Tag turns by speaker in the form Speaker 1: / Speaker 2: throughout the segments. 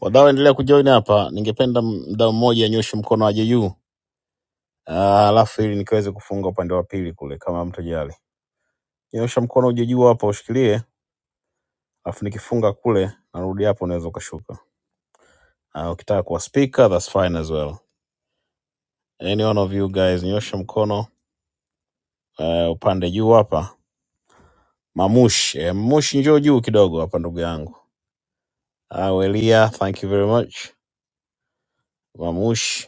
Speaker 1: Wanaoendelea kujoin hapa, ningependa mdau mmoja anyoshe mkono aje juu, Ah, alafu ili nikiweze kufunga upande wa pili kule, kama mtajali. Nyosha mkono uje juu hapo, ushikilie, alafu nikifunga kule narudi hapo, unaweza ukashuka. Ah, ukitaka kuwa speaker that's fine as well. Any one of you guys, nyosha mkono eh, upande juu hapa. Mamush, eh, Mamush njoo juu kidogo hapa ndugu yangu. Ah, Welia, thank you very much. Mamush,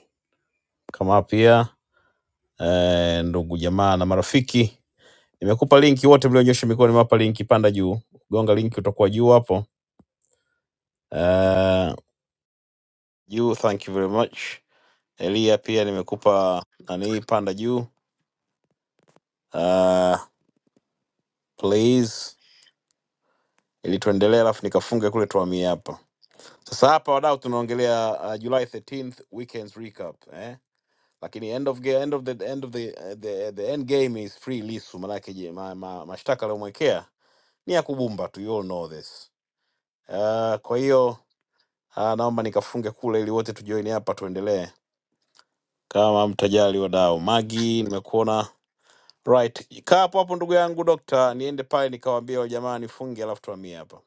Speaker 1: kama pia eh, ndugu jamaa na marafiki Nimekupa linki, wote mlionyosha mikono nimewapa linki, panda juu, gonga linki, utakuwa juu hapo uh, juu. Thank you very much Elia, pia nimekupa nani, panda juu uh, please, ili tuendelee, alafu nikafunge kule, tuhamie hapa sasa. Hapa wadau, tunaongelea uh, July 13th weekends recap eh? Lakini end of, ga- end of, the, end of the, uh, the, the end game is free Lisu, manake je, ma, ma, mashtaka aliyomwekea ni ya kubumba tu, you all know this uh, kwa hiyo Ah, naomba nikafunge kule ili wote tujoini hapa tuendelee kama mtajali wadau. Magi, nimekuona right. Kaa hapo hapo ndugu yangu dokta, niende pale nikawaambia wale jamaa nifunge, alafu tuhamie hapa.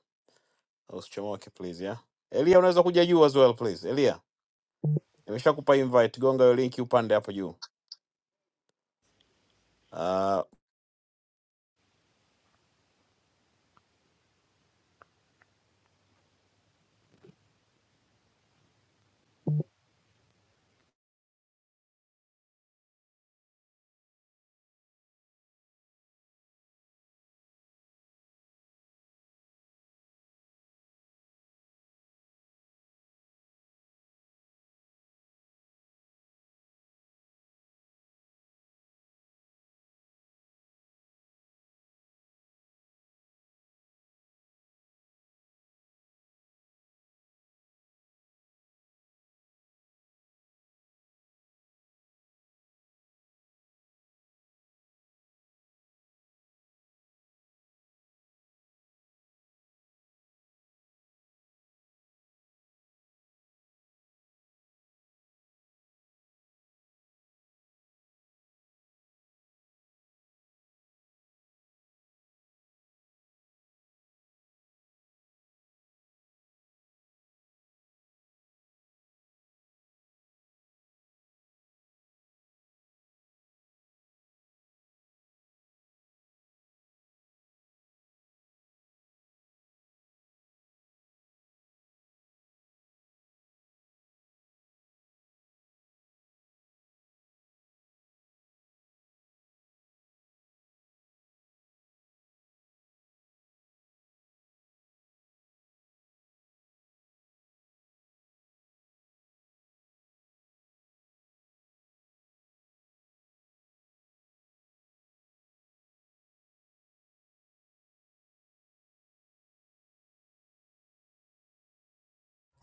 Speaker 1: Usichomoke please ya. Elia, unaweza kuja juu as well please. Elia, nimeshakupa invite, gonga hiyo linki upande hapo juu. Uh,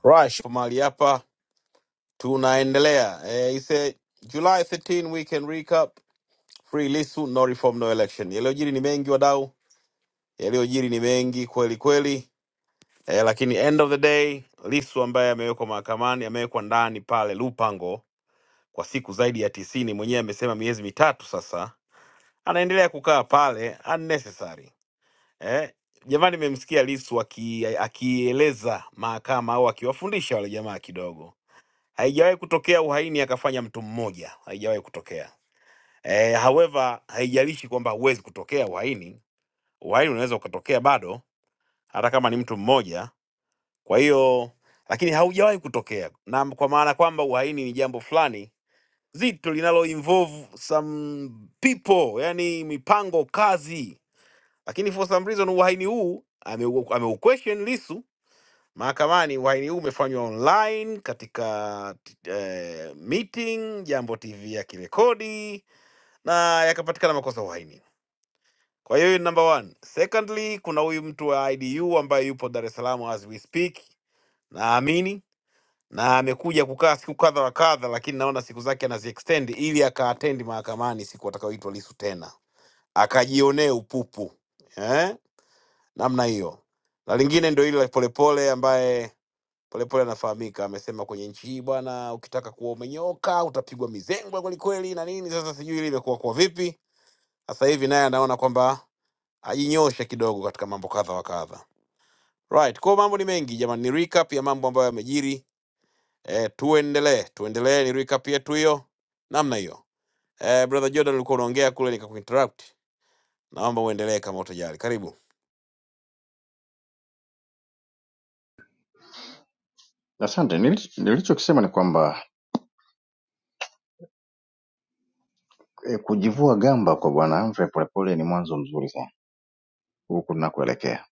Speaker 1: rush mahali hapa tunaendelea. Eh, ise July 13 weekend recap. Free Lissu, no reform, no election. Yaliyojiri ni mengi wadau, yaliyojiri ni mengi kweli kweli eh, lakini end of the day Lissu ambaye amewekwa mahakamani amewekwa ndani pale Lupango kwa siku zaidi ya tisini, mwenyewe amesema miezi mitatu sasa, anaendelea kukaa pale unnecessary eh. Jamani, mmemsikia Lissu aki- akieleza mahakama au akiwafundisha wale jamaa kidogo. Haijawahi kutokea uhaini akafanya mtu mmoja, haijawahi kutokea eh, however haijalishi kwamba huwezi kutokea uhaini, uhaini unaweza ukatokea bado, hata kama ni mtu mmoja Kwa hiyo lakini haujawahi kutokea, na kwa maana kwamba uhaini ni jambo fulani zito linalo involve some people, yani mipango kazi. Lakini for some reason uhaini huu ameu ameu question Lissu mahakamani. Uhaini huu umefanywa online katika eh, meeting, Jambo TV yakirekodi na yakapatikana makosa ya uhaini. Kwa hiyo hiyo ni number one. Secondly, kuna huyu mtu wa IDU ambaye yupo Dar es Salaam as we speak, naamini na amekuja kukaa siku kadha wa kadha, lakini naona siku zake anaziextend ili akaatendi mahakamani siku atakayoitwa Lisu tena akajionee upupu eh? namna hiyo. Na lingine ndio ile Polepole ambaye Polepole anafahamika amesema kwenye nchi hii bwana, ukitaka kuwa umenyoka utapigwa mizengwe kwelikweli na nini. Sasa sijui ile imekuwa kwa vipi sasa hivi, naye anaona kwamba ajinyoshe kidogo katika mambo kadha wa kadha. Right, kwa hiyo mambo ni mengi jamani, ni recap ya mambo ambayo yamejiri E, tuendelee tuendelee, ni recap yetu hiyo namna hiyo. E, brother Jordan ulikuwa unaongea kule nikakuinterrupt, naomba uendelee kama utajali. Karibu.
Speaker 2: Asante, nili- nilichokisema ni kwamba e, kujivua gamba kwa bwana Humphrey Polepole ni mwanzo mzuri sana huku tunakoelekea,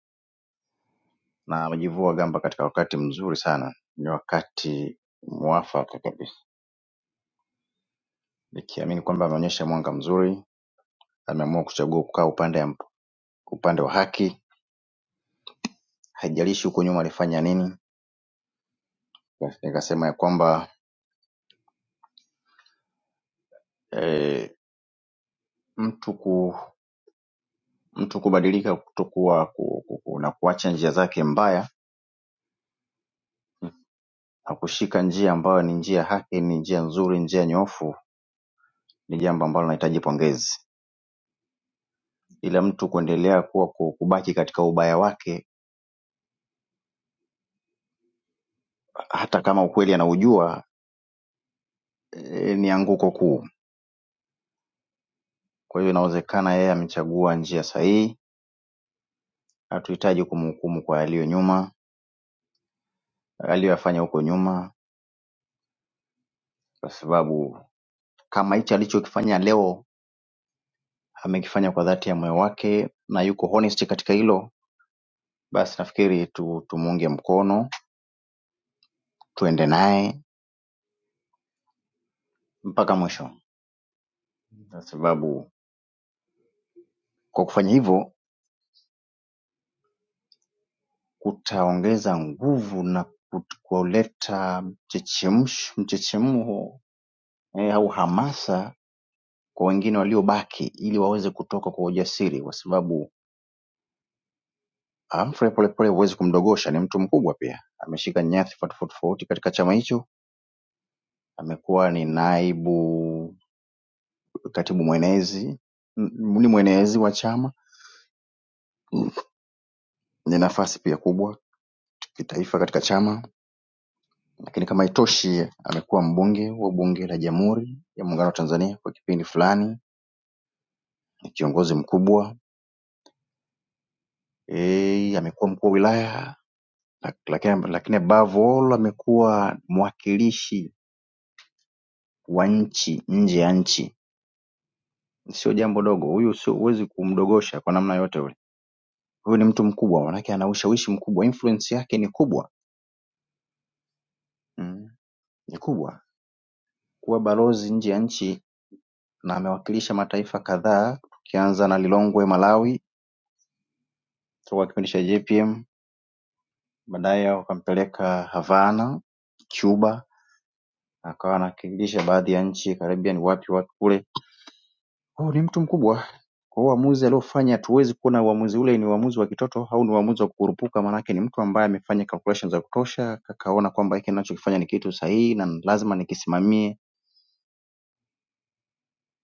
Speaker 2: na amejivua gamba katika wakati mzuri sana, ni wakati mwafaka kabisa, nikiamini kwamba ameonyesha mwanga mzuri, ameamua kuchagua kukaa upande ya, upande wa haki, haijalishi huko nyuma alifanya nini. Basi Nikasema ya kwamba e, mtu ku, mtu kubadilika kutokuwa ku, ku, ku, na kuacha njia zake mbaya na kushika njia ambayo ni njia haki, ni njia nzuri, njia nyoofu, ni jambo ambalo linahitaji pongezi. Ila mtu kuendelea kuwa ku- kubaki katika ubaya wake, hata kama ukweli anaujua, e, ni anguko kuu. Kwa hiyo inawezekana yeye amechagua njia sahihi. Hatuhitaji kumhukumu kwa yaliyo nyuma, aliyoyafanya huko nyuma, kwa sababu kama hichi alichokifanya leo amekifanya kwa dhati ya moyo wake na yuko honest katika hilo, basi nafikiri tu, tumuunge mkono, tuende naye mpaka mwisho. kwa sababu kwa kufanya hivyo kutaongeza nguvu na kut- kuleta mchechemsh- mchechemho eh, au hamasa kwa wengine waliobaki ili waweze kutoka kwa ujasiri, kwa sababu Humphrey Polepole huwezi kumdogosha, ni mtu mkubwa pia, ameshika nyadhifa tofauti tofauti katika chama hicho. Amekuwa ni naibu katibu mwenezi, m- ni mwenezi wa chama, ni nafasi pia kubwa kitaifa katika chama Lakini kama haitoshi amekuwa mbunge wa bunge la Jamhuri ya Muungano wa Tanzania kwa kipindi fulani, ni kiongozi mkubwa eh, amekuwa mkuu wa wilaya lak- lakini, lakini above all amekuwa mwakilishi wa nchi nje ya nchi. Sio jambo dogo, huyu sio huwezi kumdogosha kwa namna yote ule. Huyu ni mtu mkubwa, maanake ana ushawishi mkubwa, influence yake ni kubwa mm, ni kubwa. Kuwa balozi nje ya nchi na amewakilisha mataifa kadhaa, tukianza na Lilongwe Malawi toka kipindi cha JPM Baadaye wakampeleka Havana Cuba akawa anawakilisha baadhi ya nchi Caribbean wapi wapi kule. Huyu ni mtu mkubwa. Kwa hiyo uamuzi aliofanya hatuwezi kuona uamuzi ule ni uamuzi wa kitoto au ni uamuzi wa kukurupuka maanake ni mtu ambaye amefanya calculations za kutosha akaona kwamba hiki ninachokifanya ni kitu sahihi na lazima nikisimamie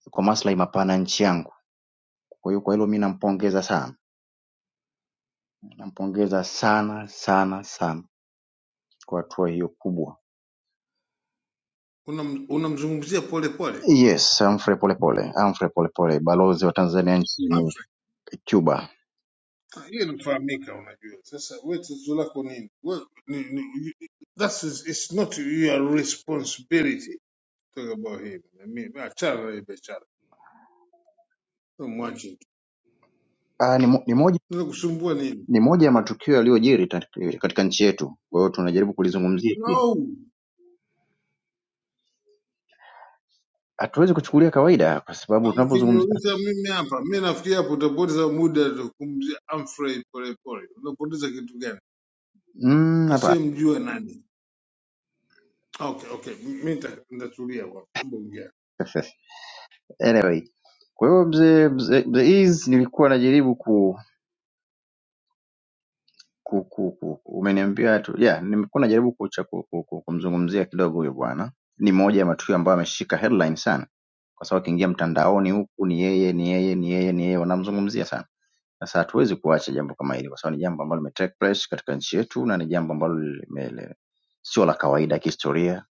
Speaker 2: kwa maslahi mapana ya nchi yangu. Kwa hiyo kwa hilo mimi nampongeza sana. Nampongeza sana sana sana kwa hatua hiyo kubwa.
Speaker 3: Unam- unamzungumzia pole pole
Speaker 2: Yes, Humphrey Polepole, Humphrey Polepole, balozi wa Tanzania nchini
Speaker 3: Afrika
Speaker 2: Cuba.
Speaker 3: hiyo inafahamika, unajua. Sasa wewe tatizo lako nini? Wewe ni, ni, you- that is it's not your responsibility to talk about him. I mean, achana na hii biashara. Wewe Mwache tu.
Speaker 2: Ah, ni, mo, ni, moja,
Speaker 3: Ninakusumbua nini?
Speaker 2: ni moja ya matukio yaliyojiri tat- katika nchi yetu, kwa hiyo tunajaribu kulizungumzia hili.
Speaker 3: No.
Speaker 2: Hatuwezi kuchukulia kawaida kwa sababu tunapozungumzia
Speaker 3: Mkiniuliza mimi hapa, mimi nafikiri hapo utapoteza muda kumzia Humphrey Polepole. Unapoteza kitu gani?
Speaker 2: mm, hapana.
Speaker 3: Asiyemjua nani? Okay, okay. Mimi nita- nitatulia kwa sababu ongea.
Speaker 2: anyway, kwa hiyo mzee mzee mzee Eazi nilikuwa najaribu ku ku, ku, ku, umeniambia tu yeah, nimekuwa najaribu kucha ku, ku, ku, kumzungumzia kidogo huyo bwana. Ni moja ya matukio ambayo ameshika headline sana, kwa sababu akiingia mtandaoni huku ni yeye, ni yeye, ni yeye, ni yeye, wanamzungumzia sana. Sasa hatuwezi kuacha jambo kama hili, kwa sababu ni jambo ambalo lime take place katika nchi yetu na ni jambo ambalo lime- le- sio la kawaida kihistoria.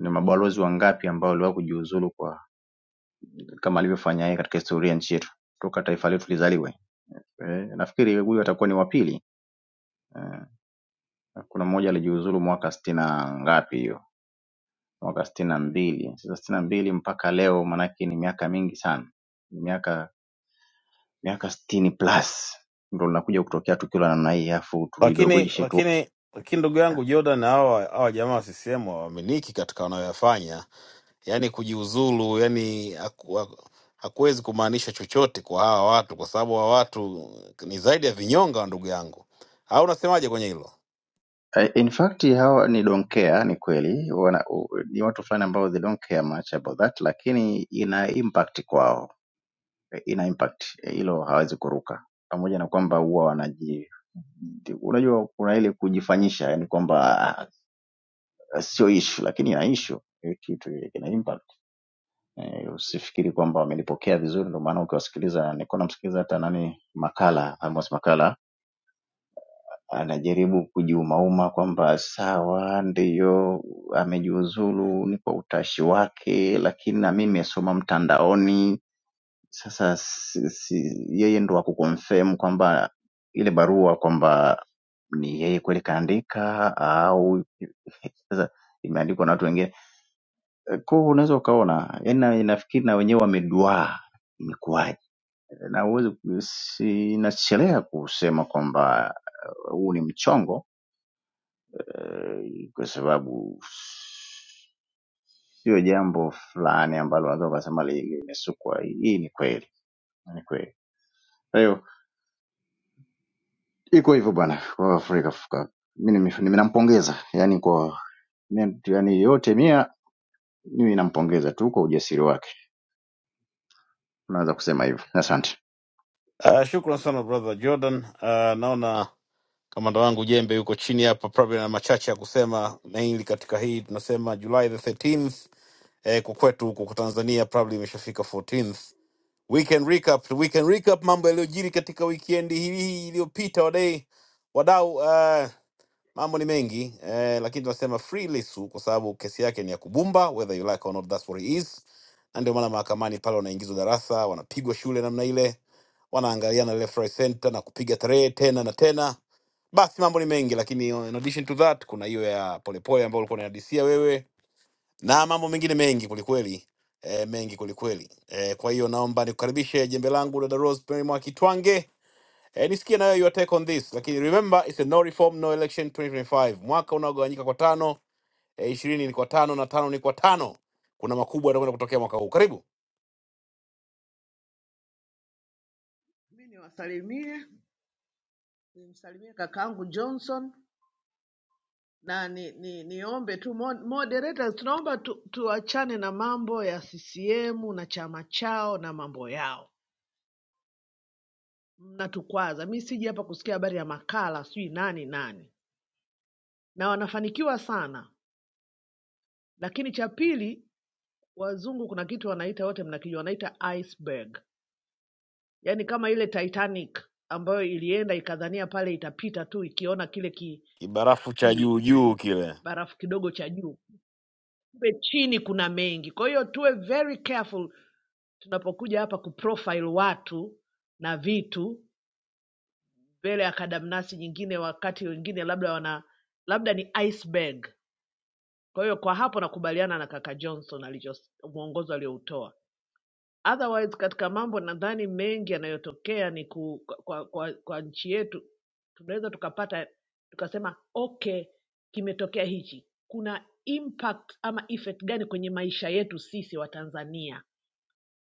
Speaker 2: Ni mabalozi wangapi ambao waliwahi kujiuzulu kwa kama alivyofanya yeye katika historia ya nchi yetu toka taifa letu lizaliwe. Eh, nafikiri huyu atakuwa ni wa pili. Eh, Kuna mmoja alijiuzulu mwaka sitini na ngapi hiyo, mwaka sitini na mbili. Sasa sitini na mbili mpaka leo, maanake ni miaka mingi sana, ni miaka miaka sitini plus ndo linakuja kutokea tukio la namna hii, afu
Speaker 1: lakini
Speaker 2: tulidogojeshe tu.
Speaker 1: lakini lakini ndugu yangu Jordan, hawa hawa jamaa wa CCM Waaminiki katika wanayoyafanya, yani kujiuzulu, yani haku- haku- hakuwezi kumaanisha chochote kwa hawa watu, kwa sababu hawa watu ni zaidi ya vinyonga, ndugu yangu. Au unasemaje kwenye hilo?
Speaker 2: Eh, In fact hawa ni don't care, ni kweli wana, u- ni watu fulani ambao they don't care much about that, lakini ina impact kwao, Eh, ina impact Eh, hilo, hawezi kuruka, pamoja na kwamba huwa wanaji, unajua kuna ile kujifanyisha, yani kwamba Eh, sio issue lakini ina issue hiyo kitu ina impact eh, usifikiri kwamba wamenipokea vizuri ndio maana ukiwasikiliza nilikuwa namsikiliza hata nani makala Amos makala anajaribu kujiumauma kwamba sawa ndiyo amejiuzulu ni kwa utashi wake lakini na mimi nimesoma mtandaoni sasa si, si, yeye ndo akukonfirm kwamba ile barua kwamba ni yeye kweli kaandika au sasa imeandikwa na watu wengine Kwa hiyo unaweza ukaona yani, na- nafikiri na wenyewe wameduaa imekuwaje, na huwezi sinachelea kusema kwamba eh, huu ni mchongo eh, kwa sababu sio jambo fulani ambalo unaweza ukasema li- limesukwa. Hii ni kweli, ni kweli. Kwa hiyo iko hivyo bwana, kwa Afrika fuka. Mimi ninampongeza yani, kwa yani yote mia, mimi nampongeza tu kwa ujasiri wake, unaweza kusema hivyo. Asante.
Speaker 1: Uh, shukran sana brother Jordan. Uh, naona Kamanda wangu Jembe yuko chini hapa, probably na machache ya kusema, mainly katika hii tunasema July the 13th eh, kwa kwetu huku kwa Tanzania probably imeshafika 14th. We can recap, we can recap mambo yaliyojiri katika wikendi hii hii iliyopita, wadai wadau Uh, Mambo ni mengi eh, lakini tunasema free Lissu kwa sababu kesi yake ni ya kubumba, whether you like or not, that's what it is. Na ndio maana mahakamani pale wanaingizwa darasa, wanapigwa shule namna ile, wanaangaliana left right center na kupiga tarehe tena na tena. Basi mambo ni mengi, lakini in addition to that kuna hiyo ya polepole ambayo ulikuwa unadisia wewe na mambo mengine mengi kulikweli. E, mengi kulikweli. E, kwa hiyo naomba nikukaribishe jembe langu dada Rosemary Mwakitwange Eh, nisikie nayo your take on this, lakini remember it's a no reform no election 2025, mwaka unaogawanyika kwa tano eh, ishirini ni kwa tano na tano ni kwa tano. Kuna makubwa yatakwenda kutokea mwaka huu. Karibu
Speaker 4: Mi niwasalimie, nimsalimie kakaangu Johnson na ni, ni, niombe tu mo- moderators, tunaomba tu, tuachane na mambo ya CCM na chama chao na mambo yao, mnatukwaza. Mi siji hapa kusikia habari ya makala sijui nani nani, na wanafanikiwa sana. Lakini cha pili, wazungu kuna kitu wanaita, wote mnakijua, wanaita iceberg, yaani kama ile Titanic ambayo ilienda ikadhania pale itapita tu, ikiona kile ki,
Speaker 1: kibarafu cha juu
Speaker 4: ki,
Speaker 1: juu
Speaker 4: ki
Speaker 1: kile.
Speaker 4: barafu kidogo cha juu Kumbe chini kuna mengi. Kwa hiyo tuwe very careful tunapokuja hapa kuprofile watu na vitu mbele ya kadamnasi nyingine, wakati wengine labda wana labda ni iceberg. Kwa hiyo kwa hapo nakubaliana na kaka Johnson alicho mwongozo alioutoa otherwise katika mambo nadhani mengi yanayotokea ni ku, kwa, kwa, kwa nchi yetu tunaweza tukapata tukasema okay kimetokea hichi kuna impact ama effect gani kwenye maisha yetu sisi wa tanzania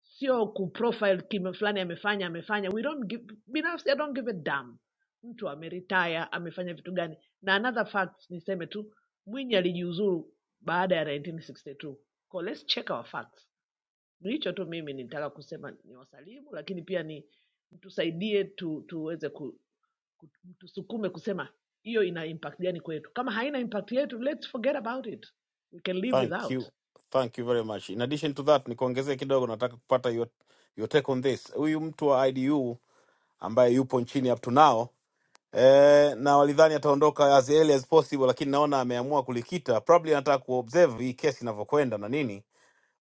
Speaker 4: sio kuprofile kime fulani amefanya amefanya we don't give, binafsi i don't give a damn mtu ameritaya amefanya vitu gani na another fact niseme tu mwinyi alijiuzuru baada ya 1962 so let's check our facts ndio hicho tu mimi nitaka kusema ni wasalimu, lakini pia ni mtusaidie tu, tuweze ku, ku, tusukume kusema hiyo ina impact gani kwetu. Kama haina impact yetu, let's forget about it, we can live
Speaker 1: Thank
Speaker 4: without.
Speaker 1: you, thank you very much. In addition to that, nikuongezee kidogo, nataka kupata your, your take on this. Huyu mtu wa IDU ambaye yupo nchini up to now eh, na walidhani ataondoka as early as possible, lakini naona ameamua kulikita, probably anataka kuobserve hii kesi inavyokwenda na nini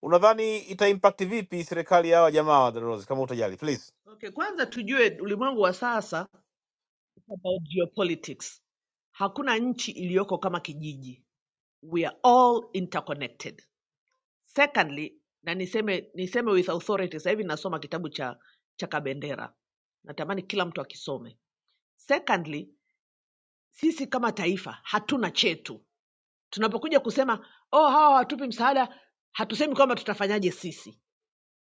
Speaker 1: Unadhani itaimpact vipi serikali ya hawa jamaa wa Darose kama utajali please?
Speaker 4: Okay, kwanza tujue ulimwengu wa sasa about geopolitics. Hakuna nchi iliyoko kama kijiji. We are all interconnected. Secondly, na niseme niseme with authority, sasa hivi nasoma kitabu cha cha Kabendera. Natamani kila mtu akisome. Secondly, Sisi kama taifa hatuna chetu. Tunapokuja kusema oh, hawa hawatupi msaada, hatusemi kwamba tutafanyaje sisi,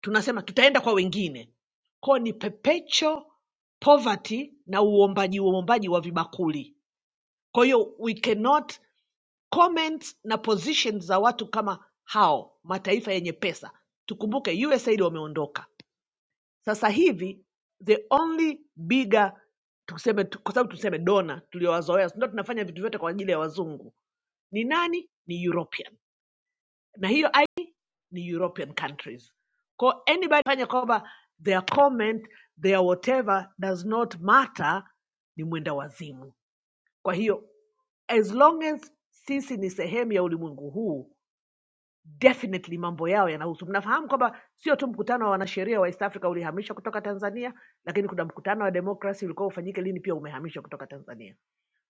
Speaker 4: tunasema tutaenda kwa wengine. Kwa ni perpetual poverty na uombaji uombaji wa vibakuli. Kwa hiyo we cannot comment na position za watu kama hao, mataifa yenye pesa. Tukumbuke USAID wameondoka sasa hivi, the only bigger tuseme, kwa sababu tuseme dona tuliowazoea, ndio tunafanya vitu vyote kwa ajili ya wazungu ni nani? Ni European, na hiyo I ni European countries. Kwa anybody fanya kwamba their comment their whatever does not matter, ni mwenda wazimu. Kwa hiyo as long as sisi ni sehemu ya ulimwengu huu definitely mambo yao yanahusu. Mnafahamu kwamba sio tu mkutano wa wanasheria wa East Africa ulihamishwa kutoka Tanzania, lakini kuna mkutano wa demokrasi ulikuwa ufanyike lini, pia umehamishwa kutoka Tanzania.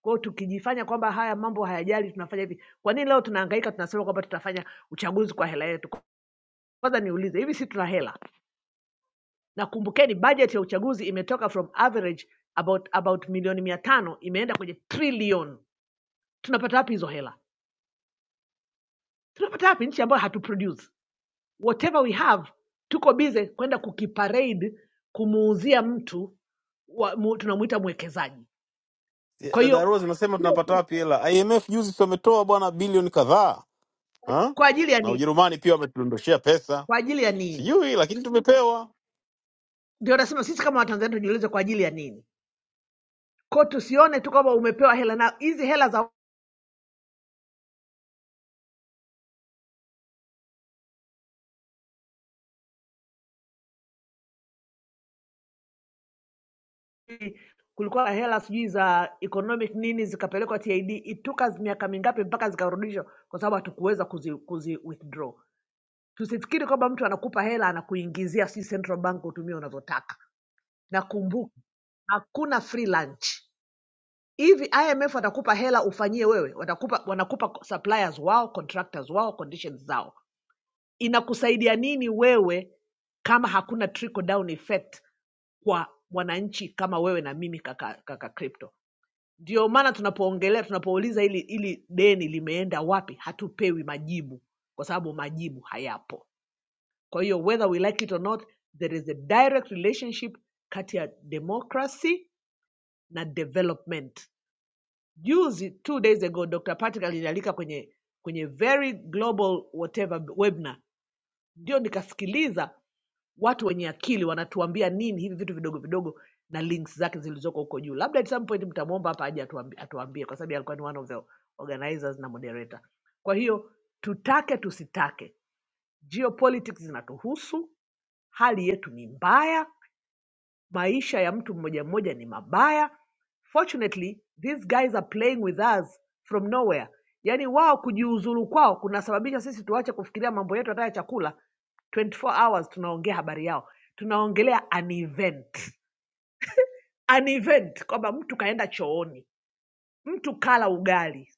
Speaker 4: Kwa hiyo tukijifanya kwamba haya mambo hayajali, tunafanya hivi. Kwa nini leo tunahangaika tunasema kwamba tutafanya uchaguzi kwa hela yetu? Kwanza niulize, hivi si tuna hela? Na kumbukeni budget ya uchaguzi imetoka from average about about milioni mia tano imeenda kwenye trillion. Tunapata wapi hizo hela? Tunapata wapi nchi ambayo hatuproduce whatever we have? Tuko busy kwenda kukiparade kumuuzia mtu wa, mu, tunamuita mwekezaji. Kwa
Speaker 1: Ya-
Speaker 4: hiyo
Speaker 1: Darose nasema tunapata wapi hela? IMF juzi si wametoa bwana bilioni kadhaa ha?
Speaker 4: kwa ajili ya
Speaker 1: na
Speaker 4: nini?
Speaker 1: Ujerumani pia wametudondoshea pesa
Speaker 4: Kwa ajili ya nini?
Speaker 1: sijui, lakini tumepewa.
Speaker 4: ndio nasema sisi kama watanzania tujiulize kwa ajili ya nini ko tusione tu kwamba umepewa hela na hizi hela za kulikuwa na hela sijui za economic nini zikapelekwa tid ituka miaka mingapi mpaka zikarudishwa kwa sababu hatukuweza kuzi, kuzi withdraw tusifikiri kwamba mtu anakupa hela anakuingizia si central bank utumie unavyotaka na kumbuka hakuna free lunch hivi imf watakupa hela ufanyie wewe watakupa wanakupa suppliers wao contractors wao conditions zao inakusaidia nini wewe kama hakuna trickle down effect kwa wananchi kama wewe na mimi kaka, kaka crypto ndio maana tunapoongelea tunapouliza ili ili deni limeenda wapi hatupewi majibu kwa sababu majibu hayapo kwa hiyo whether we like it or not there is a direct relationship kati ya democracy na development juzi two days ago dr patrick alinialika kwenye kwenye very global whatever webinar ndio nikasikiliza Watu wenye akili wanatuambia nini hivi vitu vidogo vidogo na links zake zilizoko huko juu. Labda at some point mtamwomba hapa aje atuambie, atuambie kwa sababu alikuwa ni one of the organizers na moderator. Kwa hiyo tutake tusitake, geopolitics zinatuhusu, hali yetu ni mbaya, Maisha ya mtu mmoja mmoja ni mabaya. Fortunately, these guys are playing with us from nowhere. Yaani wao kujiuzuru kwao kunasababisha sisi tuache kufikiria mambo yetu hata ya chakula. 24 hours tunaongea habari yao. Tunaongelea an event. An event kwamba mtu kaenda chooni mtu kala ugali,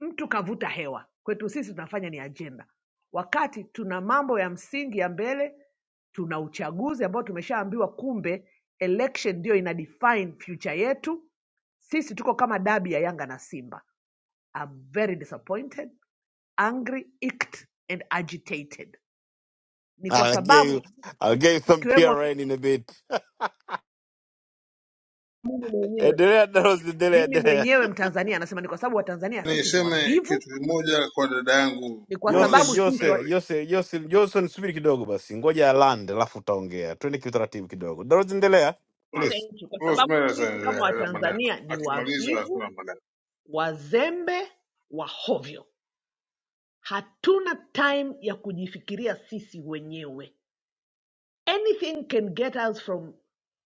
Speaker 4: mtu kavuta hewa. Kwetu sisi tunafanya ni ajenda, wakati tuna mambo ya msingi ya mbele. Tuna uchaguzi ambao tumeshaambiwa, kumbe election ndio ina define future yetu. Sisi tuko kama dabi ya Yanga na Simba. I'm very disappointed, angry, icked and agitated. Ni
Speaker 1: Ah,
Speaker 4: kwa
Speaker 1: I'll give you,
Speaker 4: sababu
Speaker 1: I'll give you some
Speaker 4: ikiwemo
Speaker 1: PRN in a bit.
Speaker 4: mimi mwenyewe
Speaker 1: Endelea Darose, endelea,
Speaker 4: mimi
Speaker 1: endelea.
Speaker 4: mwenyewe Mtanzania anasema ni kwa sababu Watanzania sisi ni
Speaker 3: Niseme
Speaker 4: wavivu,
Speaker 3: kitu kimoja kwa dada yangu
Speaker 4: ni kwa
Speaker 1: Joseph,
Speaker 4: sababu sisi
Speaker 1: Joseph,
Speaker 3: Rosemary.
Speaker 1: Joseph, Joseph, Johnson, subiri kidogo basi, ngoja alande alafu utaongea. Twende kiutaratibu kidogo. Darose, endelea
Speaker 4: cha
Speaker 1: please.
Speaker 4: nchi, kwa sababu
Speaker 3: Rosemary
Speaker 4: sisi kama
Speaker 3: ataendelea maneno,
Speaker 4: Watanzania ni
Speaker 3: akimaliza
Speaker 4: wavivu,
Speaker 3: hakuna maneno,
Speaker 4: wazembe, wahovyo. Hatuna time ya kujifikiria sisi wenyewe. Anything can get us from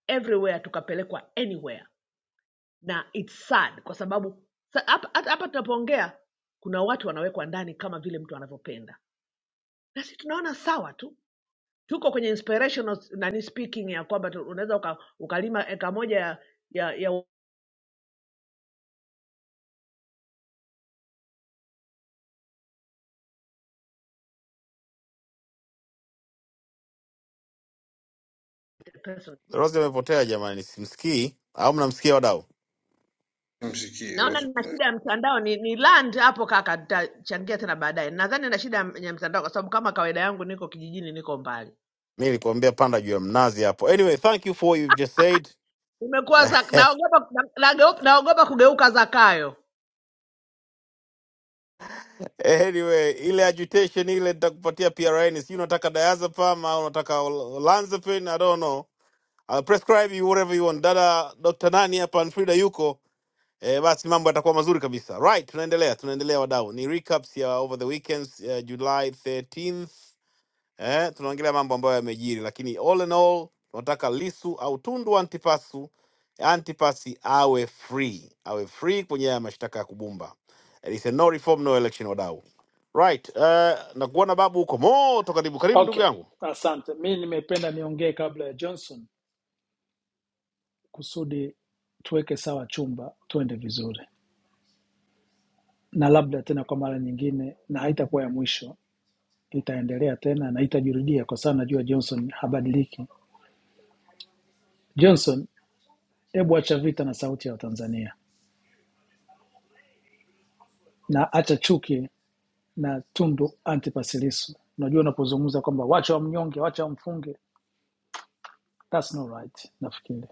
Speaker 4: everywhere tukapelekwa anywhere, na it's sad kwa sababu sa- hapa hata- hapa tunapoongea kuna watu wanawekwa ndani kama vile mtu anavyopenda, na sisi tunaona sawa tu tuko kwenye inspirational s- nani speaking ya kwamba tu- unaweza uka, ukalima eka moja ya, ya, ya
Speaker 1: Darose amepotea jamani, simsikii au mnamsikia wadau?
Speaker 3: msikie
Speaker 4: Naona nina
Speaker 3: Rosemary.
Speaker 4: shida ya mtandao ni, ni land hapo kaka, nitachangia tena baadaye. Nadhani nina shida ya ya mtandao kwa sababu kama kawaida yangu niko kijijini, niko mbali.
Speaker 1: mi nilikwambia panda juu ya mnazi hapo. Anyway, thank you for what you've just said.
Speaker 4: Imekuwa za naogopa na- nageu- naogopa kugeuka Zakayo.
Speaker 1: anyway, ile agitation ile nitakupatia PRN, si unataka diazepam au unataka ol- olanzapine, I don't know. I'll prescribe you whatever you want. Dada Dr. Nani hapa na Frida yuko eh, basi mambo yatakuwa mazuri kabisa. Right, tunaendelea, tunaendelea wadau. Ni recaps ya over the weekends uh, July 13th eh, tunaongelea mambo ambayo yamejiri, lakini all in all tunataka Lisu au Tundu Antipasu Antipasi awe free, awe free kwenye haya mashtaka ya kubumba. It is a no reform no election, wadau. Right, uh, na kuona babu huko moto, karibu karibu ndugu
Speaker 5: Okay,
Speaker 1: yangu.
Speaker 5: asante. Mi nimependa niongee kabla ya Johnson kusudi tuweke sawa chumba, tuende vizuri, na labda tena kwa mara nyingine, na haitakuwa ya mwisho, itaendelea tena na itajirudia, kwa sababu najua Johnson habadiliki. Johnson, hebu acha vita na sauti ya Watanzania na acha chuki na Tundu Antipas Lissu. Unajua, unapozungumza kwamba wacha wamnyonge, wacha wamfunge, that's not right, nafikiri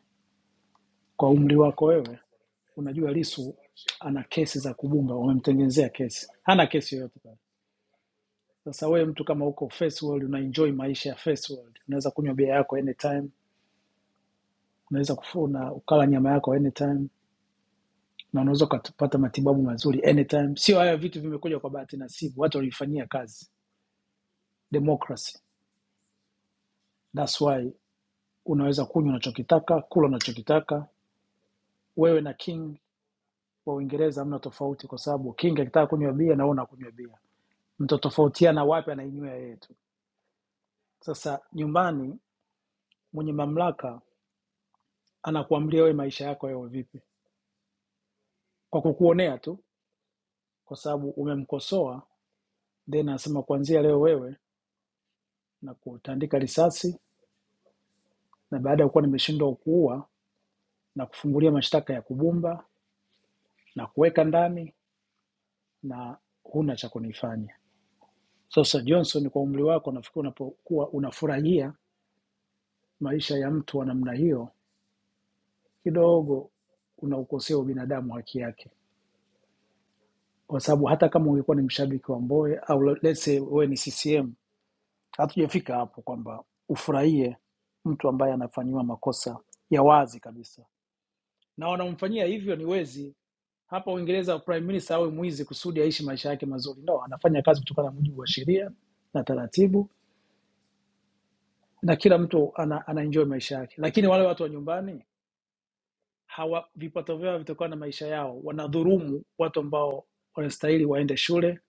Speaker 5: Kwa umri wako wewe, unajua Lissu ana kesi za kubumba, wamemtengenezea kesi, hana kesi yoyote pale. Sasa wewe mtu kama uko first world, una enjoy maisha ya first world, unaweza kunywa bia yako anytime, unaweza kufuna ukala nyama yako anytime na unaweza ukapata matibabu mazuri anytime. Sio haya vitu vimekuja kwa bahati nasibu, watu walifanyia kazi. Democracy, that's why unaweza kunywa unachokitaka, kula unachokitaka. Wewe na king wa Uingereza hamna tofauti, kwa sababu king akitaka kunywa bia na wewe unakunywa bia. mtatofautiana wapi anainywea yeye tu sasa nyumbani mwenye mamlaka anakuamlia wewe maisha yako yao vipi kwa kukuonea tu kwa sababu umemkosoa then anasema kuanzia leo wewe na kutandika risasi na baada ya kuwa nimeshindwa kuua na kufungulia mashtaka ya kubumba na kuweka ndani na huna cha kunifanya sasa johnson kwa umri wako nafikiri unapokuwa unafurahia maisha ya mtu wa namna hiyo kidogo unaukosea ubinadamu haki yake kwa sababu hata kama ungekuwa ni mshabiki wa Mbowe au le- let's say wewe ni CCM, hatujafika hapo kwamba ufurahie mtu ambaye anafanyiwa makosa ya wazi kabisa, na wanamfanyia hivyo ni wezi. Hapa Uingereza prime minister awe mwizi kusudi aishi maisha yake mazuri? No, anafanya kazi kutokana na mujibu wa sheria na taratibu, na kila mtu ana, ana enjoy maisha yake. Lakini wale watu wa nyumbani hawa, vipato vyao vitokana na maisha yao, wanadhurumu watu ambao wanastahili waende shule,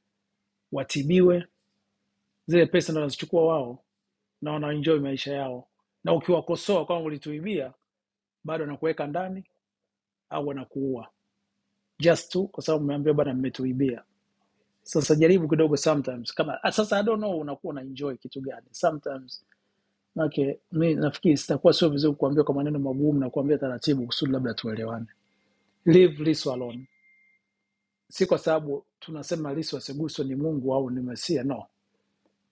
Speaker 5: watibiwe, zile pesa ndo wanazichukua wao na wanaenjoy maisha yao, na ukiwakosoa kwamba ulituibia, bado wanakuweka ndani au wanakuua just tu kwa sababu umeambia bwana, mmetuibia. Sasa jaribu kidogo sometimes, kama ah, sasa I don't know unakuwa unaenjoy kitu gani sometimes. Manake mi nafikiri sitakuwa sio vizuri kuambia kwa maneno magumu na kuambia taratibu, kusudi labda tuelewane. Leave Lissu alone, si kwa sababu tunasema Lissu asiguswe, ni Mungu au ni Mesia. No,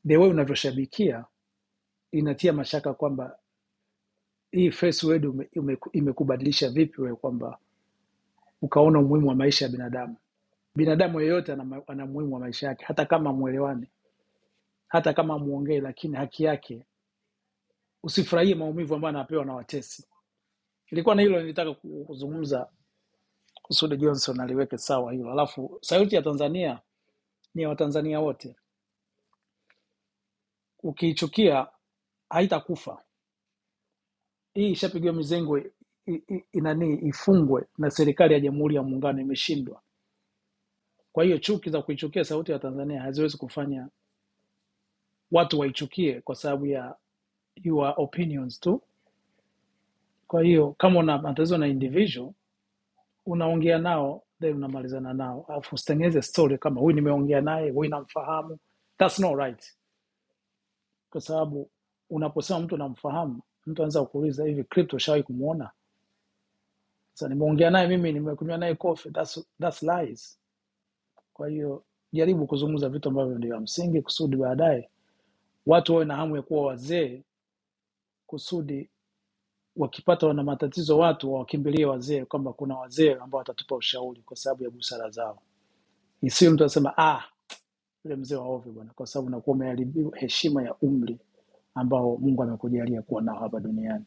Speaker 5: the way unavyoshabikia inatia mashaka kwamba hii face word ume, ume, imekubadilisha vipi wewe kwamba ukaona umuhimu wa maisha ya binadamu. Binadamu yeyote ana, ma- ana umuhimu wa maisha yake, hata kama mwelewani, hata kama amuongee, lakini haki yake. Usifurahie maumivu ambayo anapewa na watesi. Ilikuwa na hilo nilitaka ku- kuzungumza, kusudi Johnson aliweke sawa hilo. Alafu sauti ya Tanzania ni ya Watanzania wote, ukiichukia haitakufa. Hii ishapigiwa mizengwe, i- i- inani ifungwe, na serikali ya Jamhuri ya Muungano imeshindwa. Kwa hiyo chuki za kuichukia sauti ya Tanzania haziwezi kufanya watu waichukie kwa sababu ya your opinions tu. Kwa hiyo kama una matatizo na individual, unaongea nao then unamalizana nao, alafu usitengeneze story kama huyu nimeongea naye, huyu namfahamu. That's not right, kwa sababu unaposema mtu namfahamu, mtu anaweza kukuuliza hivi, crypto ushawahi kumuona? Sasa nimeongea naye mimi, nimekunywa naye coffee. That's, that's lies. Kwa hiyo jaribu kuzungumza vitu ambavyo ndio ya msingi, kusudi baadaye watu wawe na hamu ya kuwa wazee, kusudi wakipata wana matatizo watu wawakimbilie wazee, kwamba kuna wazee ambao watatupa ushauri kwa sababu ya busara zao, isiyo mtu anasema ah, yule mzee wa ovyo bwana, kwa sababu unakuwa umeharibiwa heshima ya umri ambao Mungu amekujalia kuwa nao hapa duniani.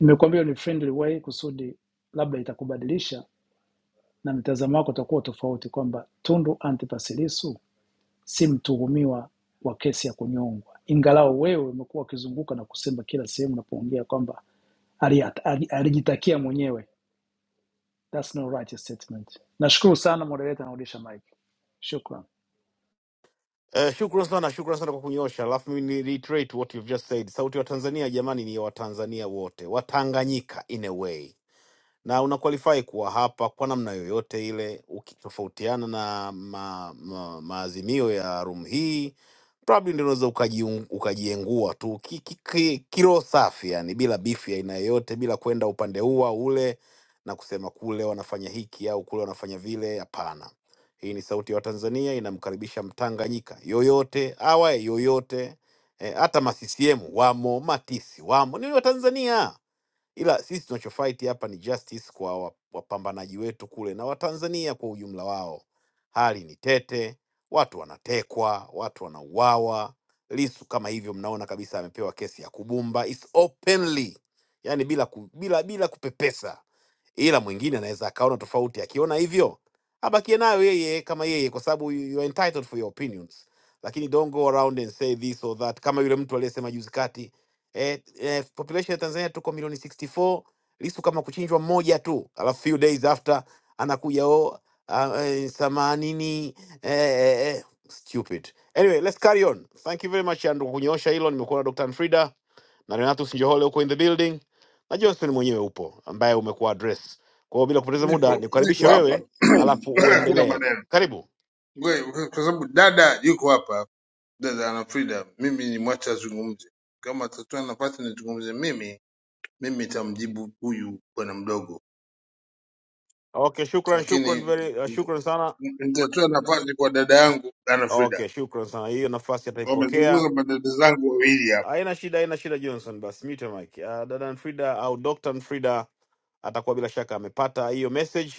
Speaker 5: Nimekuambia ni friendly way kusudi labda itakubadilisha na mtazamo wako utakuwa tofauti, kwamba Tundu Antipas Lissu si mtuhumiwa wa kesi ya kunyongwa, ingalau wewe umekuwa ukizunguka na kusema kila sehemu unapoongea kwamba ali- ali- alijitakia mwenyewe That's no righteous statement. Nashukuru sana moderator, narudisha mic. Shukran.
Speaker 1: Uh, shukran sana, shukran sana kwa kunyosha. Alafu mimi ni reiterate what you've just said. Sauti ya Tanzania jamani, ni ya Watanzania wote, Watanganyika in a way na una qualify kuwa hapa kwa namna yoyote ile, ukitofautiana na ma, ma, maazimio ya room hii probably ndio unaweza ukajiung- ukajiengua tu ki, ki, ki, kiroho safi, yani bila bifu ya aina yoyote, bila kwenda upande huu au ule na kusema kule wanafanya hiki au kule wanafanya vile. Hapana, hii ni sauti ya Watanzania, inamkaribisha Mtanganyika yoyote awaye yoyote, eh, hata ma CCM wamo, matisi wamo, ni Watanzania ila sisi tunachofight hapa ni justice kwa wa- wapambanaji wetu kule na Watanzania kwa ujumla wao. Hali ni tete, watu wanatekwa, watu wanauawa. Lisu kama hivyo, mnaona kabisa amepewa kesi ya kubumba, it's openly, yani bila, ku, bila, bila kupepesa, ila mwingine anaweza akaona tofauti. Akiona hivyo abakie nayo yeye kama yeye, kwa sababu you you are entitled for your opinions, lakini don't go around and say this or that, kama yule mtu aliyesema juzi kati eh, eh, population ya Tanzania tuko milioni 64. Lissu kama kuchinjwa mmoja tu, alafu few days after anakuja o themanini eh, eh, eh, stupid. Anyway, let's carry on. Thank you very much Andrew kwa kunyoosha hilo. Nimekuwa na Dr. Frida na Renatus Njohole huko in the building na Johnson mwenyewe upo ambaye umekuwa address. Kwa hiyo bila kupoteza muda
Speaker 3: Nipo
Speaker 1: nikukaribishe
Speaker 3: niko
Speaker 1: wewe,
Speaker 3: hapa,
Speaker 1: alafu
Speaker 3: hakuna
Speaker 1: uendelee.
Speaker 3: maneno
Speaker 1: Karibu.
Speaker 3: Ngoja, kwa kwa sababu dada yuko hapa, dada ana Frida, mimi ni mwacha azungumze. Kama atatoa nafasi nizungumze mimi, mimi nitamjibu huyu bwana mdogo,
Speaker 1: Okay, shukran, shukran
Speaker 3: lakini
Speaker 1: very, uh, shukran sana.
Speaker 3: nitatoa nafasi kwa dada yangu ana Frida.
Speaker 1: Okay, shukran sana. Hiyo nafasi ataipokea
Speaker 3: Wamezungumza madada zangu wawili hapa.
Speaker 1: Haina shida, haina shida Johnson. Basi mute mic. Uh, dada Frida au Dr. Frida atakuwa bila shaka amepata hiyo message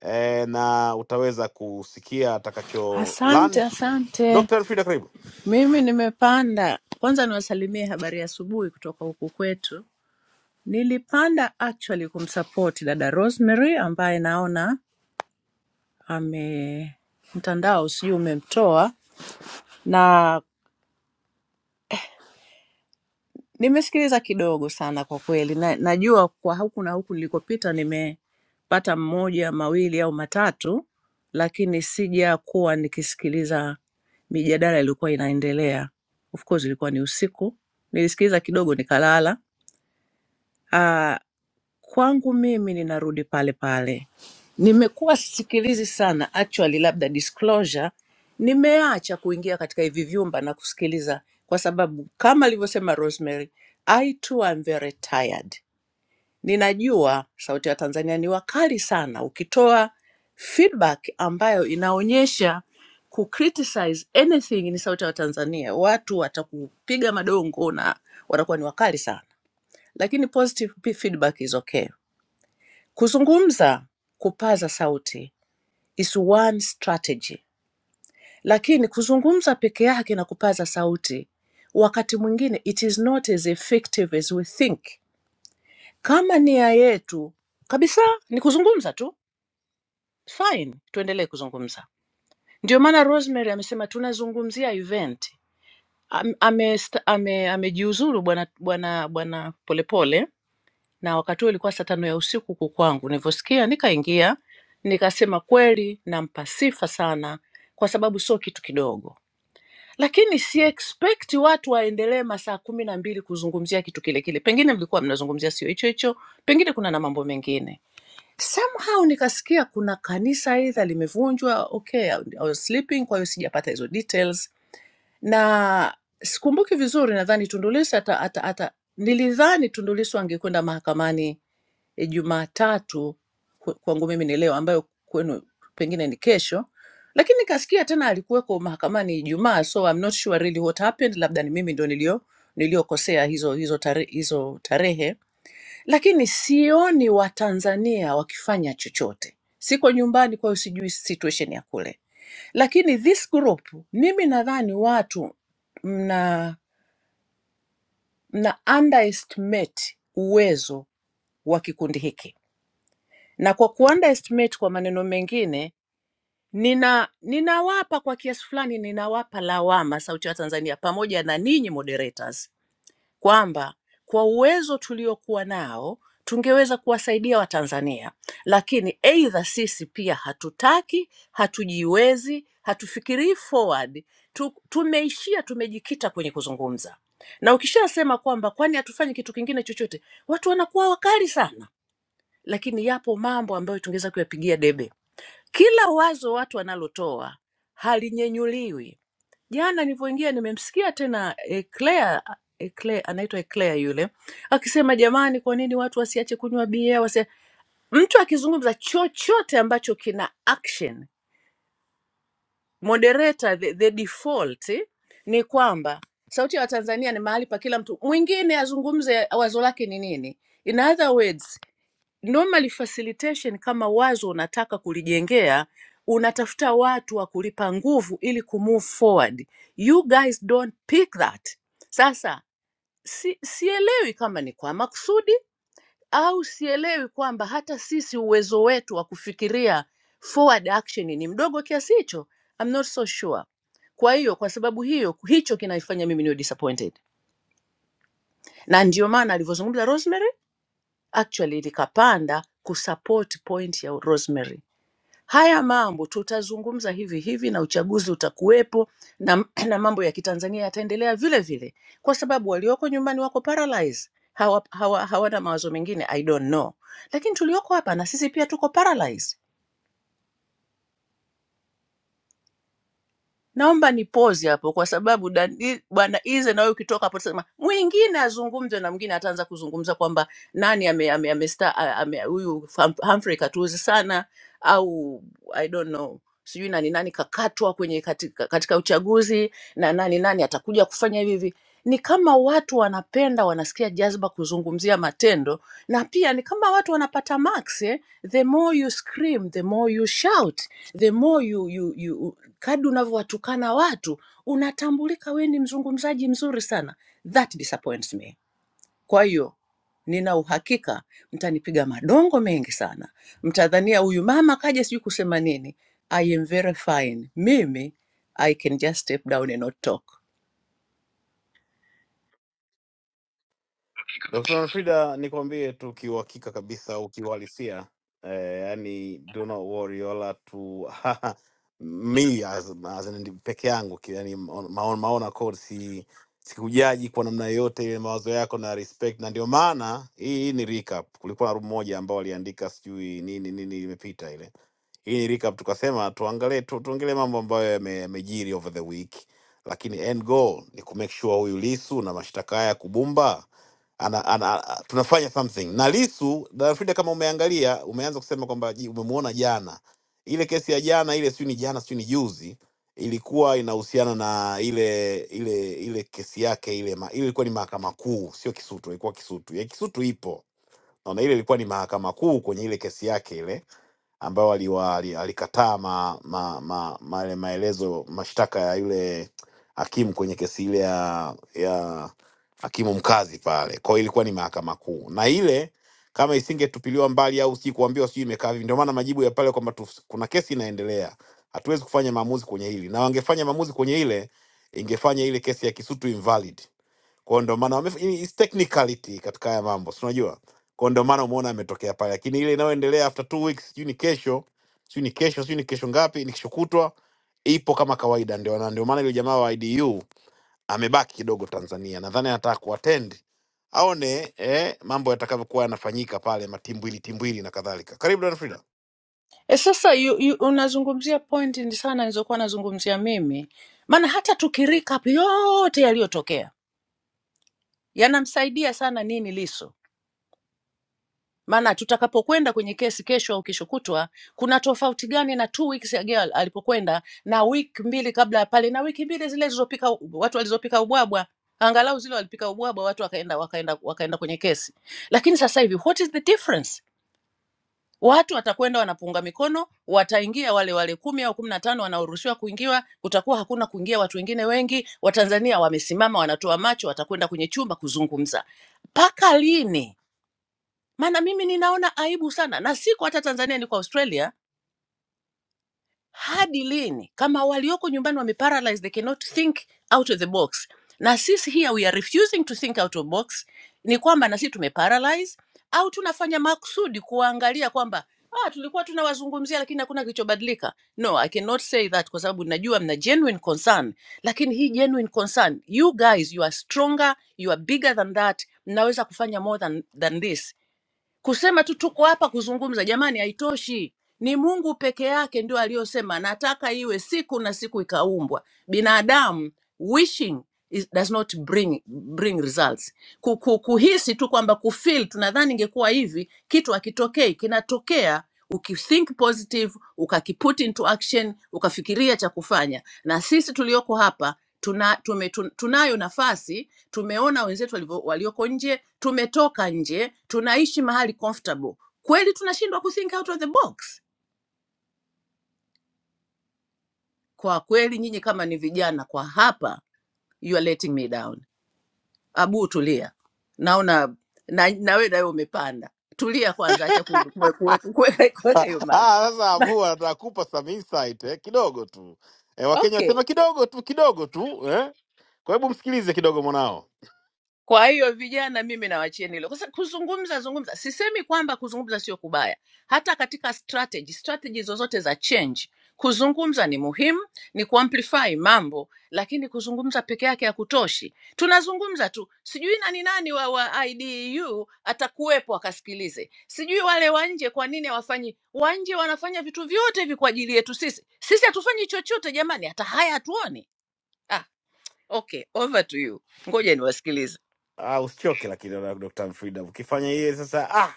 Speaker 1: eh, na utaweza kusikia atakacho
Speaker 6: Asante,
Speaker 1: land.
Speaker 6: asante.
Speaker 1: Dr. Frida, karibu.
Speaker 6: Mimi nimepanda. Kwanza niwasalimie habari ya asubuhi kutoka huku kwetu. Nilipanda actually kumsupport dada Rosemary ambaye naona ame mtandao sijui umemtoa, na Nimesikiliza kidogo sana kwa kweli, na najua kwa huku na huku nilikopita nimepata mmoja, mawili au matatu, lakini sijakuwa nikisikiliza mijadala iliyokuwa inaendelea. Of course ilikuwa ni usiku, nilisikiliza kidogo nikalala, Ah, kwangu mimi ninarudi pale pale. Nimekuwa sisikilizi sana actually, labda disclosure, nimeacha kuingia katika hivi vyumba na kusikiliza, kwa sababu kama alivyosema Rosemary, I too am very tired. Ninajua Sauti ya Tanzania ni wakali sana, ukitoa feedback ambayo inaonyesha ku criticize anything ni Sauti ya Tanzania, watu watakupiga madongo na watakuwa ni wakali sana lakini positive pe- feedback is okay. Kuzungumza, kupaza sauti is one strategy, lakini kuzungumza peke yake na kupaza sauti wakati mwingine it is not as effective as we think. Kama nia yetu kabisa ni kuzungumza tu, fine, tuendelee kuzungumza. Ndio maana Rosemary amesema tunazungumzia event. Am- amejiuzuru ame- sta- ame- Amejiuzuru bwana bwana bwana Polepole na wakati huo ilikuwa saa tano ya usiku huku kwangu. Nilivyosikia nikaingia, nikasema kweli nampa sifa sana, kwa sababu sio kitu kidogo, lakini si expect watu waendelee masaa kumi na mbili kuzungumzia kitu kile kile. Pengine mlikuwa mnazungumzia sio hicho hicho, pengine kuna na mambo mengine. Somehow nikasikia kuna kanisa aidha limevunjwa. Okay, I was sleeping, kwa hiyo sijapata hizo details na sikumbuki vizuri, nadhani Tundu Lissu ata, ata, ata, nilidhani Tundu Lissu angekwenda mahakamani eh, Jumatatu kwe- kwangu mimi ni leo, ambayo kwenu pengine ni kesho, lakini nikasikia tena alikuweko mahakamani Ijumaa, so I'm not sure really what happened. Labda ni mimi ndo nilio niliokosea hizo hizo tare, hizo tarehe, lakini sioni Watanzania wakifanya chochote. Siko nyumbani, kwa hiyo sijui situation ya kule, lakini this group, mimi nadhani watu mna mna underestimate uwezo wa kikundi hiki na kwa kuunderestimate, kwa maneno mengine, nina ninawapa kwa kiasi fulani, ninawapa lawama Sauti ya Tanzania pamoja na ninyi moderators kwamba kwa uwezo tuliokuwa nao tungeweza kuwasaidia Watanzania, lakini aidha sisi pia hatutaki, hatujiwezi, hatufikirii forward tu, tumeishia tumejikita kwenye kuzungumza, na ukishasema kwamba kwani hatufanyi kitu kingine chochote, watu wanakuwa wakali sana lakini yapo mambo ambayo tungeweza kuyapigia debe. Kila wazo watu wanalotoa halinyenyuliwi. Jana nilivyoingia nimemsikia tena eh, Claire, eh, Claire anaitwa Claire yule akisema, jamani, kwa nini watu wasiache kunywa bia? Wasia... Mtu akizungumza chochote ambacho kina action moderator, the, the default eh, ni kwamba Sauti ya Watanzania ni mahali pa kila mtu mwingine azungumze wazo lake ni nini. In other words normally facilitation kama wazo unataka kulijengea unatafuta watu wa kulipa nguvu ili kumove forward you guys don't pick that sasa si, sielewi kama ni kwa makusudi au sielewi kwamba hata sisi uwezo wetu wa kufikiria forward action ni mdogo kiasi hicho I'm not so sure kwa hiyo kwa sababu hiyo hicho kinaifanya mimi niwe disappointed na ndio maana alivyozungumza rosemary actually likapanda kusupport point ya rosemary Haya mambo tutazungumza hivi hivi, na uchaguzi utakuwepo, na, na mambo ya kitanzania yataendelea vile vile, kwa sababu walioko nyumbani wako paralyzed, hawa, hawa, hawana mawazo mengine I don't know, lakini tulioko hapa na sisi pia tuko paralyzed. Naomba nipoze hapo kwa sababu dan- i- bwana Ize, na wewe ukitoka hapo tasema mwingine azungumze na mwingine ataanza kuzungumza kwamba nani ame, ame, ame, sta- a- ame, huyu Hum- Humphrey katuuzi sana au I don't know sijui nani nani kakatwa kwenye katika, katika uchaguzi na nani nani atakuja kufanya hivi hivi. Ni kama watu wanapenda wanasikia jazba kuzungumzia matendo, na pia ni kama watu wanapata max eh? The more you scream, the more you shout, the more you, you, you, Kadri unavyowatukana watu unatambulika wewe ni mzungumzaji mzuri sana. That disappoints me. Kwa hiyo nina uhakika mtanipiga madongo mengi sana, mtadhania huyu mama kaja sijui kusema nini. I am very fine. Mimi I can just step down and not talk.
Speaker 1: Dkt. Nfrida, nikwambie tu kiuhakika kabisa, ukiuhalisia eh, yani do not worry wala tu me as, as in, peke yangu ki- yani, on- maona maona code si sikujaji kwa namna yoyote ile mawazo yako na respect, na ndio maana hii, hii ni recap. Kulikuwa na room moja ambao waliandika sijui nini nini imepita ile hii ni recap, tukasema tuangalie tu, tuongelee mambo ambayo yame- yamejiri over the week, lakini end goal ni kumake sure huyu Lisu na mashtaka haya ya kubumba ana, ana, a- tunafanya something na Lisu Darafida, kama umeangalia umeanza kusema kwamba ji- umemuona jana, ile kesi ya jana ile, sijui ni jana sijui ni juzi, ilikuwa inahusiana na ile ile ile kesi yake ile, ma, ile ilikuwa ni mahakama kuu, sio Kisutu, ilikuwa Kisutu ya Kisutu ipo naona, ile ilikuwa ni mahakama kuu kwenye ile kesi yake ile ambao aliwa- ali- alikataa ma, ma, ma, ma, maelezo mashtaka ya yule hakimu kwenye kesi ile ya, ya hakimu mkazi pale. Kwa hiyo ilikuwa ni mahakama kuu, na ile kama isingetupiliwa mbali au si kuambiwa sijui imekaa vipi, ndio maana majibu ya pale kwamba tuf- kuna kesi inaendelea, hatuwezi kufanya maamuzi kwenye hili, na wangefanya maamuzi kwenye ile ingefanya ile kesi ya Kisutu invalid kwa hiyo ndio maana wamef- hii is technicality katika haya mambo, si unajua? Kwa hiyo ndio maana umeona ametokea pale, lakini ile inayoendelea after two weeks, sijui ni kesho, sijui ni kesho, sijui ni kesho ngapi, ni kesho kutwa, ipo kama kawaida. Ndio na ndio maana yule jamaa wa IDU amebaki kidogo Tanzania, nadhani anataka kuattend aone eh, mambo yatakavyokuwa yanafanyika pale, matimbwili timbwili na kadhalika. Karibu Dona Frida.
Speaker 6: E, sasa you, you, unazungumzia point ni sana nilizokuwa nazungumzia mimi, maana hata tukirika yote yaliyotokea yanamsaidia sana nini Lissu maana tutakapokwenda kwenye kesi kesho au kesho kutwa, kuna tofauti gani na two weeks ago alipokwenda na wiki mbili kabla ya pale na wiki mbili zile zilizopika watu walizopika ubwabwa, angalau zile walipika ubwabwa watu wakaenda wakaenda wakaenda kwenye kesi. Lakini sasa hivi what is the difference? Watu watakwenda wanapunga mikono, wataingia wale wale kumi au kumi na tano wanaoruhusiwa kuingiwa, kutakuwa hakuna kuingia watu wengine wengi. Watanzania wamesimama, wanatoa macho, watakwenda kwenye chumba kuzungumza. Mpaka lini? maana mimi ninaona aibu sana, na siko hata Tanzania, niko Australia. Hadi lini kama walioko nyumbani wame paralyzed, they cannot think out of the box, na sisi here we are refusing to think out of box, ni kwamba na sisi tume paralyze au tunafanya makusudi kuangalia kwamba ah, tulikuwa tunawazungumzia lakini hakuna kilichobadilika. No, I cannot say that kwa sababu najua mna genuine concern, lakini hii genuine concern, you guys you are stronger, you are bigger than that, mnaweza kufanya more than, than this Kusema tu tuko hapa kuzungumza, jamani, haitoshi. Ni Mungu peke yake ndio aliyosema nataka iwe siku na siku ikaumbwa. Binadamu wishing is, does not bring, bring results. Ku- ku- Kuhisi tu kwamba kufeel, tunadhani ingekuwa hivi, kitu hakitokei, kinatokea ukithink positive, ukakiput into action, ukafikiria cha kufanya. Na sisi tulioko hapa tuna, tume, tun- tunayo nafasi tumeona wenzetu walivyo- walioko nje, tumetoka nje, tunaishi mahali comfortable. Kweli tunashindwa kuthink out of the box? Kwa kweli nyinyi kama ni vijana kwa hapa, you are letting me down. Abu, tulia, naona na, na wewe nawe umepanda. Tulia kwanza, acha ku- kuwe- kuwe- kuweka kuweka
Speaker 1: Ah,
Speaker 6: hiyo mic.
Speaker 1: ah, Sasa Abu anataka kupa some insight eh, kidogo tu eh, Wakenya
Speaker 6: Okay,
Speaker 1: wasema kidogo tu kidogo tu eh. Kwa hebu msikilize kidogo mwanao.
Speaker 6: Kwa hiyo vijana, mimi nawachieni hilo. Kwa sababu kuzungumza zungumza, sisemi kwamba kuzungumza sio kubaya, hata katika strategy strategy zozote za change, kuzungumza ni muhimu, ni kuamplify mambo, lakini kuzungumza peke yake hakutoshi. Tunazungumza tu, sijui nani nani wa, wa IDU atakuwepo akasikilize, sijui wale wa nje. Kwa nini hawafanyi? Wa nje wanafanya vitu vyote hivi kwa ajili yetu sisi, sisi hatufanyi chochote jamani, hata haya hatuoni. Ah, okay, over to you. Ngoja niwasikilize.
Speaker 1: Ah, usichoke lakini na Dr. Mfrida. Ukifanya yeye sasa ah,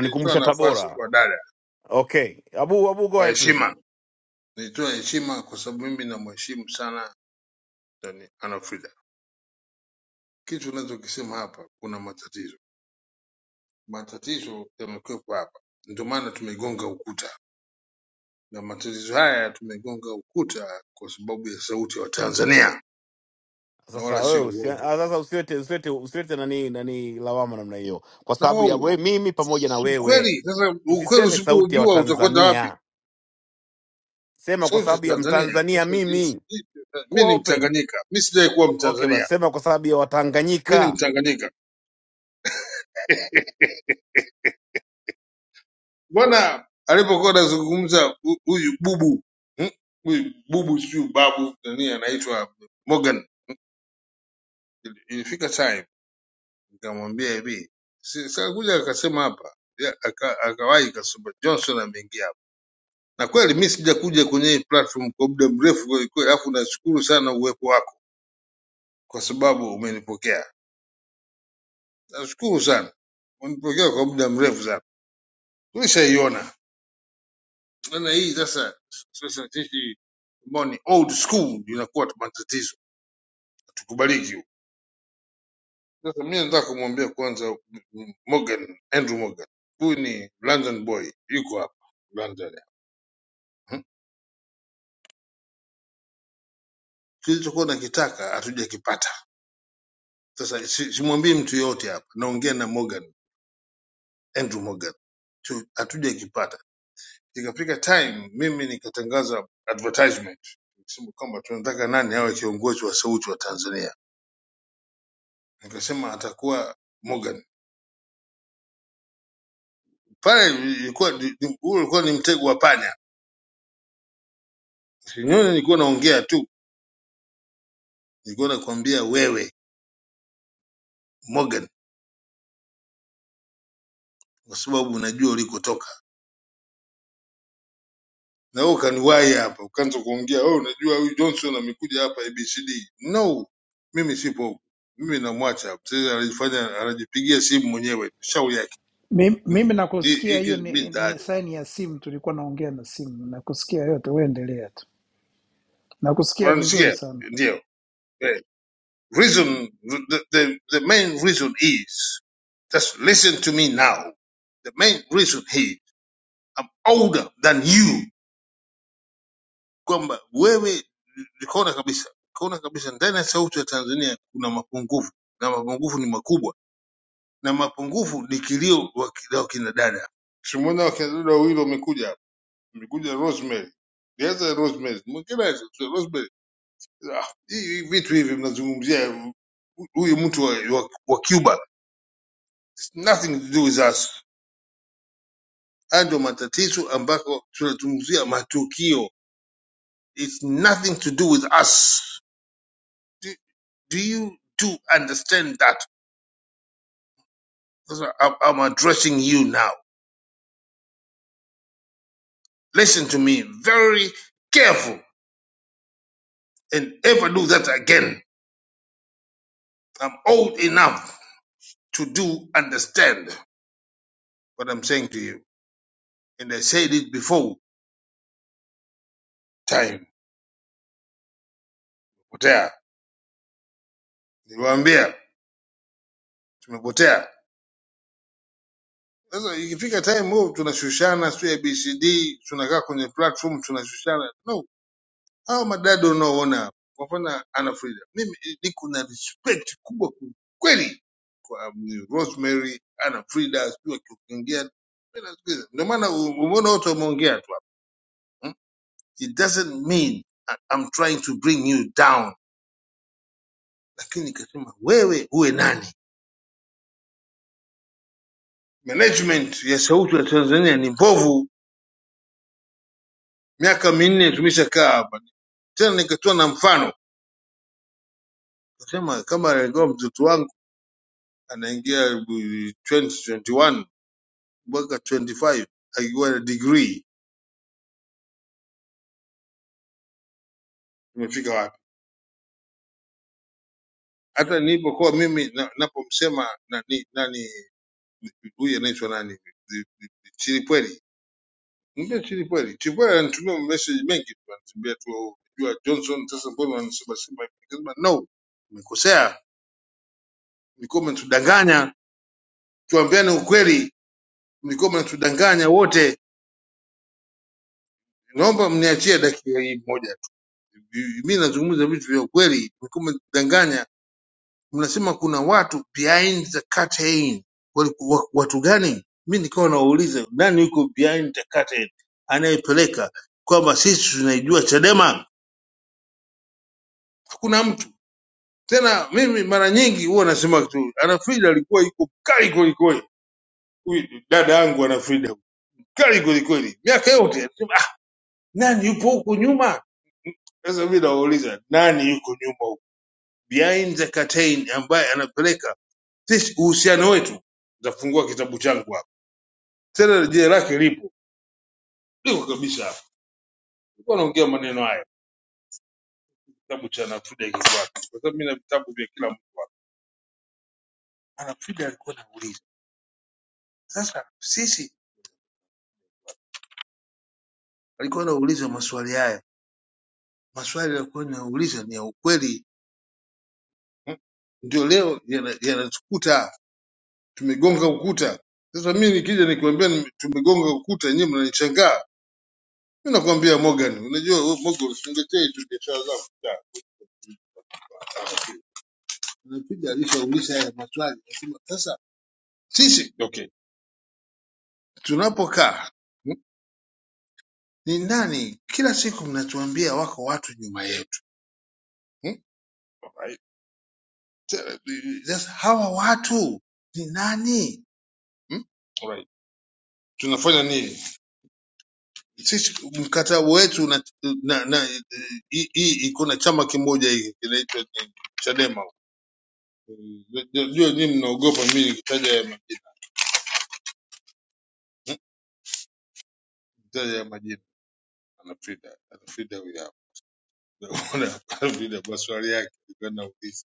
Speaker 3: Nilitoa nafasi
Speaker 1: Tabora.
Speaker 3: kwa dada
Speaker 1: Okay. Abu Abu go
Speaker 3: kwa
Speaker 1: ahead please.
Speaker 3: heshima, nilitoa heshima kwa sababu mimi namheshimu sana Dani- Ana Frida. Kitu unachokisema hapa, kuna matatizo, matatizo yamekwepo hapa, ndio maana tumegonga ukuta, na matatizo haya tumegonga ukuta kwa sababu ya sauti ya Watanzania, na
Speaker 1: Sasa
Speaker 3: wala
Speaker 1: wewe
Speaker 3: sio
Speaker 1: usi, ah,
Speaker 3: uongo
Speaker 1: sasa usiwete usiwete usiwete nani nani lawama namna hiyo. Kwa
Speaker 3: na
Speaker 1: sababu ya
Speaker 3: wao
Speaker 1: we, mimi pamoja na
Speaker 3: si
Speaker 1: wewe.
Speaker 3: ukweli. Sasa ukweli
Speaker 1: Usiseme sauti ya
Speaker 3: usipoujua utakwenda wapi?
Speaker 1: Watanzania. Sema kwa
Speaker 3: Sauti ya
Speaker 1: sababu ya
Speaker 3: Tanzania.
Speaker 1: Mtanzania
Speaker 3: Sasa jinsi
Speaker 1: mimi. Kuwa
Speaker 3: mimi ni
Speaker 1: open.
Speaker 3: Mtanganyika, mi sijawahi kuwa
Speaker 1: Okay, basi
Speaker 3: Mtanzania,
Speaker 1: sema kwa sababu ya
Speaker 3: mi ni
Speaker 1: Watanganyika.
Speaker 3: Mtanganyika Mbona alipokuwa anazungumza hu- huyu bubu hmm, huyu bubu sijui babu nani anaitwa Morgan, ili- ilifika time nikamwambia hivi, si- sikakuja akasema hapa ya, aka- akawahi kasema Johnson ameingia hapa, na kweli mi sijakuja kwenye hii platform kwa muda mrefu kweli kweli, alafu nashukuru sana uwepo wako kwa sababu umenipokea, nashukuru sana, umenipokea kwa muda mrefu sana, tulishaiona na hii sasa sasa sisi ambao ni old school inakuwa tuna matatizo tukubaliki huko. sasa mimi nataka kumwambia kwanza mm, Morgan Andrew Morgan huyu ni London boy yuko hapa London Hmm. kilichokuwa nakitaka hatujakipata sasa si- simwambii mtu yoyote hapa naongea na Morgan Andrew Morgan Tu- hatujakipata ikafika time mimi nikatangaza advertisement nikasema kwamba tunataka nani awe kiongozi wa sauti wa Tanzania nikasema atakuwa Morgan pale ilikuwa ni- ni- huo ulikuwa ni mtego wa panya. Sinyoni nilikuwa naongea tu, nilikuwa nakwambia wewe Morgan, kwa sababu unajua ulikotoka na wewe ukaniwahi hapa ukaanza kuongea wewe, oh, unajua huyu Johnson amekuja hapa ABCD. No, mimi sipo, mimi namwacha hapa. Sasa anajifanya anajipigia simu mwenyewe shau yake.
Speaker 5: Mi-
Speaker 3: Hmm.
Speaker 5: Mimi
Speaker 3: Hii
Speaker 5: nakusikia,
Speaker 3: hii
Speaker 5: hiyo
Speaker 3: kitu mimi
Speaker 5: ni, ni
Speaker 3: sitaacha.
Speaker 5: saini ya simu, tulikuwa naongea na simu. Nakusikia yote, uendelea tu. Nakusikia vizuri
Speaker 3: Unanisikia?
Speaker 5: sana.
Speaker 3: Ndio. Eh, Reason the, the, the main reason is just listen to me now. The main reason is I'm older than you, kwamba wewe nikaona kabisa, nikaona kabisa ndani ya sauti ya Tanzania kuna mapungufu na mapungufu ni makubwa, na mapungufu ni kilio wa kila wakina dada. Tumeona wakina dada wawili wamekuja hapa, amekuja Rosemary, nianza na Rosemary, mwingine aje, Rosemary. Ah, hii hii vitu hivi mnazungumzia huyu mtu wa, wa, wa Cuba, It's nothing to do with us. Haya ndio matatizo ambako tunazungumzia matukio, it's nothing to do with us Do you do understand that? That's why I'm I'm addressing you now. Listen to me very careful and ever do that again. I'm old enough to do understand what I'm saying to you. And I said it before time. Potea. Niwaambia tumepotea. Sasa ikifika time move tunashushana sio ABCD tunakaa kwenye platform tunashushana. No, Hao madada unaoona kwa mfano Anna Frida, mimi niko na respect kubwa kweli kwa um, Rosemary, Anna Frida, sijui akiongea mimi nasikiliza. Ndio maana u- umeona wote wameongea tu hapa. hmm? It doesn't mean I- I'm trying to bring you down, lakini nikasema wewe uwe nani? Management ya sauti ya Tanzania ni mbovu, miaka minne tumeshakaa hapa tena, nikatoa na mfano kasema kama alikuwa mtoto wangu anaingia 2021 mwaka 25 akiwa na degree tumefika wapi hata nilipokuwa mimi na- napomsema nani nani huyu anaitwa nani chilipweli mbia chilipweli chilipweli ananitumia message mengi tu ananiambia tu jua johnson sasa mbona wanasema simba hivi?" nikasema no umekosea mlikuwa mnatudanganya tuambiane ukweli mlikuwa mnatudanganya wote naomba mniachie dakika hii moja tu mimi nazungumza vitu vya ukweli mlikuwa mnatudanganya mnasema kuna watu behind the curtain. Waliku- wa- Watu gani? Mi nikawa nauliza nani yuko behind the curtain, anayepeleka kwamba sisi tunaijua Chadema. Hakuna mtu tena. Mimi mara nyingi huwa nasema tu, Anafrida alikuwa yuko kali kwelikweli. Huyu dada yangu Anafrida kali kwelikweli, miaka yote anasema, "Ah, nani yupo huko nyuma? Sasa mi nawauliza nani yuko nyuma huko behind the curtain, ambaye anapeleka sisi uhusiano wetu. Nitafungua kitabu changu hapa Tena jina lake lipo liko kabisa hapo. Nilikuwa naongea maneno hayo kitabu cha Nafuda kikwake, kwa sababu mimi na vitabu vya kila mtu. Nafuda alikuwa anauliza sasa, sisi alikuwa anauliza maswali haya, maswali alikuwa anauliza ni ya ukweli, Mm. ndio leo yana- yanatukuta, tumegonga ukuta. Sasa mimi nikija nikwambia nime- tumegonga ukuta, nyinyi mnanichangaa. Mimi nakwambia Morgan, unajua wewe Morgan, usingetee tu biashara zako. Nafuda alishauliza haya maswali, anasema sasa sisi okay tunapokaa hmm? ni nani kila siku mnatuambia wako watu nyuma yetu hmm? Alright. Sasa hawa watu ni nani hmm? Alright. tunafanya nini sisi mkataba wetu na, na, na hii hii iko na chama kimoja hiki kinaitwa nini? chadema najua nyii mnaogopa mi nikitaja ya majina hmm? Nikitaja ya majina anafrida anafrida huyu hapa Unaona? anafrida maswali yake nilikuwa nauliza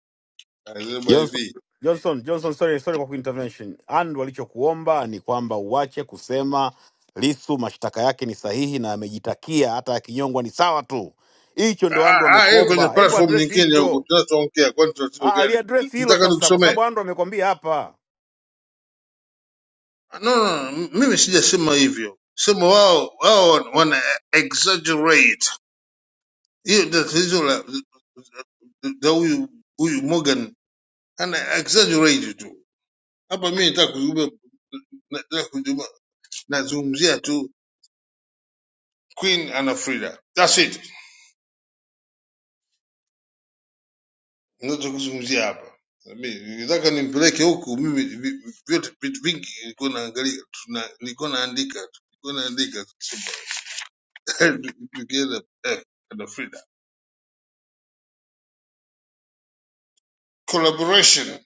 Speaker 3: anasema
Speaker 1: Johnson,
Speaker 3: hivi
Speaker 1: Johnson, Johnson, sorry, sorry kwa kuintervention. And walichokuomba ni kwamba uache kusema Lisu mashtaka yake ni sahihi na amejitakia hata akinyongwa ni sawa tu. Hicho
Speaker 3: Ah,
Speaker 1: ndo
Speaker 3: ah,
Speaker 1: Andu
Speaker 3: ah, hiyo kwenye
Speaker 1: amekuomba, hebu
Speaker 3: platform
Speaker 1: address
Speaker 3: nyingine huko
Speaker 1: hicho.
Speaker 3: tunachoongea, kwani tatizo
Speaker 1: Ah,
Speaker 3: gani?
Speaker 1: aliaddress hilo
Speaker 3: Nataka
Speaker 1: sasa, kwa
Speaker 3: nikusomee.
Speaker 1: sababu Andu amekwambia hapa.
Speaker 3: Ah, No, no, no, mimi sijasema hivyo, sema wao wao wana wana exaggerate. Hiyo ndio tatizo la la huyu huyu Morgan, ana exaggerate tu. Hapa mimi nataka kuzungumza, nataka kuzungumza- nazungumzia tu Queen ana Frida, that's it. ninachokizungumzia hapa Mimi, nataka nimpeleke huku mimi vi- vi- vyote vitu vingi nilikuwa naangalia tuna- nilikuwa naandika tu, nilikuwa naandika tukienda eh, na Frida collaboration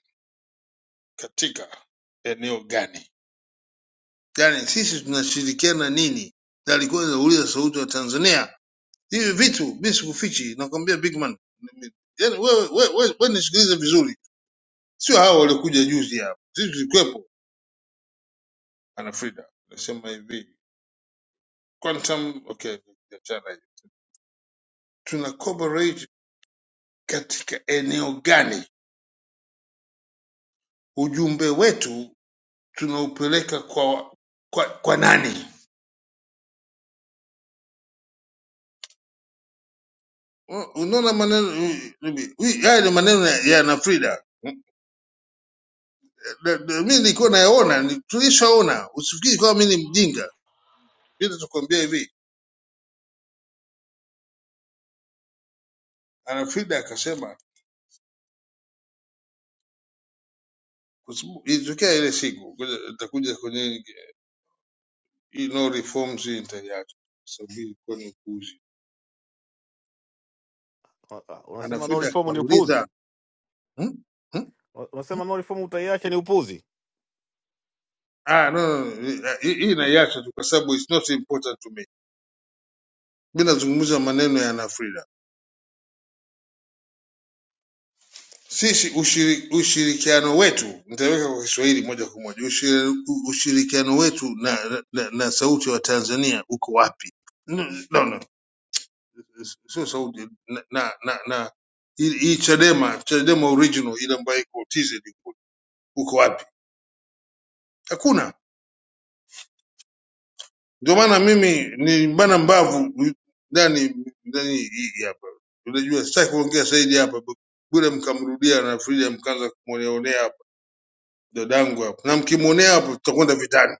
Speaker 3: katika eneo gani yani sisi tunashirikiana nini na alikuwa anauliza sauti wa Tanzania hivi vitu mimi sikufichi nakwambia big man yani wewe wewe wewe wewe nisikilize vizuri sio hao waliokuja juzi hapa sisi tulikuwepo ana Frida anasema hivi quantum okay niachana hiyo. tuna coverage katika eneo gani ujumbe wetu tunaupeleka kwa kwa, kwa nani Un- unaona maneno hii- hii- hii- haya ni maneno ya ya na frida Na- na- mi nilikuwa nayaona ni- tulishaona usifikiri kwamba mi ni mjinga mi nitakwambia hivi ana frida akasema kwa sababu ilitokea ile siku ngoja nitakuja kwenye hii no reforms hii nitaiacha kwa sababu hii ilikuwa ni upuuzi
Speaker 1: Ah,
Speaker 3: ana
Speaker 1: Unasema no
Speaker 3: frida
Speaker 1: reform ni upuzi,
Speaker 3: akauliza hmm? Hmm?"
Speaker 1: Ah, unasema no reform utaiacha ni upuzi.
Speaker 3: Ah, no, no, no, hii hii naiacha tu kwa sababu it's not important to me. Mi nazungumza maneno ya Ana Frida. Sisi ushiri, ushirikiano wetu nitaweka kwa Kiswahili moja kwa moja. Ushiri, u- ushirikiano wetu na, na, na sauti wa Tanzania uko wapi? No, no, no. sio sauti na na, na, na hii hii Chadema, Chadema original ile ambayo iko TZ kule, uko wapi? Hakuna. Ndio maana mimi ni bana mbavu ndani ndani hii hapa, unajua sitaki kuongea zaidi hapa bure, mkamrudia na Frida mkaanza kumwoneonea hapa dadangu hapa, na mkimwonea hapa tutakwenda vitani.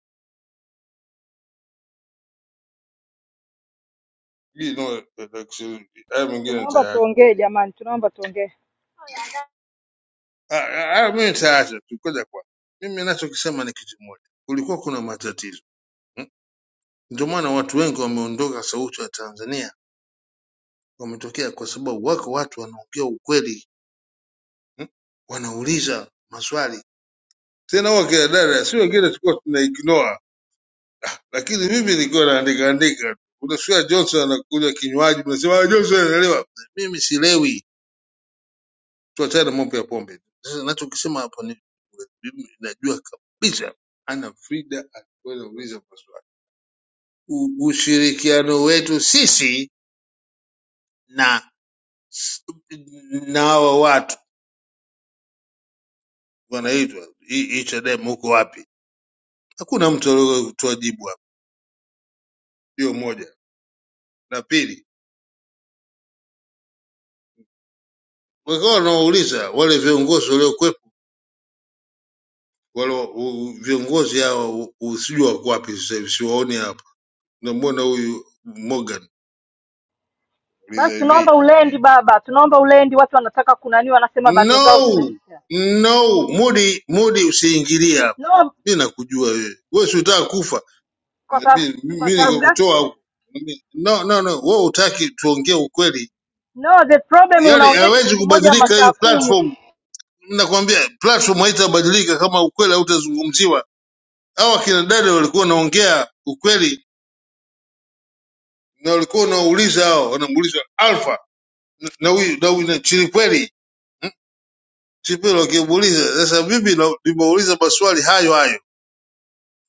Speaker 3: Hii no, haya mengine
Speaker 7: Tunaomba
Speaker 3: nitayaacha.
Speaker 7: tuongee jamani, tunaomba tuongee.
Speaker 3: Ah, ah, ah, mimi nitayaacha tu kwanza. Kwa mimi ninachokisema ni kitu moja, kulikuwa kuna matatizo mm. Ndio maana watu wengi wameondoka Sauti ya Tanzania, wametokea kwa sababu wako watu wanaongea ukweli mm. wanauliza maswali tena huwa kina dada si wengine tulikuwa tuna ignore, lakini mimi nilikuwa naandika andika. Unasikia Johnson anakunywa kinywaji, mnasema "Ah, Johnson anaelewa. Mimi silewi, tuachane na mambo ya pombe. Sasa nachokisema hapo ni mimi najua kabisa ana Frida alikuwa anauliza maswali. U- Ushirikiano wetu sisi na na hawa watu wanaitwa hii hii Chadema huko wapi? Hakuna mtu aliyetoa jibu hapo. Hiyo moja. Na pili wakawa wanawauliza wale viongozi waliokuwepo wale wa- u- viongozi hawa usijua wako wapi sasa hivi siwaoni hapa namwona huyu morgan uliza
Speaker 7: basi tunaomba
Speaker 3: hivi
Speaker 7: ulendi baba tunaomba ulendi watu wanataka kunani wanasema bando zao
Speaker 3: no
Speaker 7: zinaisha
Speaker 3: no mudi mudi usiingilie hapa
Speaker 7: no
Speaker 3: mi nakujua wewe wewe si utaka kufa
Speaker 7: kwa sababu
Speaker 3: mi
Speaker 7: kwa
Speaker 3: mi
Speaker 7: sababu gani
Speaker 3: nikakutoa huku Mi- no no no wewe utaki tuongee ukweli
Speaker 7: no the problem
Speaker 3: yani
Speaker 7: unaongea kitu
Speaker 3: hawezi
Speaker 7: kimoja
Speaker 3: kubadilika
Speaker 7: masaa
Speaker 3: hii
Speaker 7: kumi
Speaker 3: platform nakwambia platform haitabadilika kama ukweli hautazungumziwa hawa kina dada walikuwa wanaongea ukweli na walikuwa wanauliza hao, wanamuuliza Alfa na huyu na huyu na Chilipweli, Chilipweli wakimuuliza sasa. Mimi na- nimeuliza maswali hayo hayo,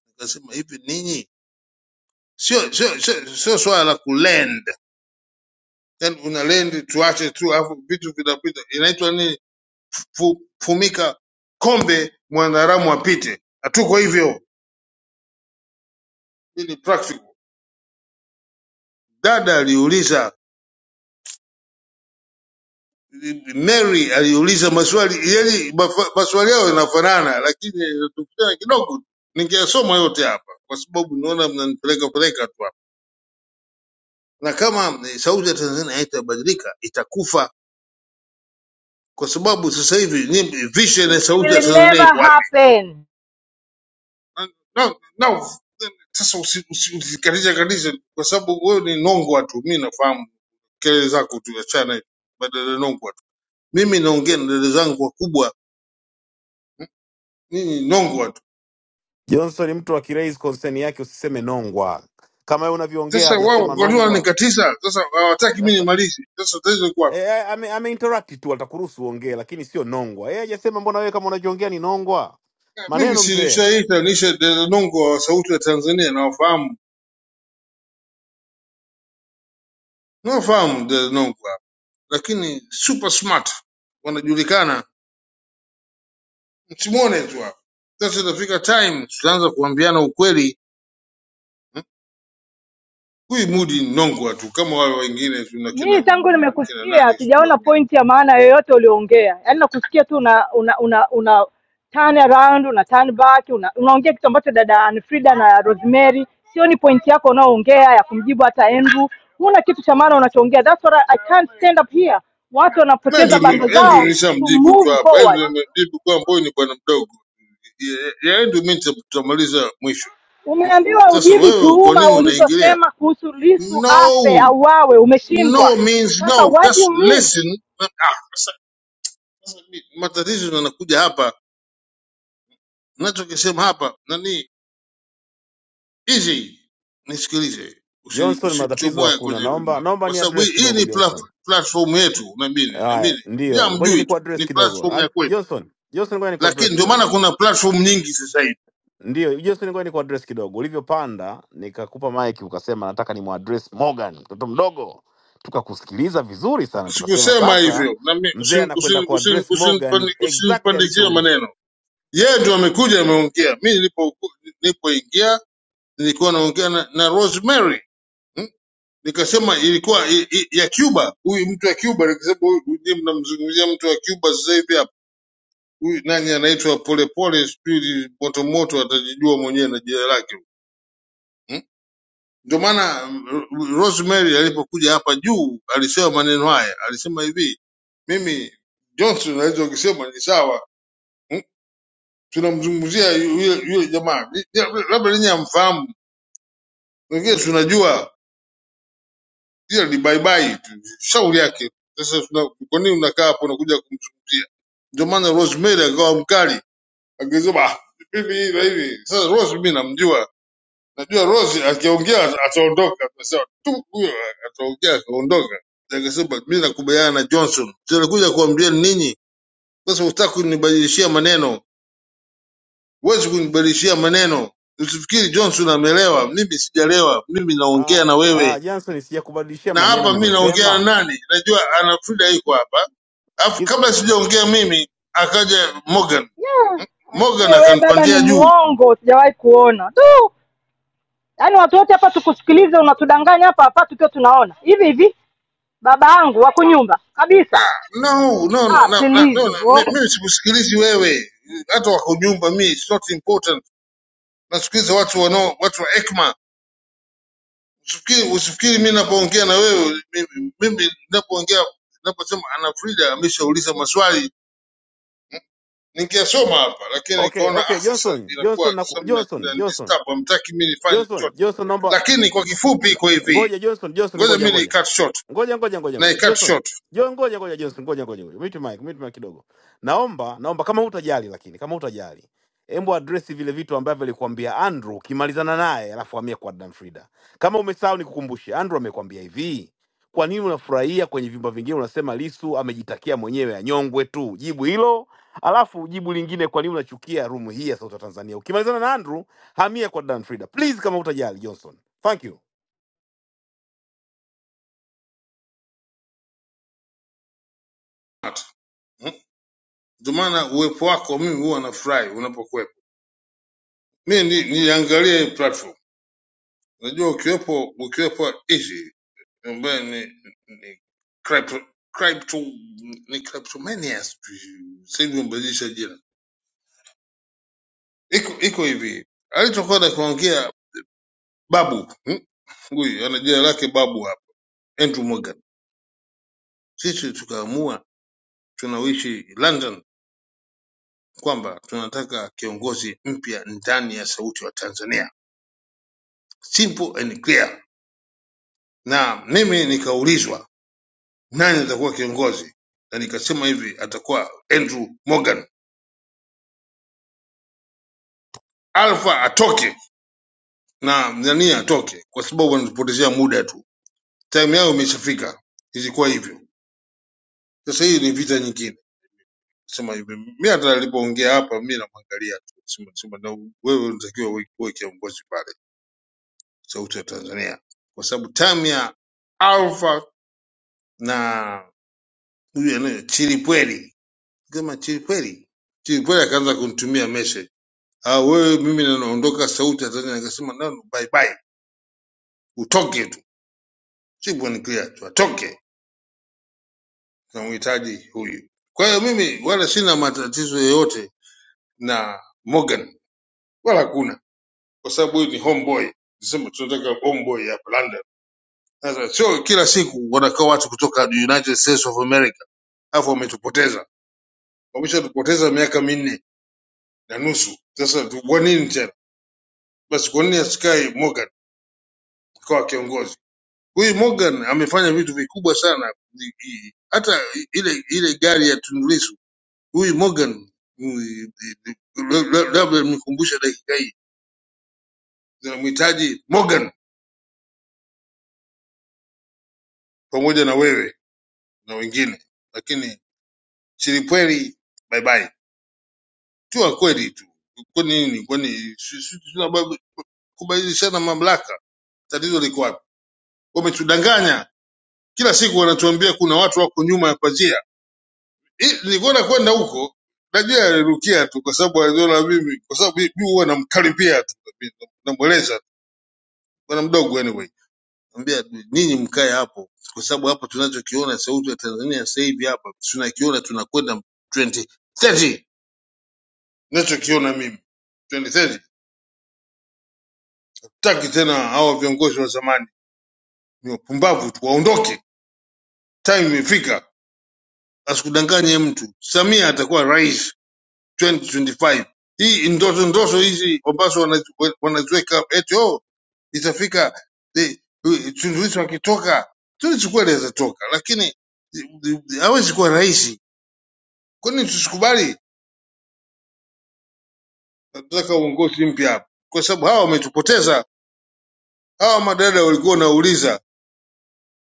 Speaker 3: nikasema hivi, ninyi sio sio sio sio swala la kulend, yani una lend tuache tu, alafu vitu vinapita, inaitwa nini? Fu, fumika kombe mwanadamu apite, hatuko hivyo. Hii ni practical. Dada aliuliza Mary aliuliza maswali yani mafa- maswali yao yanafanana, lakini tofautiana kidogo tu. Ningeyasoma yote hapa kwa sababu naona mnanipeleka peleka tu hapa, na kama eh, sauti ya Tanzania haitabadilika itakufa, kwa sababu sasa hivi nyimbo- vision ya
Speaker 7: it
Speaker 3: sauti ya
Speaker 7: will
Speaker 3: Tanzania
Speaker 7: never
Speaker 3: iko wapi?
Speaker 7: happen
Speaker 3: Na- na- na- Sasa usikatiza kabisa, kwa sababu wewe ni nongwa tu. Mimi nafahamu kelele zako tu, achana badala ya nongwa tu. Mimi naongea na dada zangu wakubwa, mimi nongwa tu
Speaker 1: Johnson, ni mtu akiraise concern yake usiseme nongwa, kama yeye unavyoongea
Speaker 3: Sasa wao
Speaker 1: hajasema
Speaker 3: walikuwa
Speaker 1: nongwa.
Speaker 3: wananikatiza, sasa hawataki mimi
Speaker 1: Sasa
Speaker 3: nimalize. Sasa tatizo liko wapi?
Speaker 1: e, ame, ameinterrupt tu, atakuruhusu uongee, lakini sio nongwa. Yeye hajasema mbona wewe kama unajiongea ni nongwa.
Speaker 3: Eh, Mimi
Speaker 1: Maneno
Speaker 3: si
Speaker 1: mzee
Speaker 3: nishaita nisha Delongo wa sauti ya Tanzania, nawafahamu nawafahamu Delongo hapa, lakini super smart wanajulikana, msimuone tu hapa. Sasa itafika time tutaanza kuambiana ukweli, huyu Mudi ni nongwa tu kama wale wengine tuna kina
Speaker 7: Mimi tangu
Speaker 3: kina
Speaker 7: nimekusikia
Speaker 3: nani sijui wa
Speaker 7: sijaona
Speaker 3: nini.
Speaker 7: point ya maana yoyote ulioongea, yaani nakusikia tu una una una, una turn around una turn back una, unaongea kitu ambacho dada Anfrida na Rosemary, sioni point yako unaoongea ya kumjibu hata Andrew. Huna kitu cha maana unachoongea, that's what I, I can't stand up here. Watu wanapoteza bando
Speaker 3: Andrew Andrew
Speaker 7: zao to
Speaker 3: nishamjibu tu
Speaker 7: move
Speaker 3: hapa, Andrew
Speaker 7: forward.
Speaker 3: nimemjibu kwa mboyo ni bwana mdogo. Ya ya Andrew mimi tutamaliza mwisho.
Speaker 7: Umeambiwa
Speaker 3: Sasa
Speaker 7: ujibu
Speaker 3: wewe kwa
Speaker 7: tuhuma
Speaker 3: nini unaingilia?
Speaker 7: ulizosema kuhusu Lisu
Speaker 3: No,
Speaker 7: afe auawe, umeshindwa.
Speaker 3: no means
Speaker 7: Sasa
Speaker 3: no,
Speaker 7: what do
Speaker 3: just
Speaker 7: you mean?
Speaker 3: listen. Na- ah, sasa- sasa mi- Matatizo yanakuja hapa, nachokisema hapa nani hizi, nisikilize, usi-
Speaker 1: Johnson, matatizo
Speaker 3: usichomoe
Speaker 1: hakuna.
Speaker 3: kwenye rumu
Speaker 1: Naomba
Speaker 3: hapa,
Speaker 1: naomba
Speaker 3: kwa
Speaker 1: ni
Speaker 3: sababu
Speaker 1: address
Speaker 3: hii hii
Speaker 1: kidogo
Speaker 3: ni pla-
Speaker 1: Johnson.
Speaker 3: platform yetu, na mimi na
Speaker 1: Haya,
Speaker 3: mimi
Speaker 1: ndio, ngoja ni
Speaker 3: hamjui tu,
Speaker 1: kuaddress
Speaker 3: ni
Speaker 1: kidogo.
Speaker 3: platform
Speaker 1: Ah,
Speaker 3: ya kwetu,
Speaker 1: Johnson, Johnson, ngoja ni
Speaker 3: lakini
Speaker 1: kuaddress
Speaker 3: ndio maana
Speaker 1: kidogo.
Speaker 3: kuna platform nyingi sasa hivi.
Speaker 1: Ndio, Johnson, ngoja ni kuaddress kidogo. Ulivyopanda nikakupa mic ukasema nataka ni muaddress Morgan, mtoto mdogo. Tukakusikiliza vizuri sana, tukasema
Speaker 3: Sikusema
Speaker 1: sasa
Speaker 3: hivyo, na mimi
Speaker 1: mzee anakwenda kuaddress Morgan exactly
Speaker 3: usinipandikie
Speaker 1: alichouliza
Speaker 3: maneno Yeye ndio amekuja ameongea. Mimi nilipo nilipoingia nilikuwa naongea na, na Rosemary hmm? Nikasema ilikuwa i, i, ya Cuba, huyu mtu wa Cuba, nikasema huyu ndiye mnamzungumzia mtu wa Cuba sasa hivi hapa. Huyu nani anaitwa Polepole, sijui moto moto, atajijua mwenyewe na jina lake hmm? Ndio maana mm, Rosemary alipokuja hapa juu alisema maneno haya, alisema hivi, mimi Johnson naweza ukisema ni sawa hmm? tunamzungumzia yule yule jamaa, Ni- ni- labda ninyi hamfahamu Wengine si unajua ile ni bye bye tu, shauri yake. Sasa tuna- kwa nini unakaa hapo unakuja kumzungumzia? Ndio maana Rosemary akawa mkali, akisema "Ah, hivi hivi na hivi. Sasa Rose mimi namjua, najua Rose akiongea ataondoka, akasema tu huyo ataongea akaondoka. Akasema mimi nakubaliana na Johnson, tunakuja kuambia ninyi sasa, hutaki kunibadilishia maneno, huwezi kunibadilishia maneno. Usifikiri Johnson ameelewa, mimi sijalewa, mimi naongea
Speaker 1: Ah,
Speaker 3: na wewe
Speaker 1: ah, Johnson, sijakubadilishia
Speaker 3: na
Speaker 1: maneno,
Speaker 3: hapa mimi naongea na
Speaker 1: nimesema
Speaker 3: nani? Najua ana Frida iko hapa, alafu
Speaker 1: sikiza.
Speaker 3: kabla sijaongea mimi akaja Morgan
Speaker 7: yeah.
Speaker 3: Morgan
Speaker 7: Aisee, we baba ni
Speaker 3: akanipandia juu.
Speaker 7: mwongo, sijawahi kuona tu. Yaani watu wote hapa tukusikilize, unatudanganya hapa hapa tukiwa tunaona hivi hivi. Baba yangu wako nyumba kabisa.
Speaker 3: No, no, no, no,
Speaker 7: Ah,
Speaker 3: no, no,
Speaker 7: please
Speaker 3: no.
Speaker 7: bro.
Speaker 3: mi- Mimi sikusikilizi wewe, hata wakujumba mi, it's not important. Nasikiliza watu wanao watu wa ekma. Usifikiri, usifikiri mimi napoongea na wewe, mimi mimi napoongea naposema ana Frida ameshauliza maswali Ningesoma hapa lakini
Speaker 1: Okay,
Speaker 3: nikaona
Speaker 1: okay,
Speaker 3: ah, sasa
Speaker 1: Johnson, Johnson,
Speaker 3: inakuwa sasa
Speaker 1: naku,
Speaker 3: mna
Speaker 1: Johnson,
Speaker 3: mna
Speaker 1: Johnson,
Speaker 3: disturb, hamtaki mimi nifanye
Speaker 1: Johnson,
Speaker 3: chochote.
Speaker 1: Johnson, naomba
Speaker 3: Lakini kwa kifupi iko hivi,
Speaker 1: ngoja, Johnson, Johnson,
Speaker 3: ngoja
Speaker 1: ngoja,
Speaker 3: mimi ni
Speaker 1: ngoja
Speaker 3: cut short
Speaker 1: ngoja ngoja ngoja
Speaker 3: na i
Speaker 1: ngoja
Speaker 3: cut
Speaker 1: Johnson
Speaker 3: short.
Speaker 1: John, ngoja ngoja Johnson, ngoja ngoja ngoja mute mic, mute mic kidogo. Naomba naomba kama hutajali, lakini kama hutajali, hebu address vile vitu ambavyo alikwambia Andrew, ukimalizana naye alafu hamia kwa Dan Frida. Kama umesahau nikukumbushe, Andrew amekwambia hivi, kwa nini unafurahia kwenye vyumba vingine unasema Lisu amejitakia mwenyewe anyongwe tu? Jibu hilo, alafu jibu lingine, kwa nini unachukia room hii ya Sauti ya Tanzania? Ukimalizana na Andrew, hamia kwa Dan Frida please, kama hutajali Johnson. Thank you.
Speaker 3: Hmm? Ndio maana uwepo wako mimi huwa nafurahi unapokuwepo. Mimi ni, niangalie hii platform. Unajua ukiwepo ukiwepo hizi ambaye ni, ni crypto crypto ni cryptomania sijui. Sasa hivi wamebadilisha jina. Iko iko hivi. Alichokwenda kuongea babu. hmm? huyu ana jina lake babu hapa andrew morgan sisi tukaamua tunaoishi london kwamba tunataka kiongozi mpya ndani ya sauti ya tanzania simple and clear na mimi nikaulizwa nani atakuwa kiongozi na nikasema hivi atakuwa andrew morgan alfa atoke na nani atoke kwa sababu wanatupotezea muda tu time yao imeshafika ilikuwa hivyo sasa hii ni vita nyingine sema hivi mi hata nilipoongea hapa mi namwangalia tu sema, sema na wewe unatakiwa uwe uwe kiongozi pale sauti ya tanzania kwa sababu tam ya alfa na huyu anayo chilipweli kama chilipweli chilipweli akaanza kunitumia message ah wewe mimi na naondoka sauti ya tanzania nikasema nano bye bye utoke tu simple and clear tu atoke tunamhitaji huyu kwa hiyo mimi wala sina matatizo yoyote na morgan wala hakuna kwa sababu huyu ni homeboy sema tunataka homeboy hapa london sasa sio kila siku wanakaa watu kutoka united states of america alafu wametupoteza wameshatupoteza miaka minne na nusu sasa tu- kwa nini tena basi kwa nini asikae morgan akawa kiongozi huyu morgan amefanya vitu vikubwa sana Ni- i- hata ile ile gari ya tundulisu huyu morgan huyu- la- la- labda nikumbushe dakika hii zinamhitaji morgan pamoja na wewe na wengine lakini Chilipweli bye bye. Tuwa kweli tu. Kwa nini? Kwa nini? Si- si- Tunabadilishana mamlaka. Tatizo liko wapi? Wametudanganya. Kila siku wanatuambia kuna watu wako nyuma ya pazia. Hii, Nilikwenda kwenda huko najua alirukia tu kwa sababu aliona mimi kwa sababu mimi huwa namkaribia tu namweleza bwana mdogo anyway. Ambia ninyi mkae hapo kwa sababu hapa tunachokiona sauti ya Tanzania sasa hivi hapa tunakiona tunakwenda 2030 ninachokiona mimi 2030 Sitaki tena hawa viongozi wa zamani, ni wapumbavu tu, waondoke. Time imefika, asikudanganye mtu. Samia atakuwa rais 2025. Hii ndoto ndoto hizi ambazo wanazi- wanaziweka eti oh, itafika eh, eh, Tundu Lissu akitoka, Tundu Lissu kweli atatoka, lakini eh, eh, hawezi kuwa rais. Kwa nini tusikubali? Tunataka uongozi mpya hapa, kwa sababu hawa wametupoteza. Hawa madada walikuwa wanauliza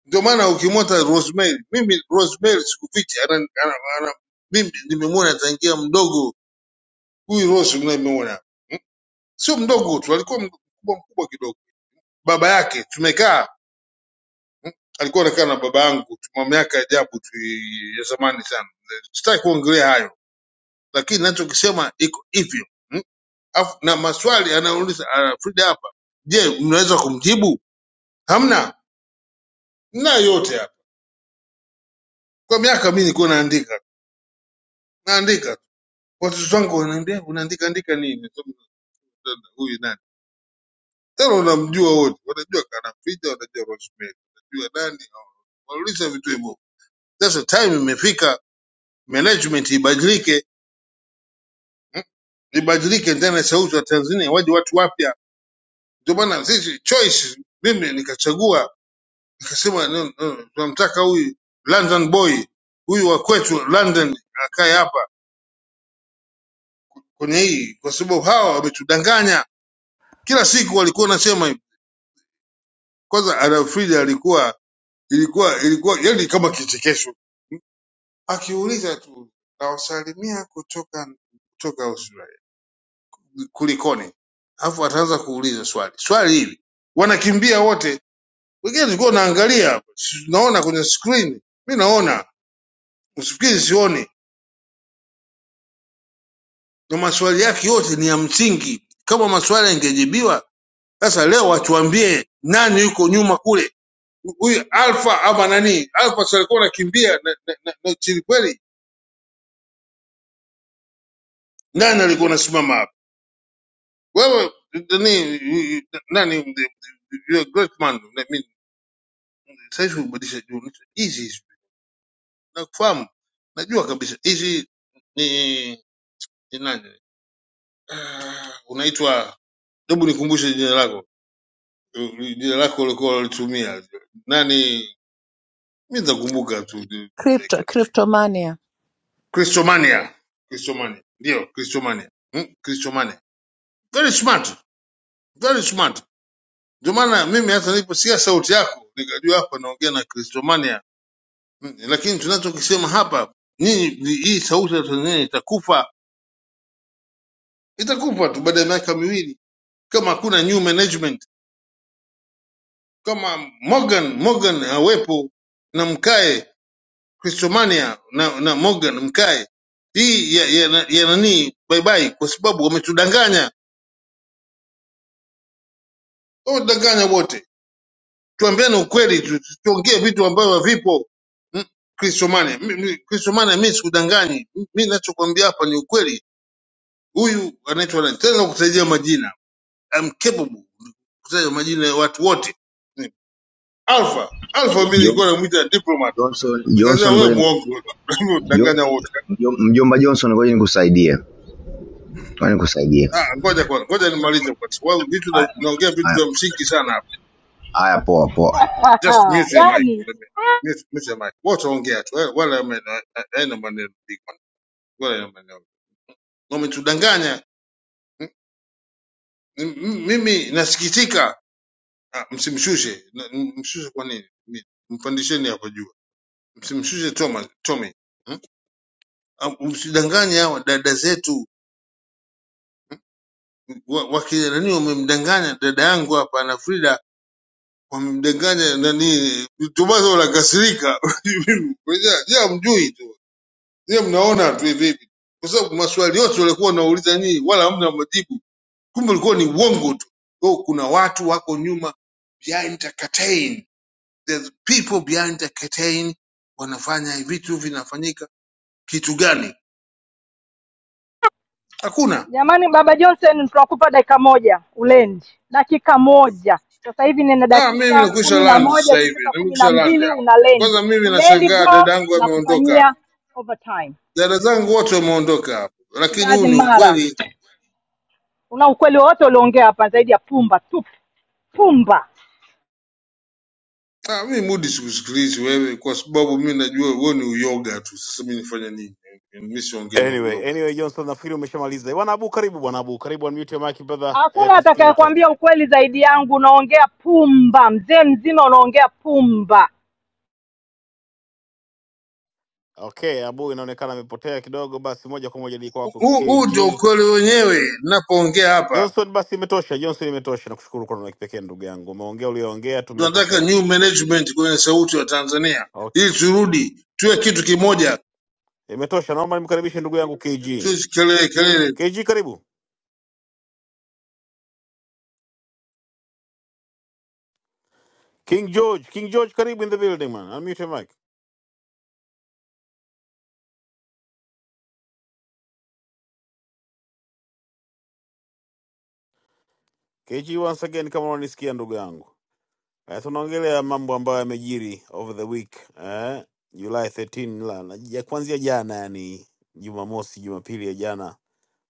Speaker 3: Ndio maana ukimwota Rosemary, mimi Rosemary sikuficha, ana, ana, ana, mimi nimemwona tangia mdogo. Huyu Rose unayemwona sio mdogo tu, alikuwa mkubwa mkubwa kidogo. Baba yake tumekaa, alikuwa anakaa na baba yangu, tuna miaka ya ajabu tu ya zamani sana. Sitaki kuongelea hayo, lakini nachokisema iko hivyo mm? Afu- na maswali anauliza ah, Frida hapa, je, mnaweza kumjibu? Hamna na yote hapa. Kwa miaka mimi nilikuwa naandika naandika watoto wangu wanaendea unaandika andika nini Sema unamtenda huyu nani tena unamjua wote wanajua kanaficha wanajua rosemary wanajua nani wanauliza vitu hivyo sasa time imefika management ibadilike mm, ibadilike ndani ya sauti ya tanzania waje watu wapya ndio maana sisi choice mimi nikachagua nikasema no, no, tunamtaka huyu london boy huyu wa kwetu london akae hapa kwenye hii kwa sababu hawa wametudanganya kila siku walikuwa wanasema hivi kwanza Adolf Frida alikuwa Ilikuwa ilikuwa yani kama kichekesho, akiuliza tu nawasalimia kutoka kutoka Australia, kulikoni? Alafu ataanza kuuliza swali swali hili, wanakimbia wote. Wengine tulikuwa naangalia, hapa, si- naona kwenye screen, mi naona, usifikiri sioni. Na maswali yake yote ni ya msingi, kama maswali yangejibiwa. Sasa leo watuambie nani yuko nyuma kule, huyu Alfa ama nani? Alfa si alikuwa anakimbia na, na, na, na Chilipweli, nani alikuwa anasimama? Wewe nani nani you're a great man. I mean, saizi ubadilisha juu hizi nakufahamu. Najua kabisa hizi ni ni nani? Ah, Unaitwa hebu nikumbushe jina lako. Eh, Jina lako ulikuwa ulitumia. Nani? Mimi nitakumbuka tu.
Speaker 6: Crypto,
Speaker 3: Like,
Speaker 6: Cryptomania.
Speaker 3: Christomania. Christomania. Ndio, Christomania. Mm, Christomania. Very smart. Very smart. Ndio maana mimi hata niliposikia sauti yako nikajua hapa naongea na Christomania Mm, lakini tunachokisema hapa nyinyi, ni- hii sauti ya Tanzania itakufa, itakufa tu baada ya miaka miwili, kama hakuna new management, kama Morgan Morgan awepo na mkae Christomania na, na Morgan mkae hii ya, ya, ya, ya nani bye bye, kwa sababu wametudanganya, wametudanganya wote. Tuambiane ukweli, tu- tu- tuongee vitu ambavyo havipo. Mm, Christomania, mi- mi- Christomania, mimi sikudanganyi, mimi ninachokwambia hapa ni ukweli. Huyu anaitwa nani? Tena kutajia majina I'm capable kutaja majina ya watu wote. Alpha, Alpha mimi
Speaker 8: John-
Speaker 3: nilikuwa namuita diplomat.
Speaker 8: Johnson
Speaker 3: Nikasema
Speaker 8: Johnson
Speaker 3: wewe
Speaker 8: ngoja
Speaker 3: muongo, unadanganya
Speaker 8: Johnson,
Speaker 3: wote.
Speaker 8: mjomba Johnson ngoja nikusaidia ngoja nikusaidia
Speaker 3: Ah, ngoja kwanza, ngoja nimalize kwa sababu vitu na-
Speaker 8: haya
Speaker 3: naongea vitu
Speaker 8: haya
Speaker 3: vya msingi sana hapa.
Speaker 8: haya poa poa
Speaker 3: Just mute your mic.
Speaker 7: Yaani
Speaker 3: Let me- Mute, mute your mic. Wote ongea tu. eh, Wala ame- a- haina maneno big man. Wala haina maneno. Wametudanganya. M- m- Mimi nasikitika. Ah, msimshushe. Na- m- Mshushe kwa nini? Mi- Mpandisheni hapo juu. Msimshushe Thomas, Tommy. Hmm? Am- Msidanganye hawa dada zetu wa- wakinani, wamemdanganya dada yangu hapa na Frida wamemdanganya nani, Tomaso anakasirika. Je, hamjui tu je, mnaona tu hivi hivi, kwa sababu maswali yote walikuwa wanauliza nyinyi wala hamna majibu, kumbe ulikuwa ni uongo tu. Kwa hiyo kuna watu wako nyuma behind the curtain, there's people behind the curtain wanafanya vitu vinafanyika kitu gani? Hakuna.
Speaker 7: jamani, baba Johnson, tunakupa dakika moja ulendi, dakika moja sasa hivi nina
Speaker 3: Na mimi
Speaker 7: dakika
Speaker 3: nimekwisha
Speaker 7: kumi na
Speaker 3: land
Speaker 7: moja
Speaker 3: sasa hivi,
Speaker 7: ikifika kumi na
Speaker 3: nimekwisha land
Speaker 7: mbili
Speaker 3: hapa.
Speaker 7: una lendi
Speaker 3: Kwanza mimi
Speaker 7: ulendi
Speaker 3: nashangaa
Speaker 7: bro,
Speaker 3: dada yangu ameondoka hapa,
Speaker 7: nakufanyia overtime.
Speaker 3: dada zangu wote wameondoka hapa,
Speaker 7: It
Speaker 3: lakini huu ni
Speaker 7: doesn't matter.
Speaker 3: ukweli.
Speaker 7: Una ukweli wowote ulioongea hapa zaidi ya pumba tupu? Pumba.
Speaker 3: Ah, mimi mudi sikusikilizi wewe, kwa sababu mimi najua wewe ni uyoga tu. Sasa mimi nifanye nini? Mimi siongee na
Speaker 1: Anyway,
Speaker 3: uyoga tu.
Speaker 1: anyway Johnson nafikiri umeshamaliza. Bwana Abu karibu bwana Abu, karibu unmute your mic brother. Eh,
Speaker 7: Hakuna
Speaker 1: tusikie your take.
Speaker 7: atakayekwambia ukweli zaidi yangu. Unaongea pumba, mzee mzima, unaongea pumba.
Speaker 1: Okay, Abu inaonekana amepotea kidogo basi moja kwa moja ni kwako
Speaker 3: Huu huu ndio
Speaker 1: KG.
Speaker 3: ukweli wenyewe. Ninapoongea hapa,
Speaker 1: Johnson basi imetosha, Johnson imetosha. Nakushukuru kwa neno la kipekee ndugu yangu. Umeongea uliyoongea
Speaker 3: tunataka
Speaker 1: tumepokea.
Speaker 3: new management kwenye sauti ya Tanzania
Speaker 1: Okay.
Speaker 3: ili turudi tuwe kitu kimoja,
Speaker 1: Imetosha. Naomba nimkaribishe ndugu yangu KG.
Speaker 3: tusikelele kelele tu.
Speaker 1: KG karibu. King George, King George karibu in the building man. Unmute your mic. KG once again kama unanisikia ndugu yangu. Eh, tunaongelea mambo ambayo yamejiri over the week eh, July 13 la na- ya kuanzia jana, yani Jumamosi, Jumapili ya jana,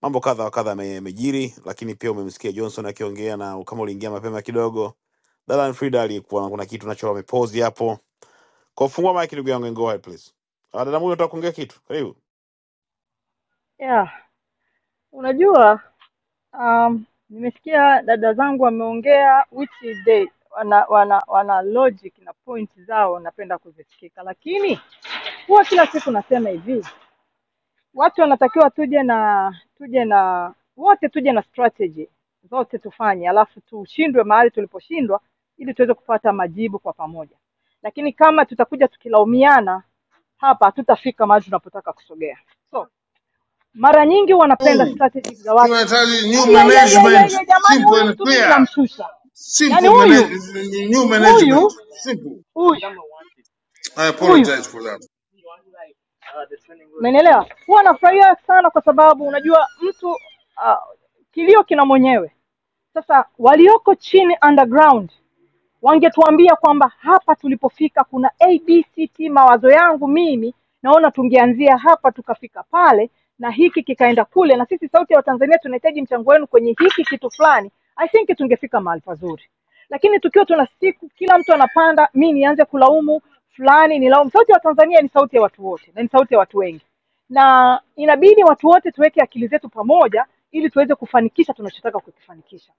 Speaker 1: mambo kadha wa kadha yame- yamejiri, lakini pia umemsikia Johnson akiongea, na kama uliingia mapema kidogo, Dalan Frida alikuwa kuna kitu nacho amepozi hapo. Kwa fungua mic ndugu yangu, and go ahead please. Ah, dada Mudi, unataka kuongea kitu? Karibu.
Speaker 7: Yeah, unajua um, nimesikia dada zangu wameongea which is they wana, wana wana logic na point zao napenda kuzisikika, lakini huwa kila siku nasema hivi, watu wanatakiwa tuje na tuje na wote tuje na strategy zote tufanye, alafu tushindwe mahali tuliposhindwa, ili tuweze kupata majibu kwa pamoja. Lakini kama tutakuja tukilaumiana hapa, hatutafika mahali tunapotaka kusogea. So mara nyingi wanapenda strategies za watu
Speaker 3: Tunahitaji new
Speaker 7: "Ai, ai, ai, ai,
Speaker 3: management,
Speaker 7: ai, ai, jamani
Speaker 3: simple
Speaker 7: huyu
Speaker 3: and
Speaker 7: mtu mimi
Speaker 3: clear.
Speaker 7: namshusha yaani
Speaker 3: Simple manage,
Speaker 7: huyu
Speaker 3: new management.
Speaker 7: huyu
Speaker 3: Simple.
Speaker 7: huyu
Speaker 3: I
Speaker 7: huyu
Speaker 3: apologize for that.
Speaker 7: umenielewa huwa nafurahia sana kwa sababu unajua mtu uh, kilio kina mwenyewe sasa walioko chini underground wangetuambia kwamba hapa tulipofika kuna abct mawazo yangu mimi naona tungeanzia hapa tukafika pale na hiki kikaenda kule na sisi sauti ya watanzania tunahitaji mchango wenu kwenye hiki kitu fulani i think tungefika mahali pazuri lakini tukiwa tuna siku kila mtu anapanda mi nianze kulaumu fulani nilaumu sauti ya watanzania ni sauti ya watu wote na ni sauti ya watu wengi na inabidi watu wote tuweke akili zetu pamoja ili tuweze kufanikisha tunachotaka kukifanikisha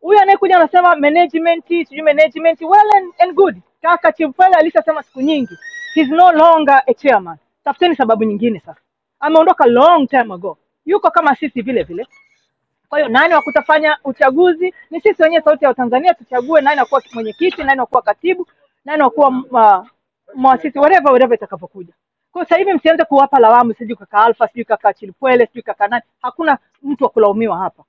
Speaker 7: huyu anayekuja anasema management sijui management well and, and good kaka chimfele alishasema siku nyingi he's no longer a chairman tafuteni sababu nyingine sasa ameondoka long time ago yuko kama sisi vile vile kwa hiyo nani wa kutafanya uchaguzi ni sisi wenyewe sauti ya watanzania tuchague nani wakuwa mwenyekiti nani wakuwa katibu nani wakuwa uh, mwasisi whatever whatever itakavyokuja kwa hiyo sasa hivi msianze kuwapa lawamu sijui kaka alfa sijui kaka chilipwele sijui kaka nani hakuna mtu wa kulaumiwa hapa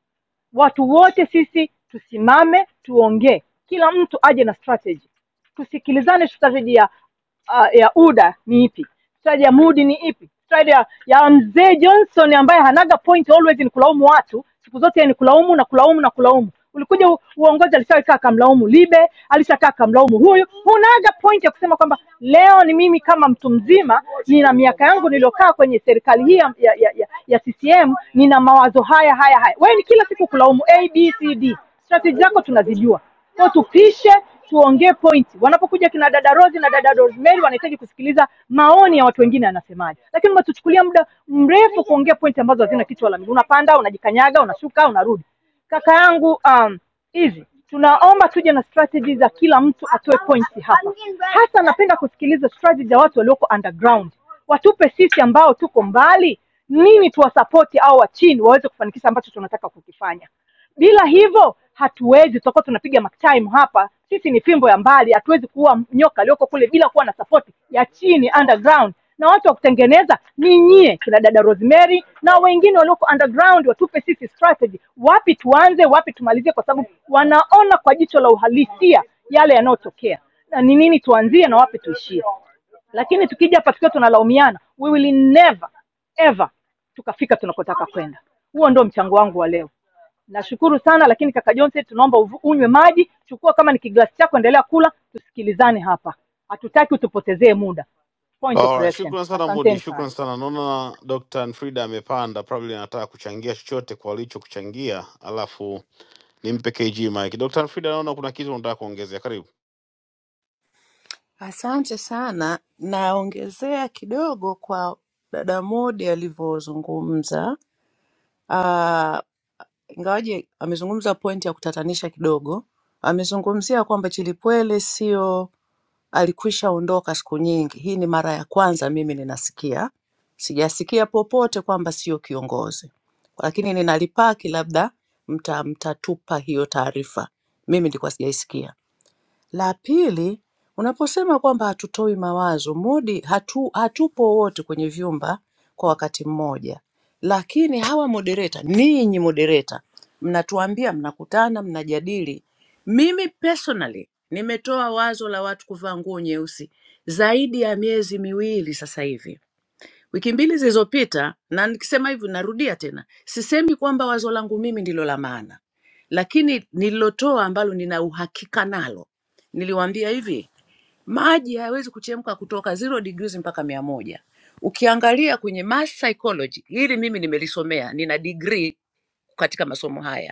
Speaker 7: Watu wote sisi tusimame, tuongee, kila mtu aje na strategy. Tusikilizane strategy ya uh, ya UDA ni ipi, strategy ya MUDI ni ipi, strategy ya, ya mzee Johnson ambaye hanaga point, always ni kulaumu watu, siku zote ni kulaumu na kulaumu na kulaumu. Ulikuja u- uongozi, alishakaa kamlaumu Libe, alishakaa kamlaumu huyu. Hunaga point ya kusema kwamba leo ni mimi kama mtu mzima, nina miaka yangu niliokaa kwenye serikali hii ya, ya, ya, ya, ya ccm nina mawazo haya haya haya wewe ni kila siku kulaumu a b c d strategy zako tunazijua so tupishe tuongee pointi wanapokuja kina dada rosi na dada rosemary wanahitaji kusikiliza maoni ya watu wengine anasemaje lakini mnatuchukulia muda mrefu kuongea pointi ambazo hazina kichwa wala miguu unapanda unajikanyaga unashuka unarudi kaka yangu um, hivi tunaomba tuje na strategy za kila mtu atoe pointi hapa. Hasa napenda kusikiliza strategy za watu walioko underground, watupe sisi ambao tuko mbali nini tuwasapoti au wa chini waweze kufanikisha ambacho tunataka kukifanya. Bila hivyo hatuwezi, tutakuwa tunapiga mark time hapa. Sisi ni fimbo ya mbali, hatuwezi kuua nyoka aliyoko kule bila kuwa na support ya chini underground, na watu wa kutengeneza ni nyie, kina dada Rosemary na wengine walioko underground, watupe sisi strategy, wapi tuanze, wapi tumalizie, kwa sababu wanaona kwa jicho la uhalisia yale yanayotokea na ni nini tuanzie na wapi tuishie. Lakini tukija hapa tukiwa tunalaumiana, we will never ever tukafika tunakotaka kwenda. Huo ndio mchango wangu wa leo nashukuru sana lakini kaka johnson tunaomba uvu- unywe maji chukua kama ni kiglasi chako endelea kula tusikilizane hapa hatutaki utupotezee muda point of
Speaker 1: Alright,
Speaker 7: correction
Speaker 1: shukran sana Mudi,
Speaker 7: asanteni sana
Speaker 1: shukran sana. Naona Dr. Frida amepanda, probably anataka kuchangia chochote kwa alicho kuchangia, alafu nimpe KG Mike. Dr. Frida, naona kuna kitu unataka kuongezea, karibu.
Speaker 6: Asante sana. Naongezea kidogo kwa dada Modi alivyozungumza. Ah, Ingawaje amezungumza pointi ya kutatanisha kidogo, amezungumzia kwamba Chilipwele sio alikwisha ondoka siku nyingi. Hii ni mara ya kwanza mimi ninasikia, sijasikia popote kwamba sio kiongozi, lakini ninalipaki, labda mta mtatupa hiyo taarifa. Mimi nilikuwa sijaisikia. La pili, unaposema kwamba hatutoi mawazo modi hatu, hatupo wote kwenye vyumba kwa wakati mmoja, lakini hawa moderator, ninyi moderator mnatuambia mnakutana, mnajadili. Mimi personally nimetoa wazo la watu kuvaa nguo nyeusi zaidi ya miezi miwili sasa hivi wiki mbili zilizopita, na nikisema hivi narudia tena, sisemi kwamba wazo langu mimi ndilo la maana, lakini nililotoa ambalo nina uhakika nalo, niliwaambia hivi, maji hayawezi kuchemka kutoka zero degrees mpaka mia moja. Ukiangalia kwenye mass psychology, hili mimi nimelisomea, nina degree katika masomo haya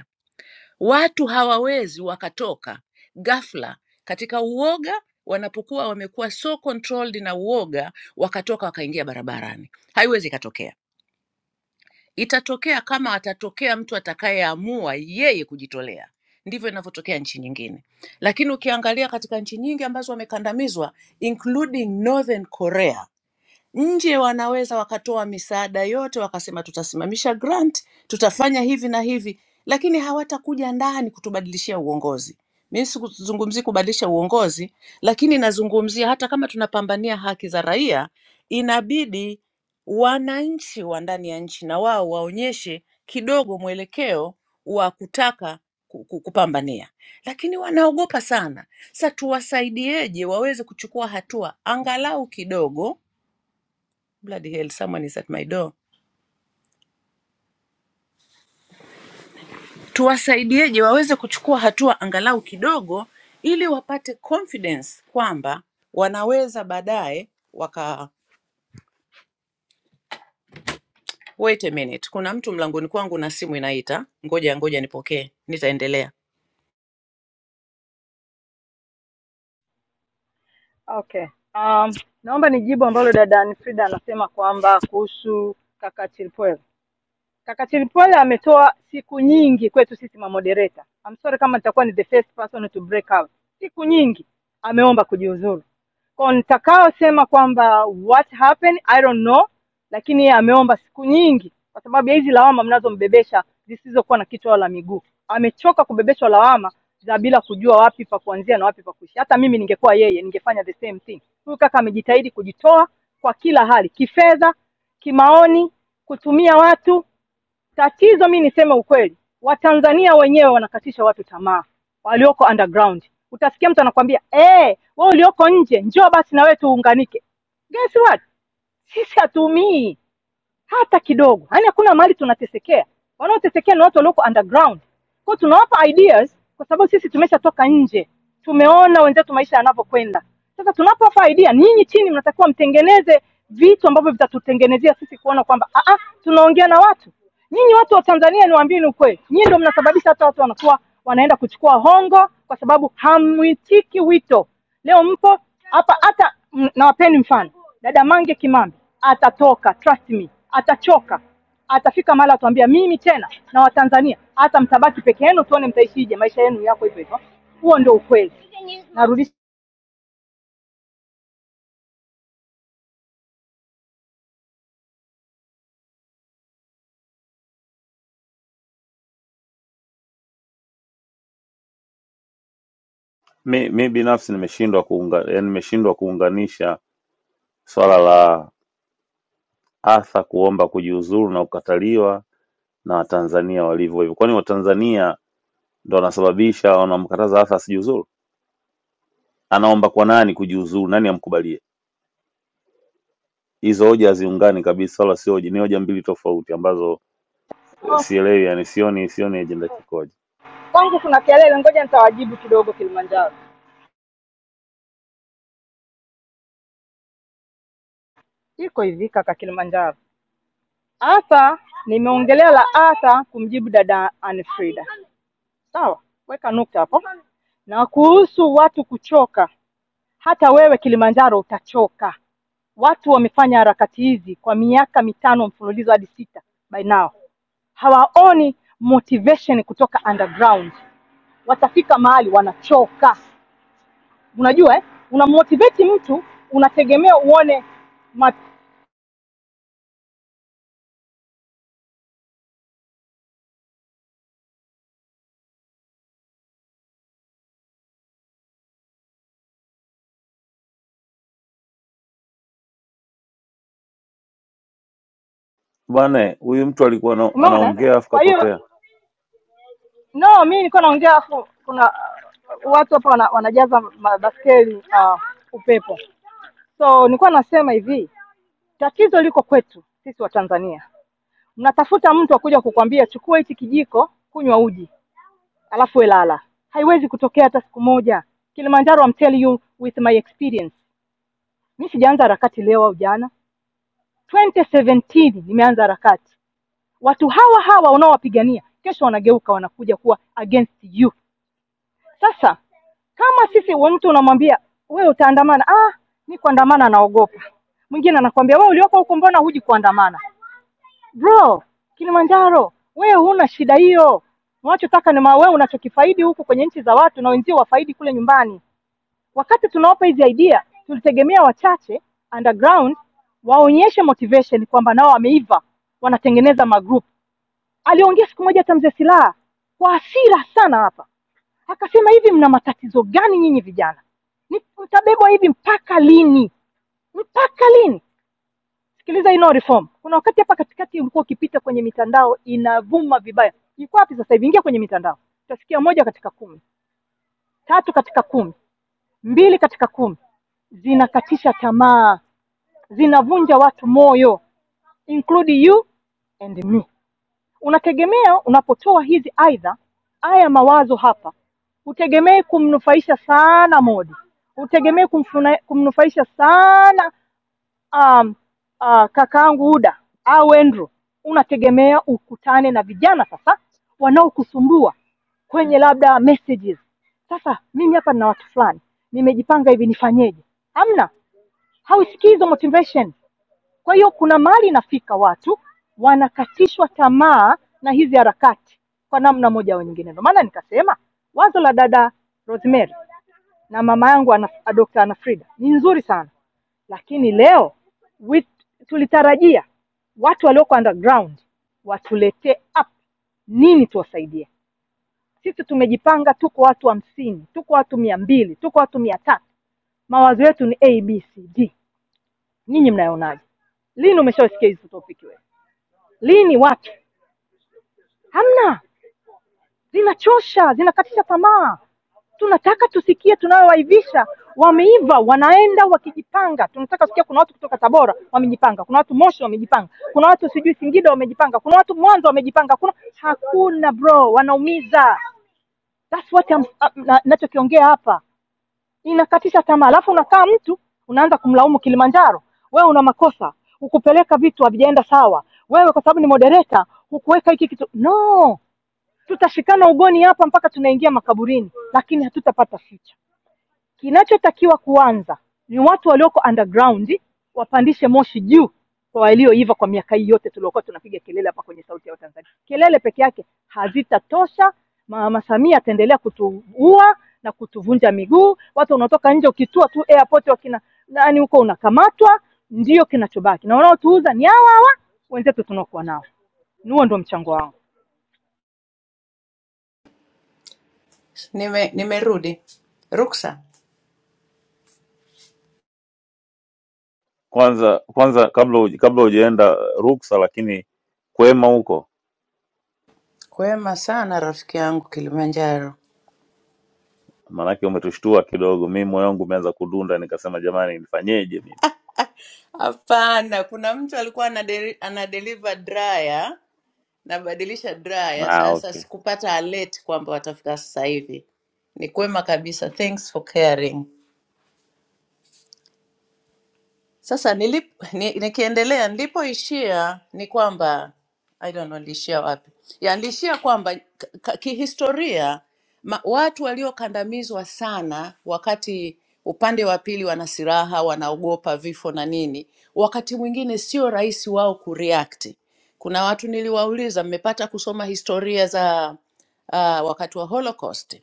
Speaker 6: Watu hawawezi wakatoka ghafla katika uoga wanapokuwa wamekuwa so controlled na uoga wakatoka wakaingia barabarani. Haiwezi ikatokea. Itatokea kama atatokea mtu atakayeamua yeye kujitolea. Ndivyo inavyotokea nchi nyingine, lakini ukiangalia katika nchi nyingi ambazo wamekandamizwa including Northern Korea Nje wanaweza wakatoa misaada yote, wakasema tutasimamisha grant, tutafanya hivi na hivi, lakini hawatakuja ndani kutubadilishia uongozi. Mimi sikuzungumzii kubadilisha uongozi, lakini nazungumzia hata kama tunapambania haki za raia, inabidi wananchi wa ndani ya nchi na wao waonyeshe kidogo mwelekeo wa kutaka ku- ku- kupambania, lakini wanaogopa sana. Sa tuwasaidieje waweze kuchukua hatua angalau kidogo Bloody hell, someone is at my door. Tuwasaidieje waweze kuchukua hatua angalau kidogo, ili wapate confidence kwamba wanaweza baadaye waka wait a minute, kuna mtu mlangoni kwangu na simu inaita, ngoja ngoja nipokee, nitaendelea.
Speaker 7: Okay. Um, naomba nijibu ambalo dada Anfrida anasema kwamba kuhusu kaka Chilpwe. Kaka Chilipole ametoa siku nyingi kwetu sisi mamodereta. I'm sorry kama nitakuwa ni the first person to break out. Siku nyingi ameomba kujiuzuru. Kwa nitakaosema kwamba what happened I don't know, lakini yeye ameomba siku nyingi kwa sababu ya hizi lawama mnazombebesha zisizokuwa na kichwa wala miguu. Amechoka kubebeshwa lawama za bila kujua wapi pa kuanzia na wapi pa kuishi. Hata mimi ningekuwa yeye ningefanya the same thing. Huyu kaka amejitahidi kujitoa kwa kila hali, kifedha, kimaoni, kutumia watu Tatizo mi niseme ukweli, Watanzania wenyewe wanakatisha watu tamaa walioko underground. Utasikia mtu anakwambia eh, wewe ulioko nje njoo basi na wewe tuunganike. Guess what? Sisi hatuumii, hata kidogo. Yaani hakuna mahali tunatesekea, wanaotesekea ni watu walioko underground. Kwa hiyo tunawapa ideas kwa sababu sisi tumeshatoka nje, tumeona wenzetu maisha yanavyokwenda. Sasa tunapowapa idea, ninyi chini mnatakiwa mtengeneze vitu ambavyo vitatutengenezea sisi kuona kwamba ah, ah, tunaongea na watu. Nyinyi watu wa Tanzania, niwaambieni ukweli, nyinyi ndio mnasababisha hata watu wanakuwa wanaenda kuchukua hongo, kwa sababu hamwitiki wito. Leo mpo hapa hata m- nawapeni mfano, dada Mange Kimambi atatoka, trust me, atachoka, atafika mahali atuambia mimi tena na Watanzania hata mtabaki peke yenu, tuone mtaishije maisha yenu yako hivyo hivyo. Huo ndio ukweli. Narudisha
Speaker 9: Mi, mi binafsi nimeshindwa kuunga, yani nimeshindwa kuunganisha swala la Arthur kuomba kujiuzuru na kukataliwa na Watanzania walivyo hivyo. Kwani Watanzania ndo wanasababisha wanamkataza Arthur asijiuzuru? Anaomba kwa nani kujiuzuru? Nani amkubalie? Hizo hoja haziungani kabisa, wala sio hoja, ni hoja mbili tofauti ambazo eh,
Speaker 7: oh,
Speaker 9: sielewi, yani sioni sioni ajenda kikoje.
Speaker 7: kwangu kuna kelele, ngoja nitawajibu kidogo. Kilimanjaro iko hivi, kaka Kilimanjaro. Hasa nimeongelea la hasa kumjibu dada Anfrida, sawa, weka nukta hapo. Na kuhusu watu kuchoka, Hata wewe Kilimanjaro utachoka. Watu wamefanya harakati hizi kwa miaka mitano mfululizo hadi sita, by now hawaoni motivation kutoka underground. Watafika mahali wanachoka. Unajua eh? Unammotivate mtu unategemea uone ma...
Speaker 9: Bwana, huyu mtu alikuwa ana-
Speaker 7: umeona? eh?
Speaker 9: anaongea afu
Speaker 7: Kwa hiyo
Speaker 9: kapotea.
Speaker 7: no, mi nilikuwa naongea afu kuna uh, watu hapa wana, wanajaza mabaskeli uh, upepo. So nilikuwa nasema hivi, tatizo liko kwetu sisi wa Tanzania mnatafuta mtu akuja kukwambia chukua hichi kijiko kunywa uji alafu welala haiwezi kutokea hata siku moja kilimanjaro I'm telling you with my experience mi sijaanza harakati leo au jana 2017 nimeanza harakati watu hawa hawa unaowapigania kesho wanageuka wanakuja kuwa against you sasa kama sisi wa mtu unamwambia wewe utaandamana ah mi kuandamana naogopa mwingine anakwambia wewe ulioko huko mbona huji kuandamana Bro, Kilimanjaro, wewe huna shida hiyo. Unachotaka ni ma- wewe unachokifaidi huku kwenye nchi za watu na wenzio wafaidi kule nyumbani. Wakati tunawapa hizi idea, tulitegemea wachache underground waonyeshe motivation kwamba nao wameiva, wanatengeneza magroup. Aliongea siku moja hata mzee Silaha kwa hasira sana hapa, akasema hivi, mna matatizo gani nyinyi vijana? Ni- Mtabebwa hivi mpaka lini? Mpaka lini? sikiliza hii no reform kuna wakati hapa katikati ulikuwa ukipita kwenye mitandao inavuma vibaya iko wapi sasa hivi ingia kwenye mitandao utasikia moja katika kumi tatu katika kumi mbili katika kumi zinakatisha tamaa zinavunja watu moyo include you and me unategemea unapotoa hizi aidha haya mawazo hapa hutegemei kumnufaisha sana modi hutegemei kumfuna- kumnufaisha sana um, uh, kakaangu Uda au Andrew, unategemea ukutane na vijana sasa wanaokusumbua kwenye labda messages. Sasa mimi hapa nina watu fulani nimejipanga hivi, nifanyeje? Hamna, hausikii hizo motivation. Kwa hiyo kuna mahali inafika watu wanakatishwa tamaa na hizi harakati kwa namna moja au nyingine. Ndio maana nikasema wazo la dada Rosemary na mama yangu ana, Dr. Ana Frida ni nzuri sana, lakini leo wit, tulitarajia watu walioko underground watuletee up nini tuwasaidie. Sisi tumejipanga, tuko watu hamsini, tuko watu mia mbili, tuko watu mia tatu. Mawazo yetu ni ABCD. Ninyi mnayonaje? Lini umeshawasikia hizo topiki wewe? Lini watu hamna zinachosha, zinakatisha tamaa. Tunataka tusikie tunayowaivisha wameiva, wanaenda wakijipanga. Tunataka kusikia kuna watu kutoka Tabora wamejipanga, kuna watu Moshi wamejipanga, kuna watu sijui Singida wamejipanga, kuna watu Mwanza wamejipanga, kuna hakuna bro, wanaumiza. That's what I'm, uh, na- nachokiongea hapa inakatisha tamaa, alafu unakaa mtu unaanza kumlaumu Kilimanjaro, wewe una makosa, hukupeleka vitu havijaenda sawa, wewe kwa sababu ni moderator hukuweka hiki kitu. No, Tutashikana ugoni hapa mpaka tunaingia makaburini, lakini hatutapata ficha. Kinachotakiwa kuanza ni watu walioko underground wapandishe moshi juu kwa walioiva kwa miaka hii yote tuliokuwa tunapiga kelele hapa kwenye Sauti ya Tanzania. Kelele peke yake hazitatosha. Mama Samia ataendelea kutuua na kutuvunja miguu. Watu unatoka nje, ukitua tu airport wakina nani huko unakamatwa. Ndiyo kinachobaki, na wanaotuuza ni hawa hawa wenzetu tunaokuwa nao. Huo ndo mchango wangu.
Speaker 6: Nime, nimerudi. Ruksa,
Speaker 9: Kwanza kwanza kabla huj- kabla hujaenda ruksa, lakini kwema huko
Speaker 6: kwema sana rafiki yangu Kilimanjaro.
Speaker 9: Maanake umetushtua kidogo, mimi moyo wangu umeanza kudunda, nikasema jamani, nifanyeje mimi?
Speaker 6: Hapana, kuna mtu alikuwa anadeli, anadeliver dryer nabadilisha draya
Speaker 9: Ah,
Speaker 6: sasa,
Speaker 9: okay.
Speaker 6: sikupata alert kwamba watafika sasa hivi. Ni kwema kabisa, thanks for caring. Sasa nilip, ni, nikiendelea nilipoishia ni kwamba I don't know niliishia wapi. Ya niliishia kwamba k- k- kihistoria ma, watu waliokandamizwa sana wakati upande wa pili wana silaha, wanaogopa vifo na nini, wakati mwingine sio rahisi wao kureact. Kuna watu niliwauliza, mmepata kusoma historia za uh, wakati wa Holocaust?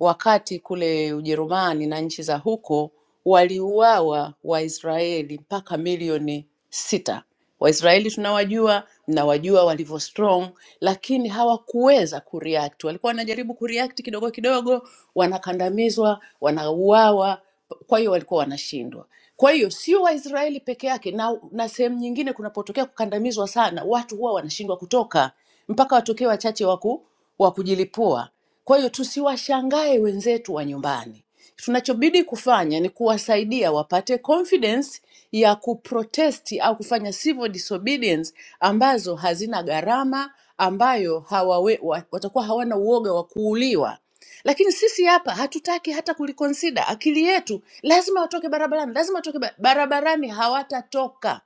Speaker 6: wakati kule Ujerumani na nchi za huko waliuawa Waisraeli mpaka milioni sita. Waisraeli tunawajua, mnawajua walivyo strong, lakini hawakuweza kureact. Walikuwa wanajaribu kureact kidogo kidogo, wanakandamizwa, wanauawa, kwa hiyo walikuwa wanashindwa. Kwa hiyo sio Waisraeli peke yake, na, na sehemu nyingine kunapotokea kukandamizwa sana, watu huwa wanashindwa kutoka mpaka watokee wachache waku wa kujilipua. Kwa hiyo tusiwashangae wenzetu wa nyumbani. Tunachobidi kufanya ni kuwasaidia wapate confidence ya kuprotesti au kufanya civil disobedience ambazo hazina gharama, ambayo hawawe, wa- watakuwa hawana uoga wa kuuliwa. Lakini sisi hapa hatutaki hata kuliconsider. Akili yetu lazima watoke barabarani, lazima watoke ba- barabarani, hawatatoka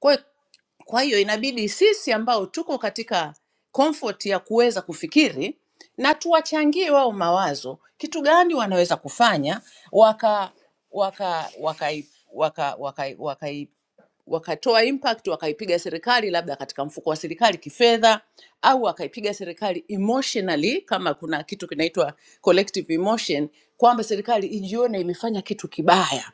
Speaker 6: kwa, hiyo- kwa hiyo inabidi sisi ambao tuko katika comfort ya kuweza kufikiri na tuwachangie wao mawazo, kitu gani wanaweza kufanya waka waka wakai waka, wakai wakai wakatoa impact wakaipiga serikali labda katika mfuko wa serikali kifedha au wakaipiga serikali emotionally kama kuna kitu kinaitwa collective emotion kwamba serikali ijione imefanya kitu kibaya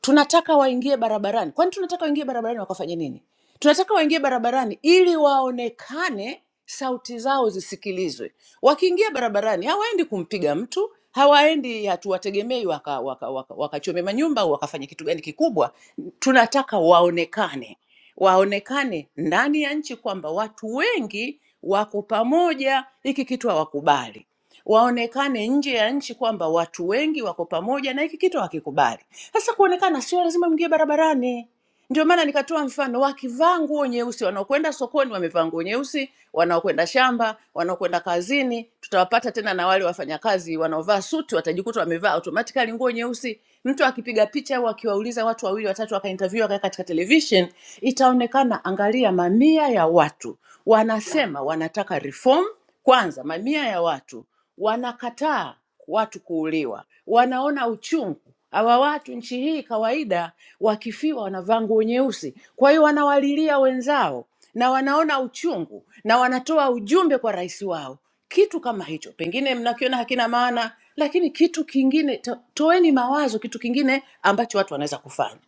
Speaker 6: tunataka waingie barabarani kwani tunataka waingie barabarani wakafanye nini tunataka waingie barabarani ili waonekane sauti zao zisikilizwe wakiingia barabarani hawaendi kumpiga mtu hawaendi hatuwategemei wakachome waka, waka, waka wakachome manyumba au wakafanya kitu gani kikubwa tunataka waonekane waonekane ndani ya nchi kwamba watu wengi wako pamoja hiki kitu hawakubali waonekane nje ya nchi kwamba watu wengi wako pamoja na hiki kitu hakikubali. Sasa kuonekana sio lazima mngie barabarani, ndio maana nikatoa mfano, wakivaa nguo nyeusi, wanaokwenda sokoni wamevaa nguo nyeusi, wanaokwenda shamba, wanaokwenda kazini, tutawapata tena na wale wafanyakazi wanaovaa suti, watajikuta wamevaa automatically nguo nyeusi. Mtu akipiga picha au akiwauliza watu wawili watatu, wakainterview akaweka katika television, itaonekana. Angalia, mamia ya watu wanasema wanataka reform kwanza, mamia ya watu wanakataa watu kuuliwa, wanaona uchungu Hawa watu nchi hii kawaida wakifiwa wanavaa nguo nyeusi, kwa hiyo wanawalilia wenzao na wanaona uchungu na wanatoa ujumbe kwa rais wao, kitu kama hicho. Pengine mnakiona hakina maana, lakini kitu kingine to, toeni mawazo, kitu kingine ambacho watu wanaweza kufanya.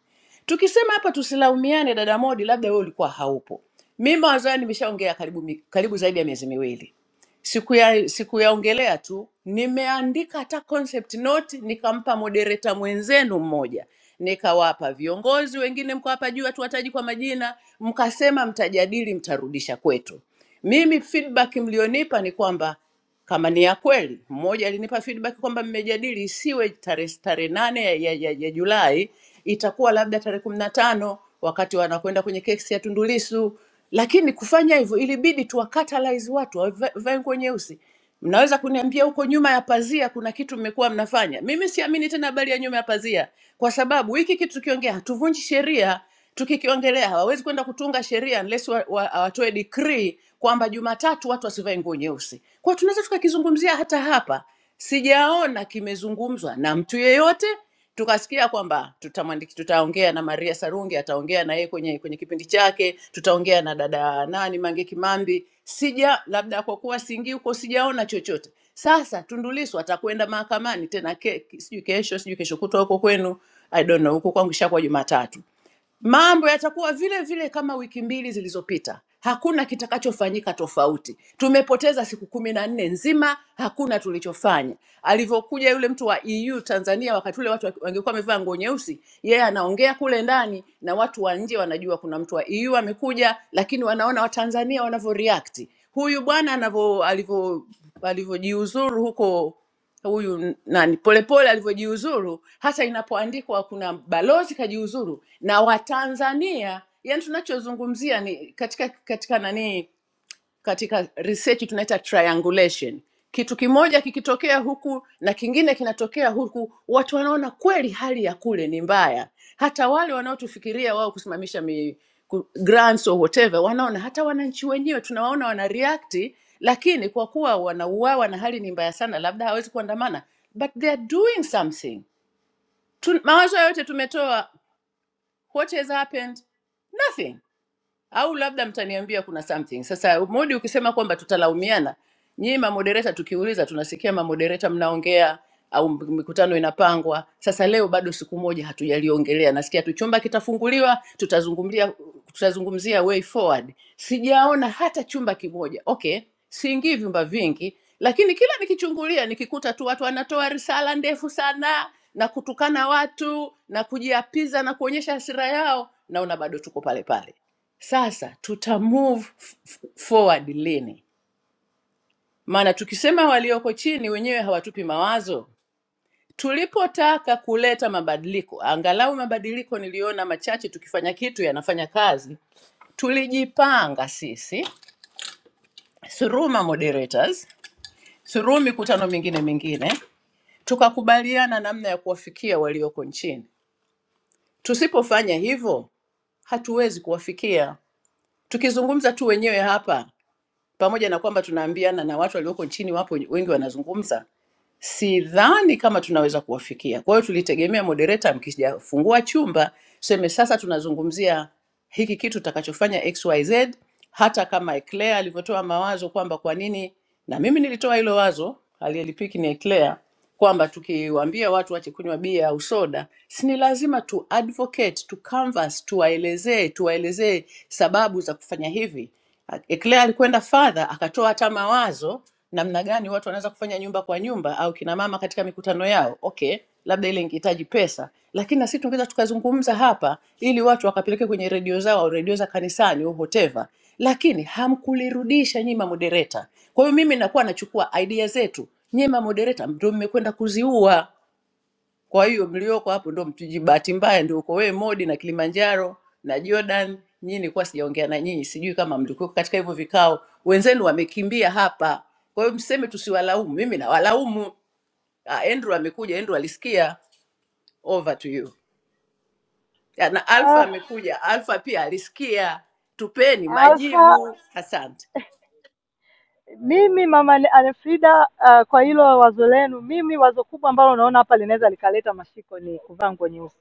Speaker 6: Tukisema hapa tusilaumiane, dada Modi, labda wewe ulikuwa haupo. Mimi mawazo hayo nimeshaongea karibu, mi- karibu zaidi ya miezi miwili sikuya sikuyaongelea tu, nimeandika hata concept note, nikampa moderator mwenzenu mmoja, nikawapa viongozi wengine, mkawapa juu, hatuwataji kwa majina, mkasema mtajadili, mtarudisha kwetu. Mimi feedback mlionipa ni kwamba kama ni ya kweli. Mmoja alinipa feedback kwamba mmejadili isiwe tarehe tarehe nane ya, ya, ya, ya Julai, itakuwa labda tarehe kumi na tano wakati wanakwenda kwenye kesi ya Tundu Lissu. Lakini kufanya hivyo ilibidi tuwakatalyze watu wavae wavae nguo nyeusi. Mnaweza kuniambia huko nyuma ya pazia kuna kitu mmekuwa mnafanya? Mimi siamini tena habari ya nyuma ya pazia, kwa sababu hiki kitu tukiongea hatuvunji sheria Tukikiongelea hawawezi kwenda kutunga sheria unless wa, wa, watoe decree kwamba Jumatatu watu wasivae nguo nyeusi. Kwa hiyo tunaweza tukakizungumzia hata hapa, sijaona kimezungumzwa na mtu yeyote tukasikia kwamba tutamwandiki, tutaongea na Maria Sarungi, ataongea na yeye kwenye kwenye kipindi chake, tutaongea na dada nani Mange Kimambi. Sija labda kwa kuwa siingii huko, sijaona chochote. Sasa Tundu Lissu atakwenda mahakamani tena ke, sijui kesho sijui kesho kutwa huko kwenu I don't know, huko kwangu ishakuwa Jumatatu. Mambo yatakuwa vile vile kama wiki mbili zilizopita. Hakuna kitakachofanyika tofauti. Tumepoteza siku kumi na nne nzima, hakuna tulichofanya. Alivyokuja yule mtu wa EU Tanzania, wakati ule watu wangekuwa wamevaa nguo nyeusi, yeye anaongea kule ndani na watu wa nje wanajua kuna mtu wa EU amekuja, lakini wanaona Watanzania wanavyoreact. Huyu bwana anavyo alivyo alivyojiuzuru huko huyu nani polepole alivyojiuzuru hata inapoandikwa kuna balozi kajiuzuru na watanzania yani tunachozungumzia ni katika katika nani katika research tunaita triangulation. Kitu kimoja kikitokea huku na kingine kinatokea huku, watu wanaona kweli hali ya kule ni mbaya. Hata wale wanaotufikiria wao kusimamisha mi, ku, grants or whatever, wanaona hata wananchi wenyewe tunawaona wana react, lakini kwa kuwa wanauawa na hali ni mbaya sana, labda hawezi kuandamana, but they are doing something. Tu, mawazo yote tumetoa, what has happened? Nothing au labda mtaniambia kuna something. Sasa Modi, ukisema kwamba tutalaumiana, nyinyi mamodereta tukiuliza, tunasikia mamodereta mnaongea au mikutano inapangwa. Sasa leo bado siku moja hatujaliongelea, nasikia tu chumba kitafunguliwa, tutazungumzia tutazungumzia way forward. Sijaona hata chumba kimoja. Okay, siingii vyumba vingi, lakini kila nikichungulia nikikuta tu watu wanatoa risala ndefu sana na kutukana watu na kujiapiza na kuonyesha hasira yao, naona bado tuko pale pale sasa tuta move f- f- forward lini? Maana tukisema walioko chini wenyewe hawatupi mawazo. Tulipotaka kuleta mabadiliko, angalau mabadiliko niliona machache, tukifanya kitu yanafanya kazi. Tulijipanga sisi through ma moderators, through mikutano mingine mingine, tukakubaliana namna ya kuwafikia walioko nchini. Tusipofanya hivyo, hatuwezi kuwafikia. Tukizungumza tu wenyewe hapa pamoja na kwamba tunaambiana na watu walioko nchini wapo wengi wanazungumza, sidhani kama tunaweza kuwafikia. Kwa hiyo tulitegemea moderator, mkijafungua chumba tuseme sasa tunazungumzia hiki kitu tutakachofanya XYZ, hata kama Eclair alivyotoa mawazo kwamba kwa nini, na mimi nilitoa hilo wazo, aliyelipiki ni Eclair kwamba tukiwaambia watu wache kunywa bia au soda, si ni lazima tu advocate, tu canvas, tuwaelezee tuwaelezee sababu za kufanya hivi. Eclair alikwenda further akatoa hata mawazo namna gani watu wanaweza kufanya nyumba kwa nyumba au kina mama katika mikutano yao. Okay, labda ile ingehitaji pesa, lakini na sisi tungeweza tukazungumza hapa ili watu wakapeleke kwenye redio zao au redio za kanisani au whatever, lakini hamkulirudisha nyinyi mamodereta. Kwa hiyo mimi nakuwa nachukua idea zetu, nyie ma moderator ndio mmekwenda kuziua. Kwa hiyo mlioko hapo ndio mtuji, bahati mbaya ndio uko wewe Modi na Kilimanjaro na Jordan. Nyinyi nilikuwa sijaongea na nyinyi, sijui kama mlikuwa katika hivyo vikao. Wenzenu wamekimbia hapa, kwa hiyo mseme tusiwalaumu. Mimi nawalaumu. Ah, Andrew amekuja, Andrew alisikia. Over to you. Ya, Na Alpha
Speaker 7: Ah,
Speaker 6: amekuja, Alpha pia alisikia. Tupeni
Speaker 7: Alfa
Speaker 6: majibu. Asante.
Speaker 7: Mimi mama Alfrida, uh, kwa hilo wazo lenu, mimi wazo kubwa ambalo naona hapa linaweza likaleta mashiko ni kuvaa nguo nyeusi.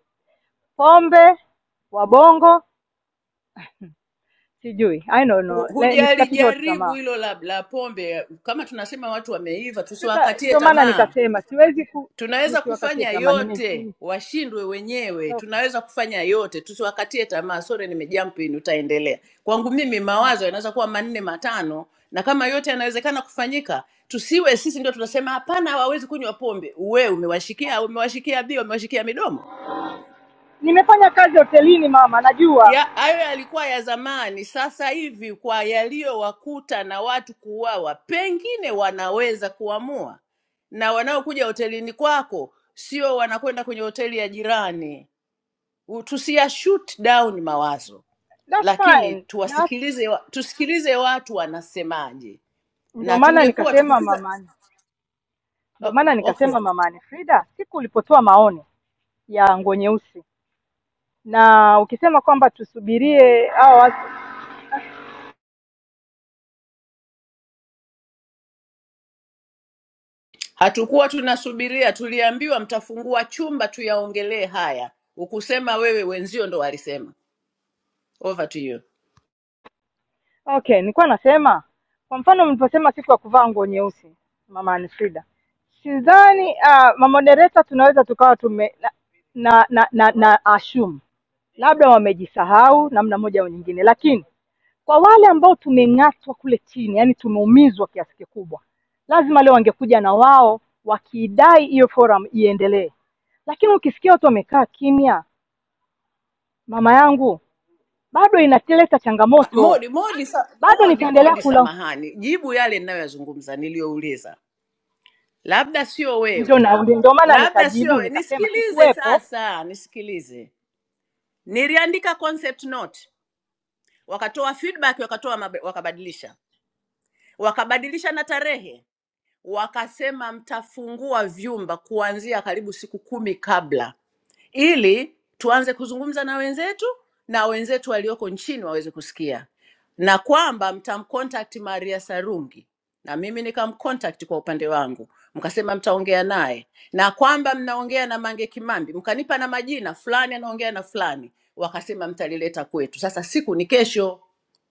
Speaker 7: Pombe wabongo, sijui I don't know,
Speaker 6: Hu-
Speaker 7: Le- nisikatishe watu
Speaker 6: hujalijaribu
Speaker 7: tamaa.
Speaker 6: hilo la, la pombe. Kama tunasema watu wameiva,
Speaker 7: Tuta,
Speaker 6: tusiwakatie
Speaker 7: ndio maana
Speaker 6: tamaa.
Speaker 7: nikasema siwezi ku,
Speaker 6: Tunaweza
Speaker 7: nisiwakatie
Speaker 6: kufanya
Speaker 7: tamaa. Nime,
Speaker 6: yote,
Speaker 7: nime,
Speaker 6: washindwe wenyewe.
Speaker 7: okay,
Speaker 6: Tunaweza kufanya yote, tusiwakatie tamaa. Sore, nimejump in, utaendelea. Kwangu mimi mawazo
Speaker 7: okay.
Speaker 6: yanaweza kuwa manne matano, na kama yote yanawezekana kufanyika, tusiwe sisi ndio tunasema hapana, hawawezi kunywa pombe. Wewe umewashikia, umewashikia bia, umewashikia midomo
Speaker 7: Nimefanya kazi hotelini mama, najua
Speaker 6: ya hayo yalikuwa ya zamani. Sasa hivi kwa yaliyowakuta na watu kuuawa, pengine wanaweza kuamua, na wanaokuja hotelini kwako sio wanakwenda kwenye hoteli ya jirani. U- Tusiya shoot down mawazo,
Speaker 7: that's
Speaker 6: lakini
Speaker 7: fine. That's,
Speaker 6: tuwasikilize, wa- tusikilize watu wanasemaje,
Speaker 7: ndio
Speaker 6: na
Speaker 7: maana
Speaker 6: tungekuwa
Speaker 7: nikasema
Speaker 6: tukifika
Speaker 7: mamani, ndio
Speaker 6: oh,
Speaker 7: maana
Speaker 6: okay.
Speaker 7: nikasema mamani Frida, siku ulipotoa maoni ya nguo nyeusi na ukisema kwamba tusubirie hao watu
Speaker 6: Hatukuwa tunasubiria, tuliambiwa mtafungua chumba tuyaongelee haya. Ukusema wewe, wenzio ndo walisema. Over to you.
Speaker 7: okay, nilikuwa nasema kwa mfano mliposema siku ya kuvaa nguo nyeusi, mama Anfrida, sidhani uh, mamodereta tunaweza tukawa tume na, na, na, na, na assume labda wamejisahau namna moja au nyingine, lakini kwa wale ambao tumeng'atwa kule chini, yani tumeumizwa kiasi kikubwa, lazima leo wangekuja na wao wakidai hiyo forum iendelee. Lakini ukisikia watu wamekaa kimya, mama yangu, bado inaleta changamoto
Speaker 6: Modi, Modi, sa,
Speaker 7: bado
Speaker 6: Modi,
Speaker 7: nitaendelea
Speaker 6: Modi,
Speaker 7: kula
Speaker 6: samahani, jibu yale ninayoyazungumza niliyouliza, labda sio
Speaker 7: ndio
Speaker 6: wewe,
Speaker 7: na- ndio maana
Speaker 6: labda sio
Speaker 7: nikajibu
Speaker 6: wewe.
Speaker 7: nikasema
Speaker 6: Nisikilize
Speaker 7: sikuwepo
Speaker 6: sasa, nisikilize. Niliandika concept note, wakatoa feedback, wakatoa mabe- wakabadilisha, wakabadilisha na tarehe, wakasema mtafungua vyumba kuanzia karibu siku kumi kabla ili tuanze kuzungumza na wenzetu na wenzetu walioko nchini waweze kusikia, na kwamba mtamcontact Maria Sarungi na mimi nikamcontact kwa upande wangu, mkasema mtaongea naye, na kwamba mnaongea na Mange Kimambi, mkanipa na majina fulani, anaongea na fulani, wakasema mtalileta kwetu. Sasa siku ni kesho,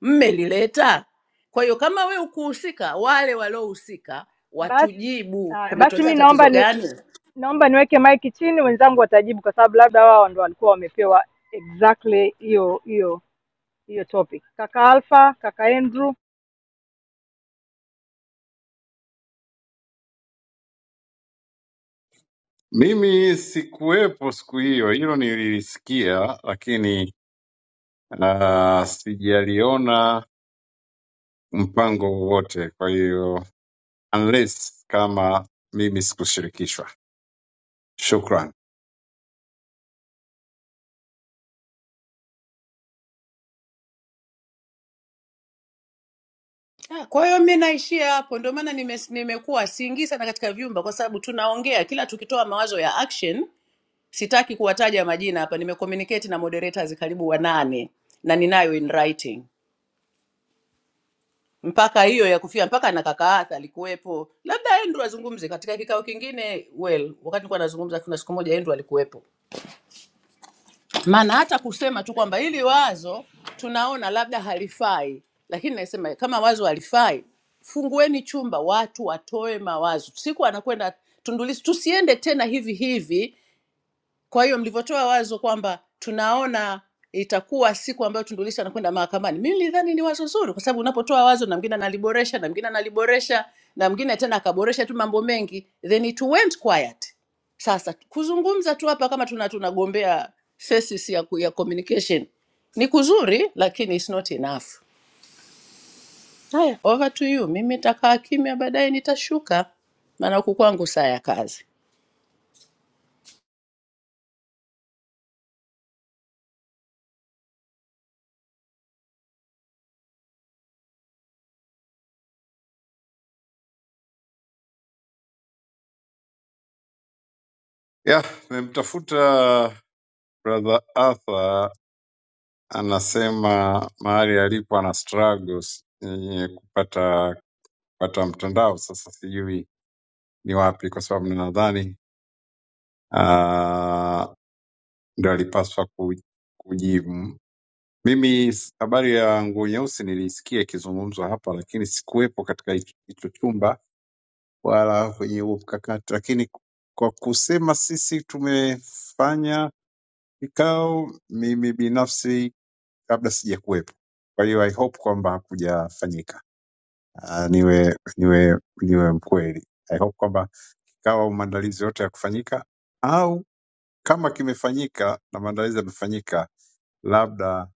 Speaker 6: mmelileta. Kwa hiyo kama we ukuhusika, wale waliohusika
Speaker 7: basi
Speaker 6: watujibu
Speaker 7: uh, basi
Speaker 6: kumetokea
Speaker 7: mi naomba
Speaker 6: tatizo
Speaker 7: ni,
Speaker 6: gani?
Speaker 7: naomba niweke maiki chini wenzangu watajibu kwa sababu labda wao ndo walikuwa wamepewa exactly hiyo hiyo hiyo topic kaka alfa kaka andrew
Speaker 10: Mimi sikuwepo siku hiyo, hilo nililisikia, lakini uh, sijaliona mpango wowote. Kwa hiyo unless kama mimi sikushirikishwa, shukran.
Speaker 6: Ah, Kwa hiyo mi naishia hapo, ndio maana nime, nimekuwa siingii sana katika vyumba, kwa sababu tunaongea kila tukitoa mawazo ya action. Sitaki kuwataja majina hapa, nimecommunicate na moderators karibu wanane na ninayo in writing mpaka hiyo ya kufia, mpaka na kaka Arthur alikuwepo, labda Andrew azungumze katika kikao kingine. Well, wakati nilikuwa nazungumza, kuna siku moja Andrew alikuwepo maana hata kusema tu kwamba hili wazo tunaona labda halifai, lakini nasema kama wazo halifai, fungueni chumba, watu watoe mawazo. Siku anakwenda Tundu Lissu, tusiende tena hivi hivi kwa hiyo mlivyotoa wazo kwamba tunaona itakuwa siku ambayo Tundu Lissu anakwenda mahakamani, mimi nilidhani ni wazo zuri, kwa sababu unapotoa wazo na mwingine analiboresha na mwingine analiboresha na mwingine tena akaboresha tu mambo mengi, then it went quiet. Sasa kuzungumza tu hapa kama tuna tunagombea thesis ya, ku- ya communication ni kuzuri, lakini it's not enough. Haya, over to you. Mimi nitakaa kimya, baadaye nitashuka, maana huku kwangu saa ya kazi.
Speaker 10: Yeah, nimemtafuta brother Arthur, anasema mahali alipo ana struggles eh, kupata kupata mtandao. Sasa sijui ni wapi, kwa sababu nadhani uh, ndo alipaswa ku- kujibu Mimi s- habari ya nguo nyeusi nilisikia ikizungumzwa hapa, lakini sikuwepo katika hicho hicho chumba wala kwenye huo mkakati, lakini kwa kusema sisi tumefanya kikao, mimi binafsi labda sijakuwepo. Kwa hiyo I hope kwamba hakujafanyika. Ah, Niwe niwe niwe mkweli, I hope kwamba kikawa maandalizi yote ya kufanyika, au kama kimefanyika na maandalizi yamefanyika, labda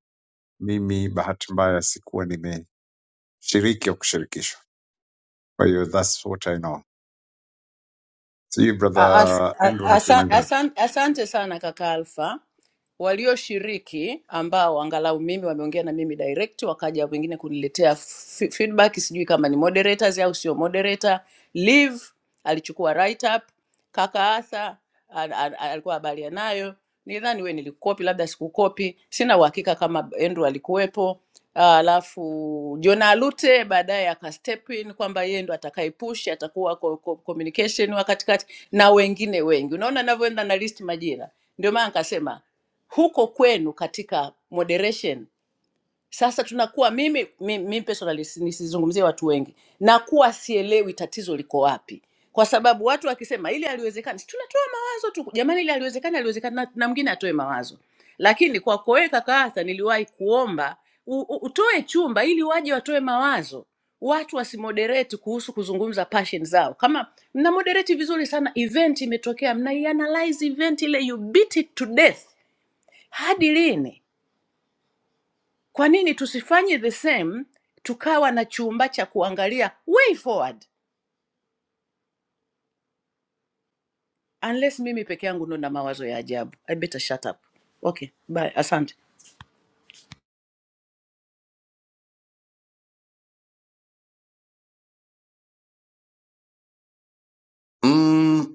Speaker 10: mimi bahati mbaya sikuwa nime shiriki au kushirikishwa. Kwa hiyo that's what I know. Sijui
Speaker 6: Ah, as-
Speaker 10: brother Andrew
Speaker 6: a- asan-
Speaker 10: nakulimalizana.
Speaker 6: asan- Asante sana kaka Alfa walioshiriki ambao angalau mimi wameongea na mimi direct, wakaja wengine kuniletea f- feedback, sijui kama ni moderators au sio moderator. Liv alichukua write up, kaka Arthur al- al- alikuwa habari yanayo, nidhani we nilikukopi, labda sikukopi, sina uhakika kama Andrew alikuwepo. Ah, Alafu Jona Alute baadaye aka step in kwamba yeye ndo atakayepush, atakuwa ko- ko- communication wa katikati na wengine wengi. Unaona navyoenda na list majina, ndio maana nikasema huko kwenu katika moderation sasa tunakuwa mimi, mimi, mimi personally si- nisizungumzie watu wengi nakuwa sielewi tatizo liko wapi kwa sababu watu wakisema ili aliwezekani tunatoa mawazo tu jamani ili aliwezekani aliwezekani na, na mwingine atoe mawazo lakini kwako wewe kaka Arthur niliwahi kuomba u, u, utoe chumba ili waje watoe mawazo watu wasimoderate kuhusu kuzungumza passion zao kama mna moderate vizuri sana event imetokea mnaianalyze event ile you beat it to death hadi lini? Kwa nini tusifanye the same, tukawa na chumba cha kuangalia way forward? Unless mimi peke yangu ndo na mawazo ya ajabu. I better shut up. Okay, bye. Asante.
Speaker 10: Mm,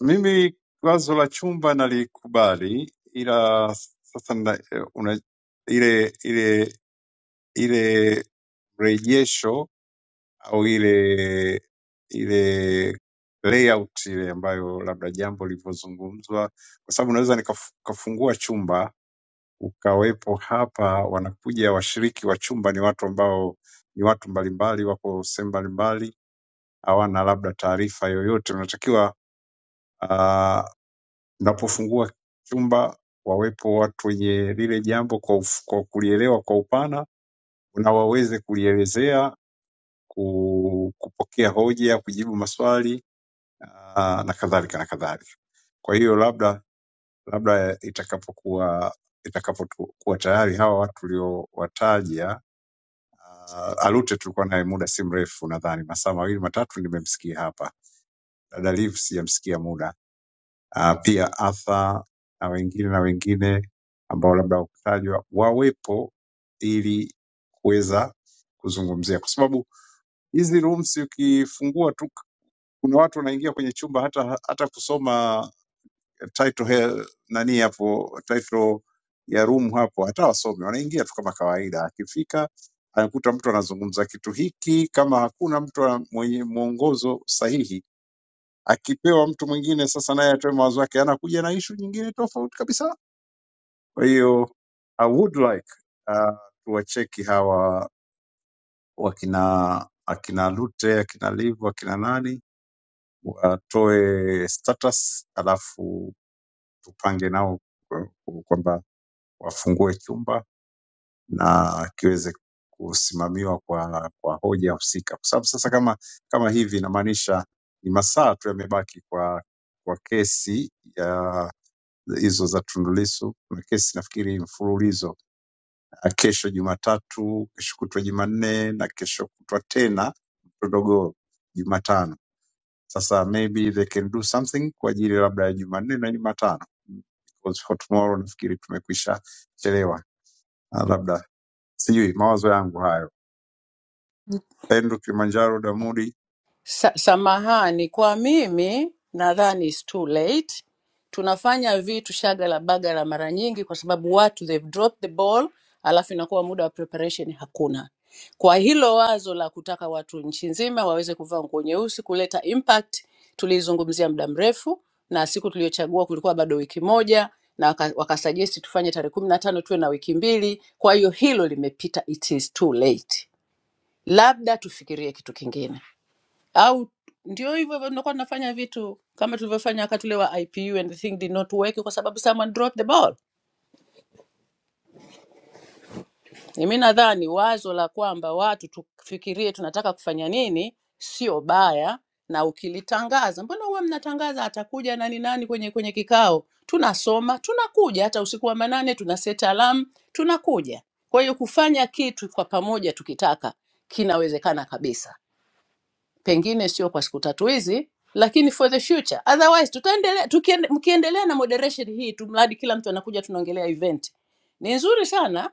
Speaker 10: mimi wazo la chumba nalikubali, ila sasa na, una, ile ile ile rejesho au ile ile layout ile ambayo labda jambo lilivyozungumzwa, kwa sababu naweza nikafungua chumba ukawepo hapa. Wanakuja washiriki wa chumba ni watu ambao ni watu mbalimbali, wako sehemu mbalimbali, hawana labda taarifa yoyote. Unatakiwa ah, unapofungua chumba wawepo watu wenye lile jambo kwa, uf- kwa kulielewa kwa upana na waweze kulielezea, ku- kupokea hoja, kujibu maswali ah, na kadhalika na kadhalika. Kwa hiyo labda labda itakapokuwa itakapokuwa tayari hawa watu uliowataja Uh, Alute tulikuwa naye muda si mrefu, nadhani masaa mawili matatu, nimemsikia hapa. Dada Liv sijamsikia muda. Uh, pia Arthur na wengine na wengine ambao labda wakutajwa wawepo ili kuweza kuzungumzia, kwa sababu hizi rooms ukifungua tu, kuna watu wanaingia kwenye chumba hata hata kusoma title he- nani hapo title ya room hapo, hata wasomi wanaingia tu kama kawaida. Akifika anakuta mtu anazungumza kitu hiki, kama hakuna mtu ana- mwenye mwongozo sahihi, akipewa mtu mwingine sasa naye atoe mawazo yake, anakuja na ishu nyingine tofauti kabisa. Kwa hiyo I would like uh, tuwacheki hawa wakina akina Lute, akina Livu, akina nani watoe status, alafu tupange nao kwa- kwamba wafungue chumba na kiweze kusimamiwa kwa, kwa hoja husika, kwa sababu sasa kama kama hivi inamaanisha ni masaa tu yamebaki kwa kwa kesi ya hizo za Tundu Lissu. Kuna kesi nafikiri mfululizo, na kesho Jumatatu, kesho kutwa Jumanne na kesho kutwa tena mtodogo Jumatano. Sasa maybe they can do something kwa ajili labda ya Jumanne na Jumatano because for tomorrow nafikiri tumekwisha chelewa, Ah, labda sijui mawazo yangu hayo. Andrew Kilimanjaro Damudi.
Speaker 6: Sa samahani kwa mimi nadhani it's too late. Tunafanya vitu shagala bagala mara nyingi kwa sababu watu they've dropped the ball, alafu inakuwa muda wa preparation hakuna. Kwa hilo wazo la kutaka watu nchi nzima waweze kuvaa nguo nyeusi kuleta impact tulizungumzia muda mrefu, na siku tuliyochagua kulikuwa bado wiki moja na waka- wakasuggest tufanye tarehe kumi na tano tuwe na wiki mbili. Kwa hiyo hilo limepita, it is too late. Labda tufikirie kitu kingine au ndio hivyo hivyo tunakuwa tunafanya vitu kama tulivyofanya wakati ule wa ipu and the thing did not work kwa sababu someone dropped the ball mi nadhani wazo la kwamba watu tufikirie tunataka kufanya nini sio baya na ukilitangaza mbona huwa mnatangaza atakuja nani nani kwenye kwenye kikao tunasoma tunakuja hata usiku wa manane tuna set alarm tunakuja kwa hiyo kufanya kitu kwa pamoja tukitaka kinawezekana kabisa pengine sio kwa siku tatu hizi lakini for the future otherwise tutaendelea tukiende- mkiendelea na moderation hii tu mradi kila mtu anakuja tunaongelea event ni nzuri sana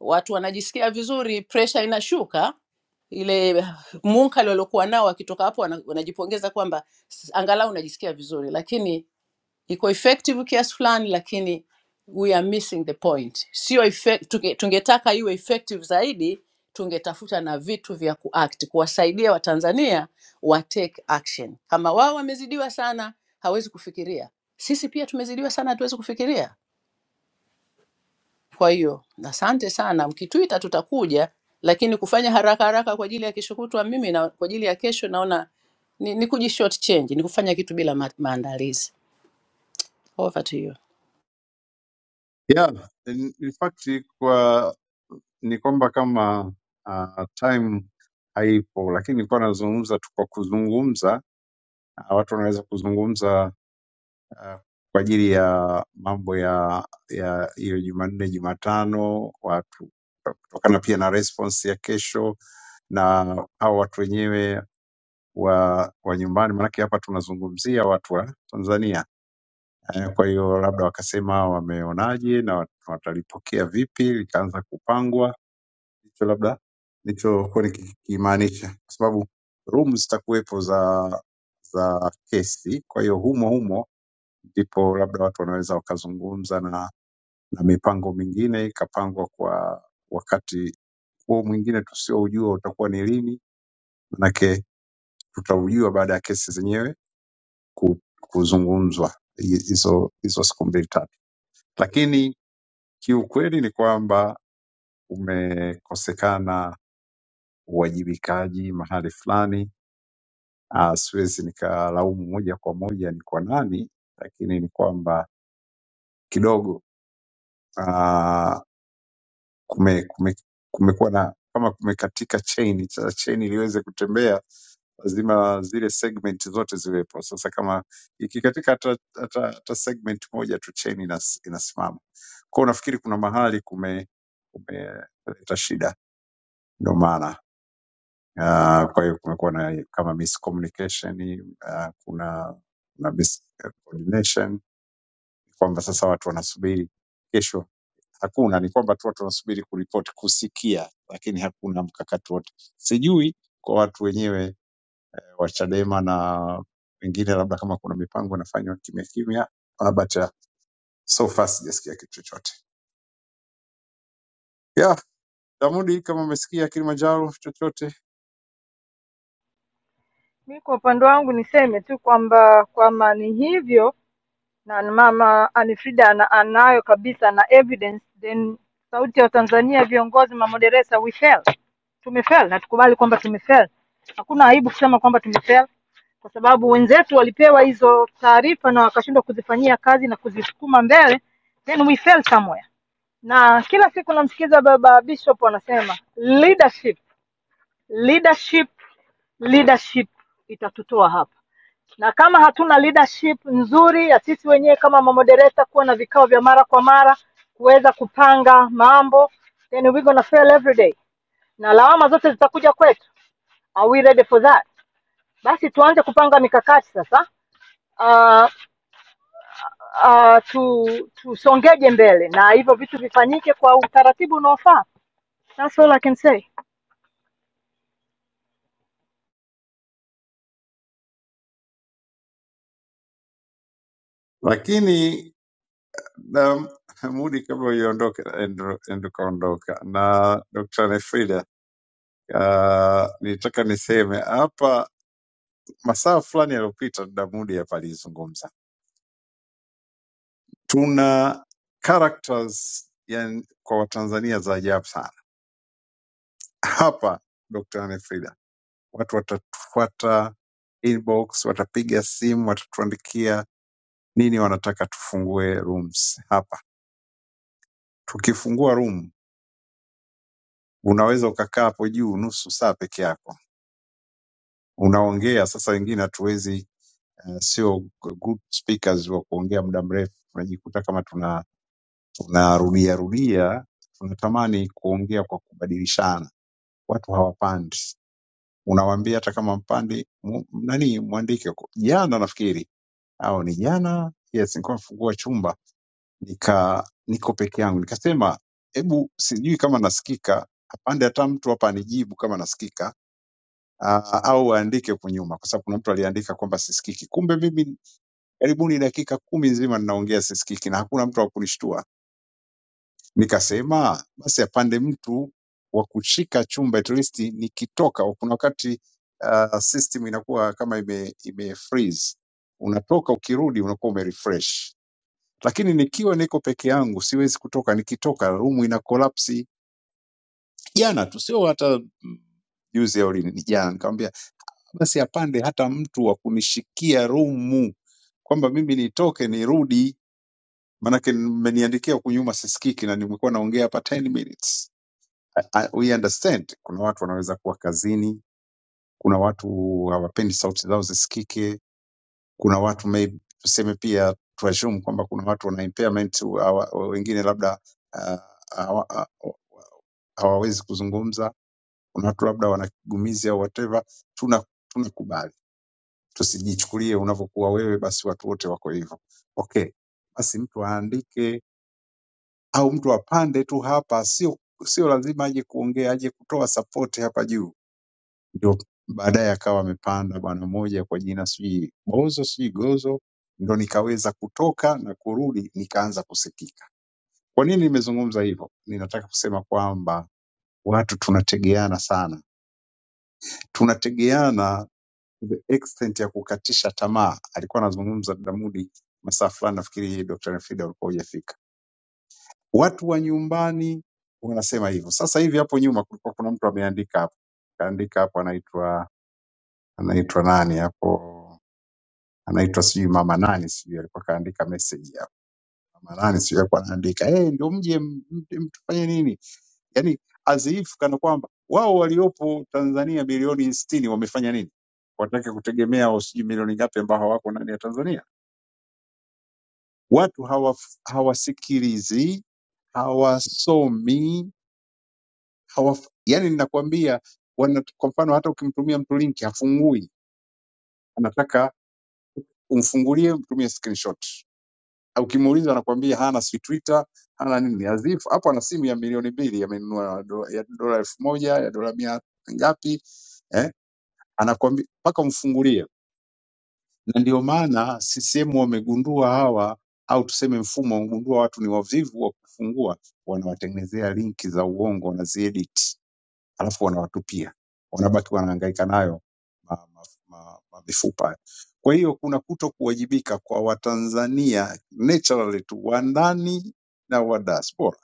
Speaker 6: watu wanajisikia vizuri pressure inashuka ile munkali waliokuwa nao wakitoka hapo wana- wanajipongeza kwamba s- angalau unajisikia vizuri lakini iko effective kiasi fulani lakini we are missing the point sio effect, tunge, tungetaka iwe effective zaidi tungetafuta na vitu vya kuact kuwasaidia watanzania wa take action kama wao wamezidiwa sana hawezi kufikiria sisi pia tumezidiwa sana hatuwezi kufikiria kwa hiyo asante sana mkituita tutakuja lakini kufanya haraka haraka kwa ajili ya kesho kutwa mimi na kwa ajili ya kesho naona ni, ni kuji short change ni kufanya kitu bila ma maandalizi over to you
Speaker 10: Yeah, in, in fact kwa ni kwamba kama uh, time haipo, lakini nilikuwa nazungumza tu kwa kuzungumza. Uh, watu wanaweza kuzungumza uh, kwa ajili ya mambo ya ya hiyo Jumanne, Jumatano, watu kutokana pia na response ya kesho na hao watu wenyewe wa wa nyumbani, maanake hapa tunazungumzia watu wa Tanzania Eh, Kwa hiyo labda wakasema wameonaje na wat- watalipokea vipi, likaanza kupangwa. Hicho labda nilichokuwa nikikimaanisha, kwa sababu room zitakuwepo za za kesi. Kwa hiyo humo humo ndipo labda watu wanaweza wakazungumza na, na mipango mingine ikapangwa kwa wakati huo mwingine tusioujua utakuwa ni lini, manake tutaujua baada ya kesi zenyewe ku- kuzungumzwa hi- hizo hizo siku mbili tatu, lakini Kiukweli ni kwamba umekosekana uwajibikaji mahali fulani. Ah, Siwezi nikalaumu moja kwa moja ni kwa nani, lakini ni kwamba kidogo ah, kume, kume, kumekuwa na kama kumekatika chain. Sasa chain iliweze kutembea lazima zile segment zote ziwepo. Sasa kama ikikatika hata, hata, hata segment moja tu chain inas, inasimama kwao. Nafikiri kuna mahali kume kumeleta shida, ndio maana Ah, Kwa hiyo kumekuwa na kama miscommunication, ah, kuna na miscoordination kwamba sasa watu wanasubiri kesho. Hakuna, ni kwamba tu watu wanasubiri kuripoti, kusikia, lakini hakuna mkakati wote. Sijui kwa watu wenyewe eh, wa Chadema na wengine, labda kama kuna mipango inafanywa kimya kimya, ah, but ah, so far sijasikia kitu chochote. Yeah, Damudi, kama umesikia Kilimanjaro chochote,
Speaker 7: Mi kwa upande wangu niseme tu kwamba kwa mani hivyo na mama Anifrida ana, anayo kabisa na evidence then sauti ya Tanzania viongozi mamoderesa we fail tumefail na tukubali kwamba tumefail hakuna aibu kusema kwamba tumefail kwa sababu wenzetu walipewa hizo taarifa na wakashindwa kuzifanyia kazi na kuzisukuma mbele then we fail somewhere na kila siku namsikiza baba bishop anasema leadership leadership leadership itatutoa hapa na kama hatuna leadership nzuri ya sisi wenyewe kama mamodereta kuwa na vikao vya mara kwa mara kuweza kupanga mambo then we gonna fail every day na lawama zote zitakuja kwetu are we ready for that basi tuanze kupanga mikakati sasa uh, uh, tu tusongeje mbele na hivyo vitu vifanyike kwa utaratibu unaofaa that's all i can say
Speaker 10: lakini na Mudi kabla uiondoke ndo kaondoka na Dr. Nefrida. Uh, nilitaka niseme hapa masaa fulani yaliyopita dada Mudi hapa alizungumza, tuna characters yani kwa Watanzania za ajabu sana hapa. Dr. Nefrida, watu watatufuata inbox, watapiga simu, watatuandikia nini, wanataka tufungue rooms hapa. Tukifungua room unaweza ukakaa hapo juu nusu saa peke yako unaongea sasa, wengine hatuwezi uh, sio good speakers wa kuongea muda mrefu, tunajikuta kama tuna tunarudia rudia, tunatamani kuongea kwa kubadilishana, watu hawapandi. Unawaambia hata kama mpandi mu- nani mwandike. huko. Jana nafikiri au ni jana, yes, nilikuwa nafungua chumba nika niko peke yangu, nikasema hebu, sijui kama nasikika, apande hata mtu hapa anijibu kama nasikika uh, au waandike huku nyuma, kwa sababu kuna mtu aliandika kwamba sisikiki. Kumbe mimi karibuni dakika kumi nzima ninaongea sisikiki na hakuna mtu wa kunishtua. Nikasema basi apande mtu wa kushika chumba at least nikitoka. Kuna wakati uh, system inakuwa kama ime, ime freeze, unatoka ukirudi unakuwa umerefresh lakini nikiwa niko peke yangu siwezi kutoka. Nikitoka rumu ina kolapsi. Jana tu sio hata mm, juzi au lini, ni jana nikamwambia basi apande hata mtu wa kunishikia rumu kwamba mimi nitoke nirudi, maanake mmeniandikia huku nyuma sisikiki na nimekuwa naongea hapa 10 minutes. I, I, we understand kuna watu wanaweza kuwa kazini, kuna watu hawapendi sauti zao zisikike, kuna watu maybe, tuseme pia tuassume kwamba kuna watu wana impairment, hawa- wengine labda ah, hawa- hawa- hawawezi kuzungumza, kuna watu labda wana kigumizi au whatever, tuna tunakubali tusijichukulie unavyokuwa wewe basi watu wote wako hivyo. Okay, basi mtu aandike au mtu apande tu hapa, sio sio lazima aje kuongea, aje kutoa sapoti hapa juu, ndio baadaye akawa amepanda bwana mmoja kwa jina sijui Bozo sijui Gozo, ndo nikaweza kutoka na kurudi nikaanza kusikika. Kwa nini nimezungumza hivyo? Ninataka kusema kwamba watu tunategeana sana, tunategeana the extent ya kukatisha tamaa. Alikuwa anazungumza Damudi masaa fulani, nafikiri Dr. Fida ulikuwa hujafika. Watu wa nyumbani wanasema hivyo. Sasa hivi hapo nyuma kulikuwa kuna mtu ameandika hapo, kaandika hapo, anaitwa anaitwa nani hapo, anaitwa sijui mama nani, sijui alikuwa kaandika message hapo, mama nani, sijui alikuwa anaandika eh, ndio mje m- m- mtufanye nini, yani azifu kana kwamba wao waliopo Tanzania bilioni 60 wamefanya nini, watake kutegemea au sijui milioni ngapi ambao hawako ndani ya Tanzania Watu hawaf- hawasikilizi, hawasomi, hawaf, yani ninakwambia wana, kwa mfano hata ukimtumia mtu linki hafungui, anataka umfungulie, umtumie screenshot. Au Ukimuuliza anakwambia hana si Twitter, hana nini, azifu hapo, ana simu ya milioni mbili amenunua do- ya dola elfu moja ya dola mia ngapi eh? Anakwambia mpaka umfungulie. na ndio maana CCM wamegundua hawa au tuseme mfumo wamegundua watu ni wavivu wa kufungua, wanawatengenezea linki za uongo, wanaziedit alafu wanawatupia, wanabaki wanahangaika nayo ma, ma, ma, ma mifupa. Kwa hiyo kuna kuto kuwajibika kwa Watanzania naturally tu wa ndani na wa diaspora,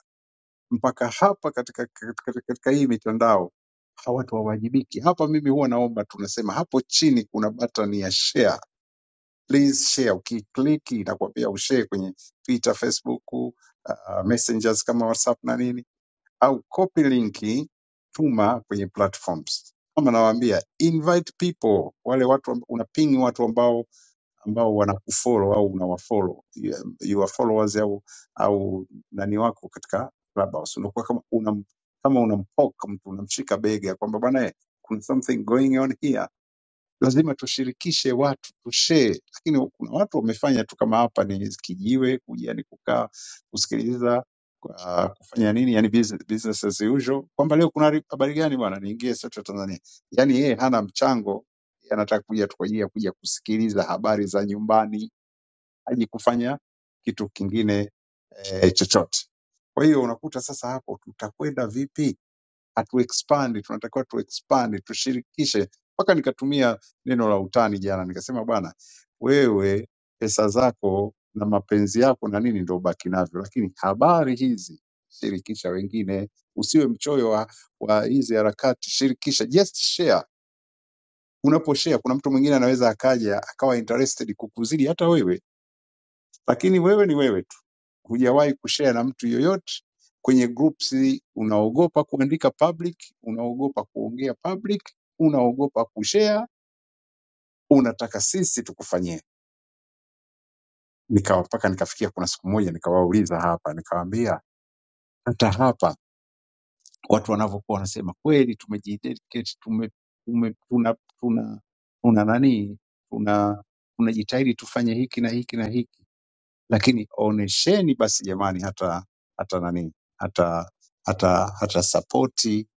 Speaker 10: mpaka hapa katika, katika, katika hii mitandao hawatu hawajibiki. Hapa mimi huwa naomba tunasema hapo chini kuna button ya share please share. Ukiklik inakwambia ushare kwenye Twitter, Facebook, uh, messengers kama WhatsApp na nini, au copy linki tuma kwenye platforms kama nawaambia, invite people, wale watu amb- unaping watu ambao ambao wanakufollow au unawafollow Yeah, your followers au au nani wako katika Clubhouse, unakuwa kama unam, kama unampoke mtu unamshika bega kwamba bwana, eh, kuna something going on here lazima tushirikishe watu tushee, lakini kuna watu wamefanya tu kama hapa ni kijiwe, kuja ni kukaa kusikiliza kwa kufanya nini, yani business, business as usual, kwamba leo kuna ri- habari gani bwana, niingie Search ya Tanzania. Yani yeye hana mchango, yeye anataka kuja tu kwa ajili ya kuja kusikiliza habari za nyumbani, haji kufanya kitu kingine eh, chochote. Kwa hiyo unakuta sasa hapo tutakwenda vipi? hatu expand, tunatakiwa tu expand, tushirikishe. Mpaka nikatumia neno la utani jana, nikasema bwana, wewe pesa zako na mapenzi yako na nini ndio ubaki navyo, lakini habari hizi shirikisha wengine, usiwe mchoyo wa, wa hizi harakati, shirikisha, just share. Unaposhare kuna mtu mwingine anaweza akaja akawa interested kukuzidi hata wewe, lakini wewe ni wewe hujawahi kushare na mtu yoyote kwenye groups, unaogopa kuandika public, unaogopa kuongea public, unaogopa kushare, unataka sisi tukufanyie. Nikawa mpaka nikafikia, kuna siku moja nikawauliza hapa, nikawaambia hata hapa watu wanavyokuwa wanasema kweli, tumejidedicate tume, tume, tuna, tuna, tuna nani tuna tunajitahidi tufanye hiki na hiki na hiki lakini onesheni basi jamani, hata hata nani hata hata hata sapoti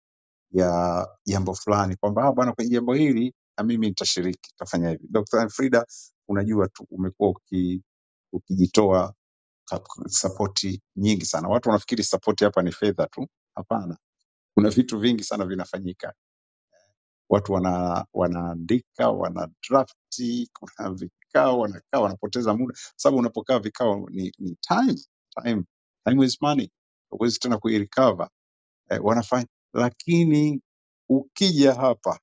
Speaker 10: ya jambo fulani kwamba "Ah, bwana, kwenye jambo hili na mimi nitashiriki, nitafanya hivi. Dr. Frida, unajua tu umekuwa uki, ukijitoa ka- sapoti nyingi sana. Watu wanafikiri sapoti hapa ni fedha tu, hapana, kuna vitu vingi sana vinafanyika watu wana, wanaandika wana drafti, kuna vikao, wanakaa wanapoteza muda, sababu unapokaa vikao ni, ni time, time, time is money, huwezi tena kuirecover eh, wanafanya lakini ukija hapa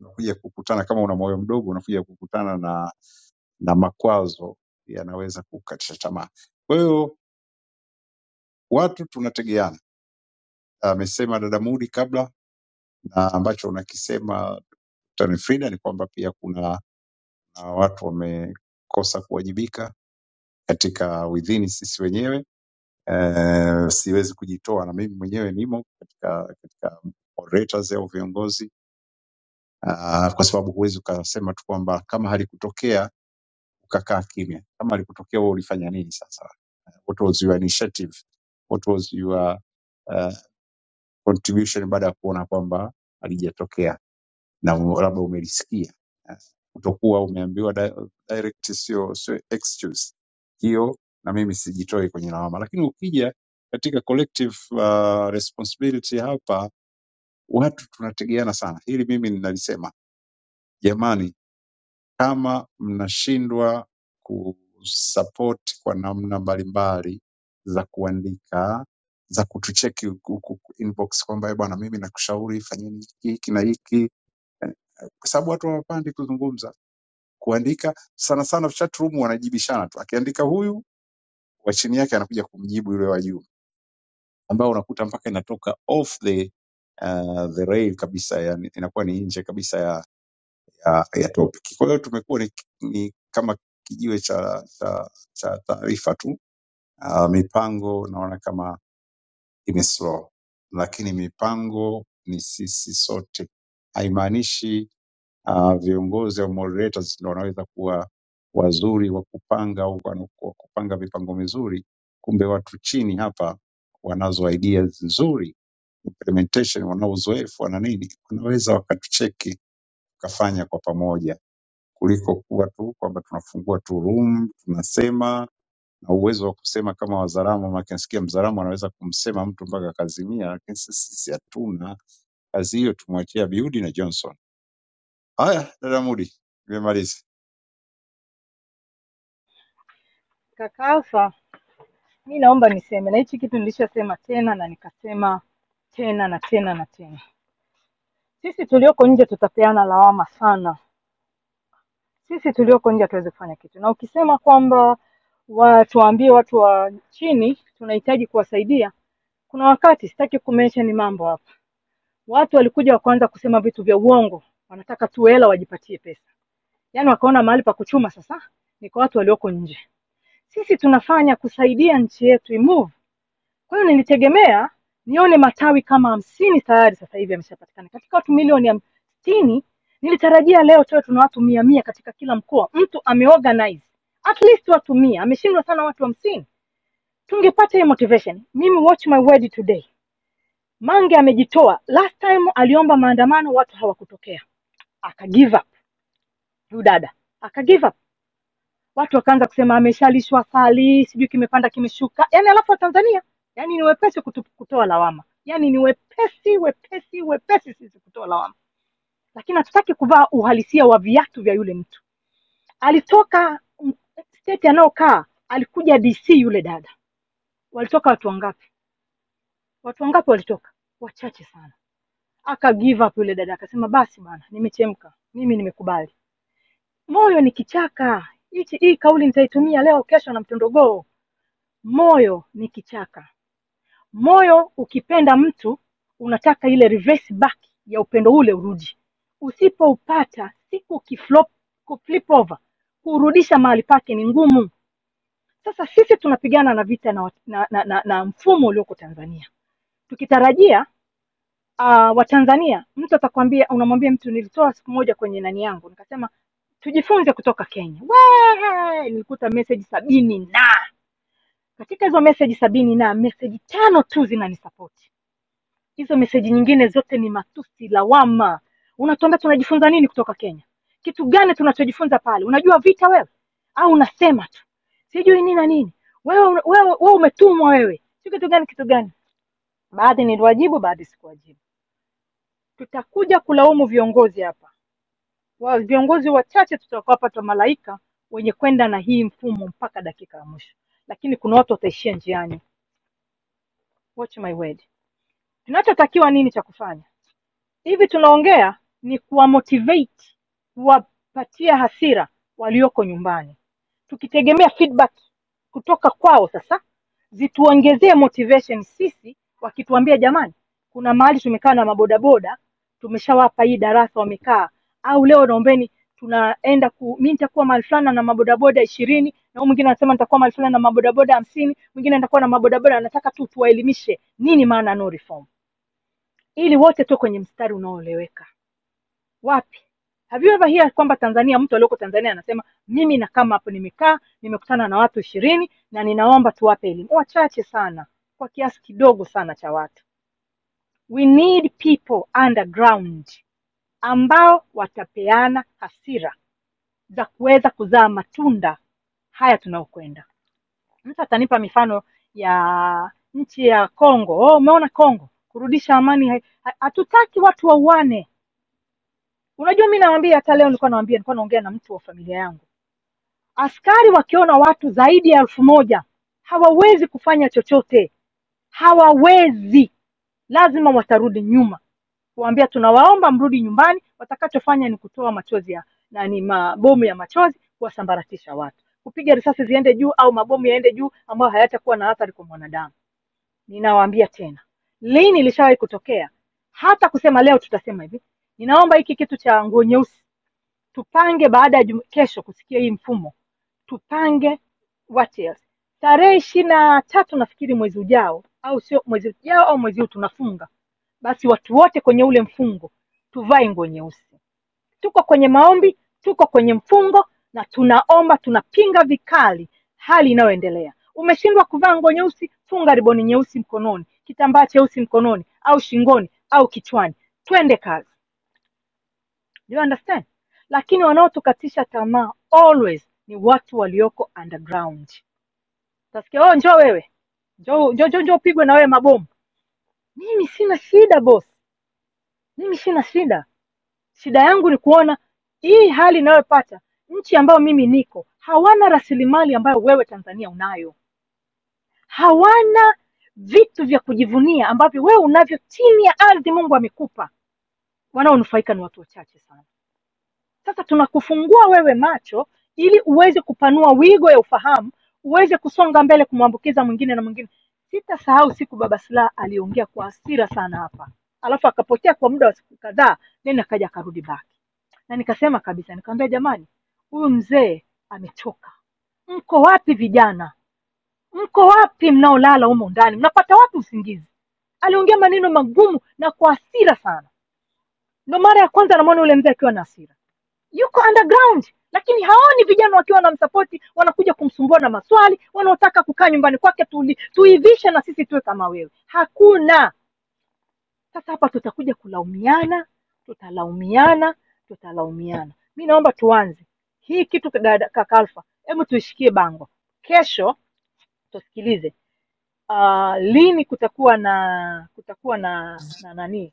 Speaker 10: unakuja kukutana kama una moyo mdogo, unakuja kukutana na, na makwazo yanaweza kukatisha tamaa. Kwa hiyo watu tunategeana, amesema dada Mudi kabla, na ambacho unakisema Dr. Frida ni kwamba pia kuna na watu wamekosa kuwajibika katika within sisi wenyewe. Eh, siwezi kujitoa na mimi mwenyewe nimo katika katika moderators au viongozi ah, kwa sababu huwezi ukasema tu kwamba kama halikutokea ukakaa kimya. Kama halikutokea wewe ulifanya nini sasa? What was your initiative? What was your uh, contribution baada ya kuona kwamba halijatokea? na u- labda umelisikia. Yes. Kutokuwa umeambiwa di- direct sio sio excuse hiyo, na mimi sijitoi kwenye lawama, lakini ukija katika collective uh, responsibility hapa, watu tunategeana sana. Hili mimi ninalisema, jamani, kama mnashindwa kusupport kwa namna mbalimbali za kuandika za kutucheki huku- huku inbox kwamba "Eh bwana, mimi nakushauri fanyeni hiki na hiki, kwa sababu watu hawapandi kuzungumza kuandika sana sana chat room wanajibishana tu, akiandika huyu wa chini yake anakuja kumjibu yule wa juu, ambao unakuta mpaka inatoka off the uh, the rail kabisa, yani inakuwa ni nje kabisa ya, ya, ya topic. Kwa hiyo tumekuwa ni, ni kama kijiwe cha cha, cha taarifa tu. Uh, mipango naona kama imeslow, lakini mipango ni sisi sote, haimaanishi Uh, viongozi au moderators ndio wanaweza kuwa wazuri wa kupanga au wana- wa kupanga mipango mizuri, kumbe watu chini hapa wanazo ideas nzuri, implementation, wana uzoefu, wana nini, wanaweza wakatucheki tukafanya kwa pamoja kuliko kuwa tu kwamba tunafungua tu room tunasema, na uwezo wa kusema kama Wazaramo, maana nasikia Mzaramo anaweza kumsema mtu mpaka akazimia, lakini sisi sisi hatuna kazi hiyo, tumwachia Abiudi na Johnson. Haya, dada Mudi, nimemaliza.
Speaker 7: kaka alfa mi naomba niseme na hichi kitu nilishasema tena na nikasema tena na tena na tena Sisi tulioko nje tutapeana lawama sana. Sisi tulioko nje hatuwezi kufanya kitu, na ukisema kwamba wa- tuwaambie watu wa chini tunahitaji kuwasaidia, kuna wakati sitaki kumention mambo hapa, watu walikuja wakaanza kusema vitu vya uongo, wanataka tu hela wajipatie pesa, yaani wakaona mahali pa kuchuma sasa ni kwa watu walioko nje. Sisi tunafanya kusaidia nchi yetu imove Kwa hiyo nilitegemea nione matawi kama hamsini tayari sasa hivi yameshapatikana katika watu milioni hamsini. Nilitarajia leo tuwe tuna watu mia mia katika kila mkoa, mtu ameorganize at least watu mia. Ameshindwa sana watu hamsini, tungepata hiyo motivation. Mimi watch my word today, Mange amejitoa. Last time aliomba maandamano, watu hawakutokea, aka give up. Huyu dada aka give up watu wakaanza kusema ameshalishwa sali sijui kimepanda kimeshuka yani alafu watanzania yani ni wepesi kutu, kutoa lawama yani ni wepesi wepesi wepesi sisi kutoa lawama lakini hatutaki kuvaa uhalisia wa viatu vya yule mtu alitoka mm, state anayokaa alikuja dc yule dada walitoka watu wangapi watu wangapi walitoka wachache sana aka give up yule dada akasema basi bana nimechemka mimi nimekubali moyo ni kichaka hichi hii kauli nitaitumia leo kesho na mtondogoo Moyo ni kichaka, moyo ukipenda mtu unataka ile reverse back ya upendo ule urudi. Usipoupata siku ukiflop flip over kurudisha mahali pake ni ngumu. Sasa sisi tunapigana na vita na, wa- na, na, na, na mfumo ulioko Tanzania tukitarajia uh, Watanzania, mtu atakwambia, unamwambia mtu nilitoa siku moja kwenye nani yangu nikasema tujifunze kutoka Kenya. Wee, nilikuta message sabini na katika hizo meseji sabini na meseji tano tu zinanisapoti hizo meseji nyingine zote ni matusi lawama unatuambia tunajifunza nini kutoka kenya kitu gani tunachojifunza pale unajua vita wewe au unasema tu sijui nini na nini wewe una- wewe, wewe umetumwa wewe si kitu gani kitu gani baadhi niliwajibu baadhi sikuwajibu tutakuja kulaumu viongozi hapa wa viongozi wachache tutakaopata malaika wenye kwenda na hii mfumo mpaka dakika ya mwisho lakini kuna watu wataishia njiani watch my word Tunachotakiwa nini cha kufanya hivi tunaongea ni kuwamotivate kuwapatia hasira walioko nyumbani tukitegemea feedback kutoka kwao sasa zituongezee motivation sisi wakituambia jamani kuna mahali tumekaa na mabodaboda tumeshawapa hii darasa wamekaa au leo naombeni tunaenda ku mi nitakuwa mahali fulani na mabodaboda ishirini na huyu mwingine anasema nitakuwa mahali fulani na mabodaboda hamsini mwingine nitakuwa na mabodaboda anataka tu tuwaelimishe nini maana no reform ili wote tuwe kwenye mstari unaoeleweka wapi have you ever hear kwamba tanzania mtu alioko tanzania anasema mimi nakaa hapo nimekaa nimekutana na watu ishirini na ninaomba tuwape elimu wachache sana kwa kiasi kidogo sana cha watu we need people underground ambao watapeana hasira za kuweza kuzaa matunda haya tunaokwenda mtu atanipa mifano ya nchi ya congo oh, umeona congo kurudisha amani hai- ha- hatutaki watu wauane Unajua mi nawambia, hata leo nilikuwa nawambia, nilikuwa naongea na mtu wa familia yangu, askari wakiona watu zaidi ya elfu moja hawawezi kufanya chochote, hawawezi, lazima watarudi nyuma kuambia tunawaomba mrudi nyumbani. Watakachofanya ni kutoa machozi ya nani, mabomu ya machozi kuwasambaratisha watu, kupiga risasi ziende juu au mabomu yaende juu, ambayo hayatakuwa na athari kwa mwanadamu. Ninawaambia tena, lini ilishawahi kutokea? Hata kusema leo tutasema hivi, ninaomba hiki kitu cha nguo nyeusi tupange baada ya jumu- kesho kusikia hii mfumo tupange what else tarehe ishirini na tatu nafikiri mwezi ujao au sio mwezi ujao au mwezi huu tunafunga basi watu wote kwenye ule mfungo tuvae nguo nyeusi tuko kwenye maombi tuko kwenye mfungo na tunaomba tunapinga vikali hali inayoendelea umeshindwa kuvaa nguo nyeusi funga riboni nyeusi mkononi kitambaa cheusi mkononi au shingoni au kichwani twende kazi Do you understand? Lakini wanaotukatisha tamaa always ni watu walioko underground. Utasikia oh, njoo wewe, njoo njoo njoo, njoo upigwe na wewe mabomu. Mimi sina shida boss, mimi sina shida. Shida yangu ni kuona hii hali inayopata nchi ambayo mimi niko, hawana rasilimali ambayo wewe Tanzania unayo, hawana vitu vya kujivunia ambavyo wewe unavyo chini ya ardhi Mungu amekupa. Wanaonufaika ni watu wachache sana. Sasa tunakufungua wewe macho ili uweze kupanua wigo ya ufahamu, uweze kusonga mbele, kumwambukiza mwingine na mwingine. Sitasahau siku Baba Silaha aliongea kwa hasira sana hapa, alafu akapotea kwa muda wa siku kadhaa, then akaja akarudi back, na nikasema kabisa, nikamwambia jamani, huyu mzee amechoka. Mko wapi vijana? Mko wapi mnaolala humo ndani? Mnapata wapi usingizi? Aliongea maneno magumu na kwa hasira sana. Ndo mara ya kwanza namwona yule mzee akiwa na hasira yuko underground lakini haoni vijana wakiwa wanamsapoti wanakuja kumsumbua na maswali wanaotaka kukaa nyumbani kwake tuli- tuivishe na sisi tuwe kama wewe hakuna sasa hapa tutakuja kulaumiana tutalaumiana tutalaumiana mi naomba tuanze hii kitu dada- kaka Alpha, hebu tuishikie bango kesho tusikilize uh, lini kutakuwa na kutakuwa na na nani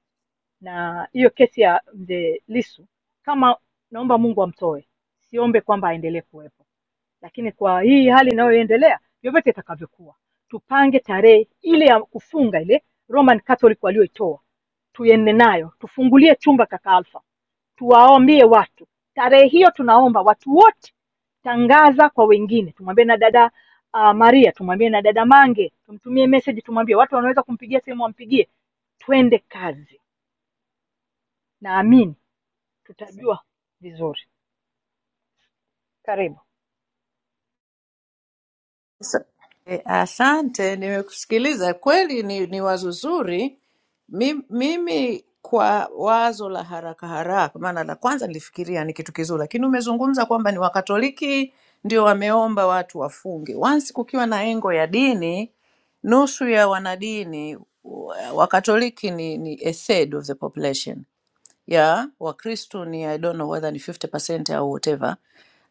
Speaker 7: na hiyo kesi ya mzee Lisu, kama naomba Mungu amtoe, siombe kwamba aendelee kuwepo, lakini kwa hii hali inayoendelea, vyovyote itakavyokuwa, tupange tarehe ile ya kufunga ile Roman Catholic walioitoa, tuende nayo, tufungulie chumba kaka Alfa, tuwaambie watu tarehe hiyo. Tunaomba watu wote, tangaza kwa wengine, tumwambie na dada uh, Maria, tumwambie na dada Mange, tumtumie message, tumwambie watu wanaweza kumpigia simu, wampigie, twende kazi naamini tutajua vizuri karibu
Speaker 6: Sa- eh, Asante, nimekusikiliza. Kweli ni, ni wazo zuri. Mi- Mimi kwa wazo la haraka haraka, maana la kwanza nilifikiria ni kitu kizuri, lakini umezungumza kwamba ni Wakatoliki ndio wameomba watu wafunge. Once kukiwa na engo ya dini, nusu ya wanadini wa- Wakatoliki ni, ni a third of the population ya Wakristo ni I don't know whether ni 50% au whatever,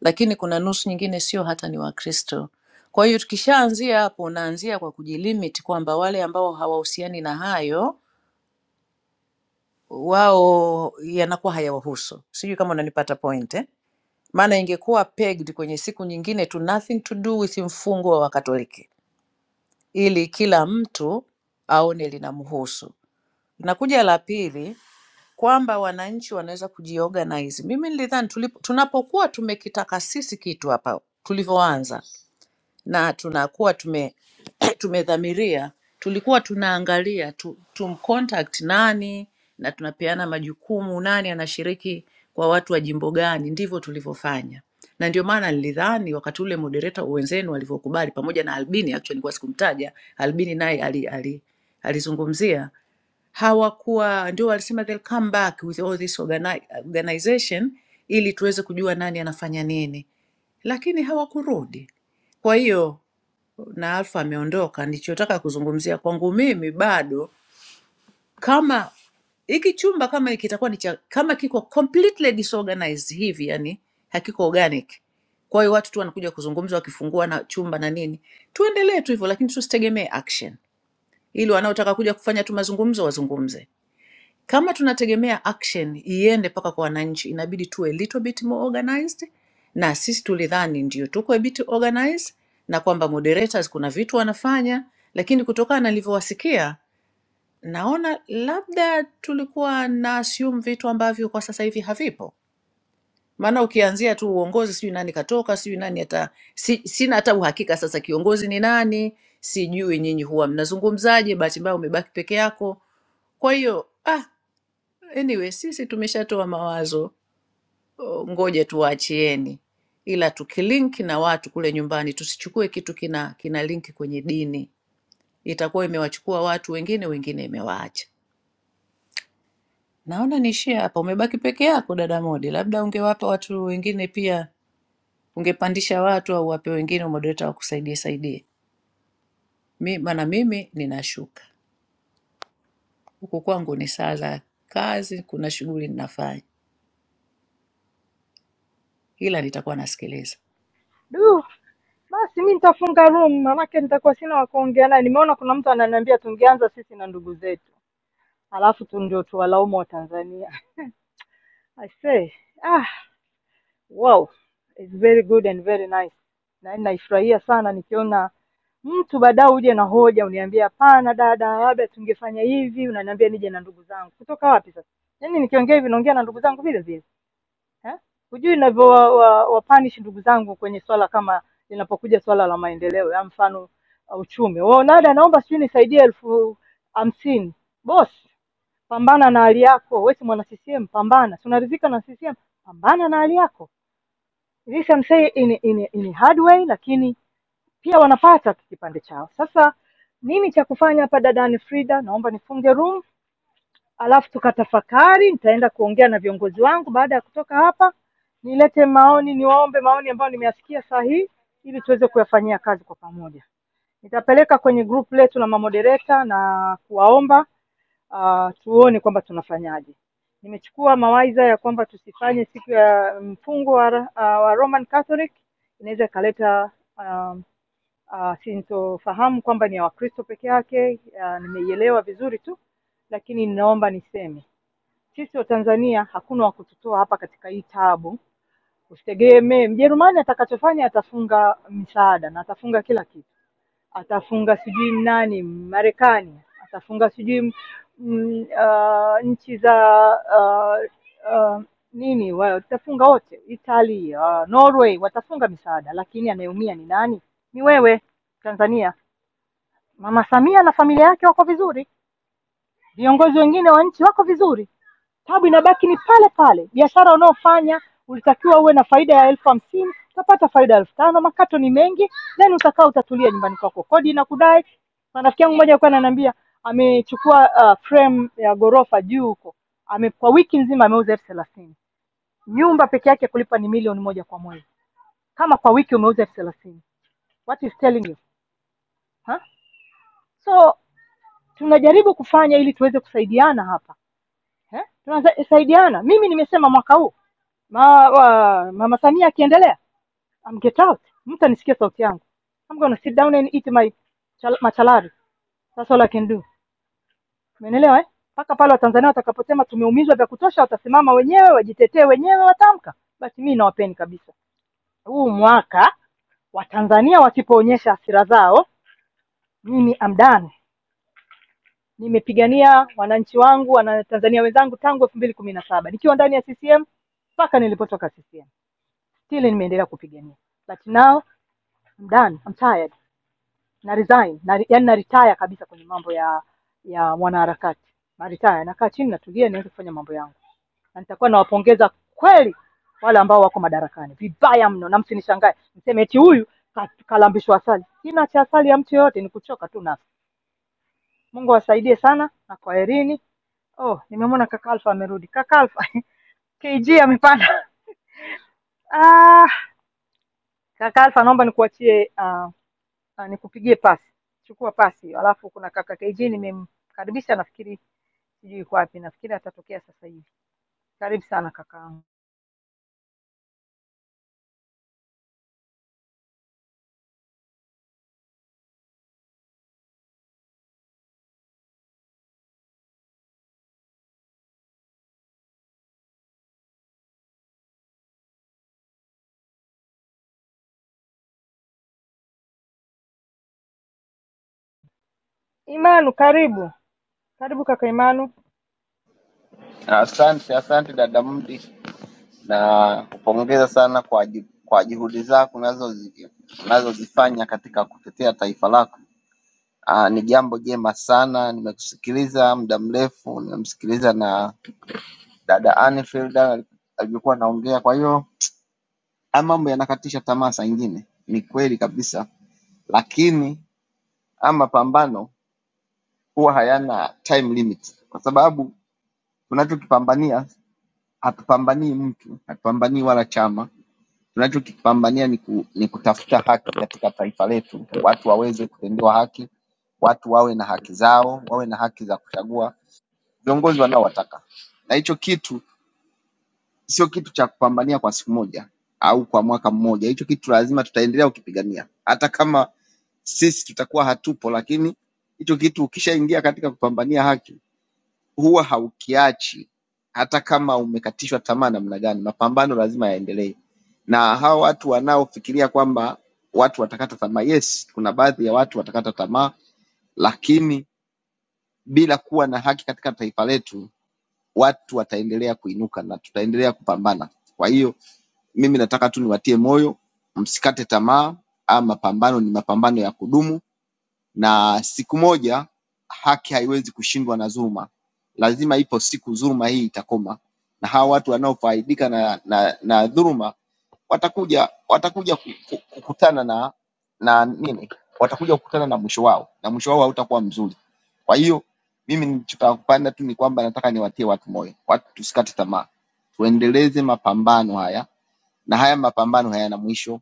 Speaker 6: lakini kuna nusu nyingine sio hata ni Wakristo. Kwa hiyo tukishaanzia hapo, unaanzia kwa kujilimit kwamba wale ambao hawahusiani na hayo wao yanakuwa hayawahusu. Sijui kama unanipata point eh? Maana ingekuwa pegged kwenye siku nyingine tu, nothing to do with mfungo wa Wakatoliki, ili kila mtu aone linamhusu. Inakuja la pili kwamba wananchi wanaweza kujiorganize. Mimi nilidhani tulipo- tunapokuwa tumekitaka sisi kitu hapa tulivyoanza na tunakuwa tume tumedhamiria, tulikuwa tunaangalia tu, tumcontact nani na tunapeana majukumu, nani anashiriki kwa watu wa jimbo gani. Ndivyo tulivyofanya, na ndio maana nilidhani wakati ule moderator wenzenu walivyokubali pamoja na Albini, actually nilikuwa sikumtaja Albini, naye ali, ali, alizungumzia hawakuwa ndio walisema they'll come back with all this organi organization ili tuweze kujua nani anafanya nini, lakini hawakurudi. Kwa hiyo na Alfa ameondoka, nilichotaka kuzungumzia kwangu mimi bado, kama hiki chumba kama hiki kitakuwa ni cha kama kiko completely disorganized hivi, yani hakiko organic, kwa hiyo watu tu wanakuja kuzungumza wakifungua na chumba na nini, tuendelee tu hivyo, lakini tusitegemee action, ili wanaotaka kuja kufanya tu mazungumzo wazungumze. Kama tunategemea action iende mpaka kwa wananchi, inabidi tuwe little bit more organized, na sisi tulidhani ndio tuko a bit organized na kwamba moderators kuna vitu wanafanya, lakini kutokana na nilivyowasikia naona labda tulikuwa na assume vitu ambavyo kwa sasa hivi havipo. Maana ukianzia tu uongozi, sijui nani katoka, sijui nani hata si, sina hata uhakika sasa kiongozi ni nani, sijui nyinyi huwa mnazungumzaje, bahati mbaya umebaki peke yako. Kwa hiyo ah, Anyway, sisi tumeshatoa mawazo, o, ngoja tuwaachieni, ila tukilink na watu kule nyumbani, tusichukue kitu kina kina link kwenye dini, itakuwa imewachukua watu wengine, wengine imewaacha. Naona niishie hapa, umebaki peke yako dada Modi, labda ungewapa watu wengine pia, ungepandisha watu au wape wengine umodereta wakusaidie saidie. Mi, maana mimi ninashuka huku kwangu, ni saa za kazi, kuna shughuli ninafanya, ila nitakuwa nasikiliza.
Speaker 7: du basi mi nitafunga room manake nitakuwa sina wa kuongea naye nimeona kuna mtu ananiambia tungeanza sisi na ndugu zetu alafu tu ndio tuwalaumu wa tanzania i say ah wow it's very good and very nice na naifurahia sana nikiona mtu baadaye uje na hoja uniambie hapana dada labda tungefanya hivi unaniambia nije na ndugu zangu kutoka wapi sasa yaani nikiongea hivi naongea na ndugu zangu vile vile eh? Hujui inavyo wa, wa, wapanish ndugu zangu kwenye swala kama linapokuja swala la maendeleo ya mfano uh, uchumi. Wao nada, naomba sijui nisaidie elfu hamsini. Boss, pambana na hali yako. Wewe si mwana CCM, pambana. Si unaridhika na CCM, pambana na hali yako. This I'm saying in, in, in a hard way, lakini pia wanapata kipande chao. Sasa nini cha kufanya hapa dada Anne Frida? Naomba nifunge room alafu tukatafakari. Nitaenda kuongea na viongozi wangu baada ya kutoka hapa, nilete maoni, niwaombe maoni ambayo nimeyasikia saa hii, ili tuweze kuyafanyia kazi kwa pamoja. Nitapeleka kwenye group letu la mamodereta na kuwaomba uh, tuone kwamba tunafanyaje. Nimechukua mawaidha ya kwamba tusifanye siku ya mfungo wa, uh, wa Roman Catholic, inaweza ikaleta um, uh, sintofahamu kwamba ni ya Wakristo peke yake. Uh, nimeielewa vizuri tu, lakini ninaomba niseme sisi Watanzania hakuna wa kututoa hapa katika hii taabu. Usitegemee Mjerumani atakachofanya, atafunga misaada na atafunga kila kitu atafunga sijui nani Marekani, atafunga sijui mm, uh, nchi za uh, uh, nini, watafunga wote, Italy, uh, Norway watafunga misaada, lakini anayeumia ni nani? Ni wewe Tanzania. Mama Samia na familia yake wako vizuri, viongozi wengine wa nchi wako vizuri tabu inabaki ni pale pale biashara unaofanya ulitakiwa uwe na faida ya elfu hamsini utapata faida ya elfu tano makato ni mengi then utakaa utatulia nyumbani kwako kodi inakudai Na rafiki yangu mmoja alikuwa ananiambia amechukua uh, frame ya ghorofa juu huko ame kwa wiki nzima ameuza elfu thelathini nyumba peke yake kulipa ni milioni moja kwa mwezi kama kwa wiki umeuza elfu thelathini what is telling you huh? so tunajaribu kufanya ili tuweze kusaidiana hapa eh, tunasaidiana. Mimi nimesema mwaka huu ma, wa, mama Samia akiendelea, I'm get out, mtanisikia sauti yangu. I'm gonna sit down and eat my chal machalari. That's all I can do. Umeelewa eh? Mpaka pale Watanzania watakaposema tumeumizwa vya kutosha, watasimama wenyewe, wajitetee wenyewe, watamka. Basi mimi nawapeni kabisa. Huu mwaka Watanzania wasipoonyesha hasira zao, mimi I'm done. Nimepigania wananchi wangu, wanatanzania wenzangu tangu elfu mbili kumi na saba nikiwa ndani ya CCM mpaka nilipotoka CCM, still nimeendelea kupigania, but now I'm done, I'm tired, na resign na, yani na retire kabisa kwenye mambo ya ya mwanaharakati na retire, nakaa chini, natulia, nianze kufanya mambo yangu, na nitakuwa nawapongeza kweli wale ambao wako madarakani vibaya mno, na msinishangae mseme eti huyu ka- kalambishwa asali. Kina cha asali ya mtu yoyote ni kuchoka tu nafsi. Mungu awasaidie sana na kwaherini. Oh, nimemwona kaka Alfa amerudi. Kaka Alfa, KG amepanda. Ah, kaka Alfa naomba nikuachie ah, ah, nikupigie pasi. Chukua pasi. Alafu kuna kaka KG nimemkaribisha nafikiri sijui yuko wapi. Nafikiri atatokea sasa hivi. Karibu sana kakaangu. Imanu, karibu. Karibu kaka Imanu.
Speaker 11: Asante, asante dada Mudi, na kupongeza sana kwa ju- kwa juhudi zako unazozi- unazozifanya katika kutetea taifa lako. Aa, ni jambo jema sana. Nimekusikiliza muda mrefu, nimemsikiliza na dada Anfield ali- alivyokuwa anaongea. Kwa hiyo haya mambo yanakatisha tamaa saa ingine, ni kweli kabisa, lakini ama mapambano huwa hayana time limit, kwa sababu tunachokipambania hatupambanii mtu, hatupambanii wala chama Tunachokipambania ni, ku, ni kutafuta haki katika taifa letu, watu waweze kutendewa haki, watu wawe na haki zao, wawe na haki za kuchagua viongozi wanaowataka. Na hicho kitu sio kitu cha kupambania kwa siku moja au kwa mwaka mmoja. Hicho kitu lazima tutaendelea kukipigania, hata kama sisi tutakuwa hatupo, lakini hicho kitu ukishaingia katika kupambania haki huwa haukiachi hata kama umekatishwa tamaa namna gani, mapambano lazima yaendelee. Na hawa watu wanaofikiria kwamba watu watakata tamaa, yes, kuna baadhi ya watu watakata tamaa, lakini bila kuwa na haki katika taifa letu, watu wataendelea kuinuka na tutaendelea kupambana. Kwa hiyo mimi nataka tu niwatie moyo, msikate tamaa. Ama mapambano ni mapambano ya kudumu na siku moja haki haiwezi kushindwa na dhuluma. Lazima ipo siku dhuluma hii itakoma, na hawa watu wanaofaidika na, na, na dhuluma watakuja watakuja ku- ku- kukutana na na nini, watakuja kukutana na mwisho wao, na mwisho wao hautakuwa mzuri. Kwa hiyo mimi nilichotaka kupanda tu ni kwamba nataka niwatie watu moyo, watu tusikate tamaa, tuendeleze mapambano haya, na haya mapambano hayana mwisho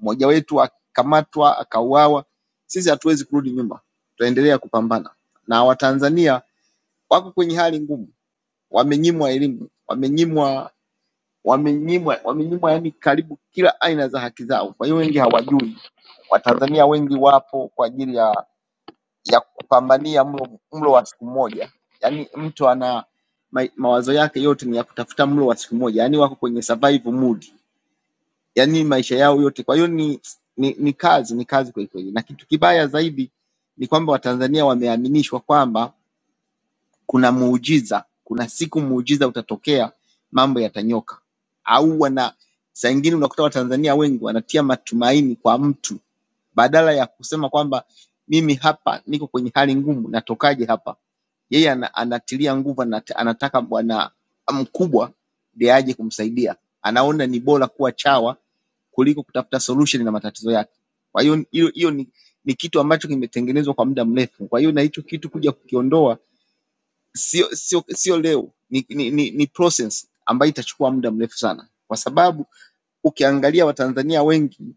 Speaker 11: mmoja wetu akakamatwa akauawa, sisi hatuwezi kurudi nyuma, tutaendelea kupambana. Na Watanzania wako kwenye hali ngumu, wamenyimwa elimu, wamenyimwa wamenyimwa wamenyimwa yani karibu kila aina za haki zao. Kwa hiyo wengi hawajui. Watanzania wengi wapo kwa ajili ya ya kupambania mlo, mlo wa siku moja, yaani mtu ana ma, mawazo yake yote ni ya kutafuta mlo wa siku moja, yaani wako kwenye survival mood. yani maisha yao yote. Kwa hiyo ni, ni, ni kazi ni kazi kweli kweli, na kitu kibaya zaidi ni kwamba Watanzania wameaminishwa kwamba kuna muujiza, kuna siku muujiza utatokea, mambo yatanyoka. Au wana saa ingine unakuta Watanzania wengi wanatia matumaini kwa mtu badala ya kusema kwamba mimi hapa niko kwenye hali ngumu, natokaje hapa? Yeye ana, anatilia nguvu, anata- anataka bwana mkubwa ndiye aje kumsaidia, anaona ni bora kuwa chawa kuliko kutafuta solution na matatizo yake. Kwa hiyo hiyo hiyo ni, ni kitu ambacho kimetengenezwa kwa muda mrefu. Kwa hiyo na hicho kitu kuja kukiondoa sio sio sio leo, ni, ni, ni, ni process ambayo itachukua muda mrefu sana, kwa sababu ukiangalia Watanzania wengi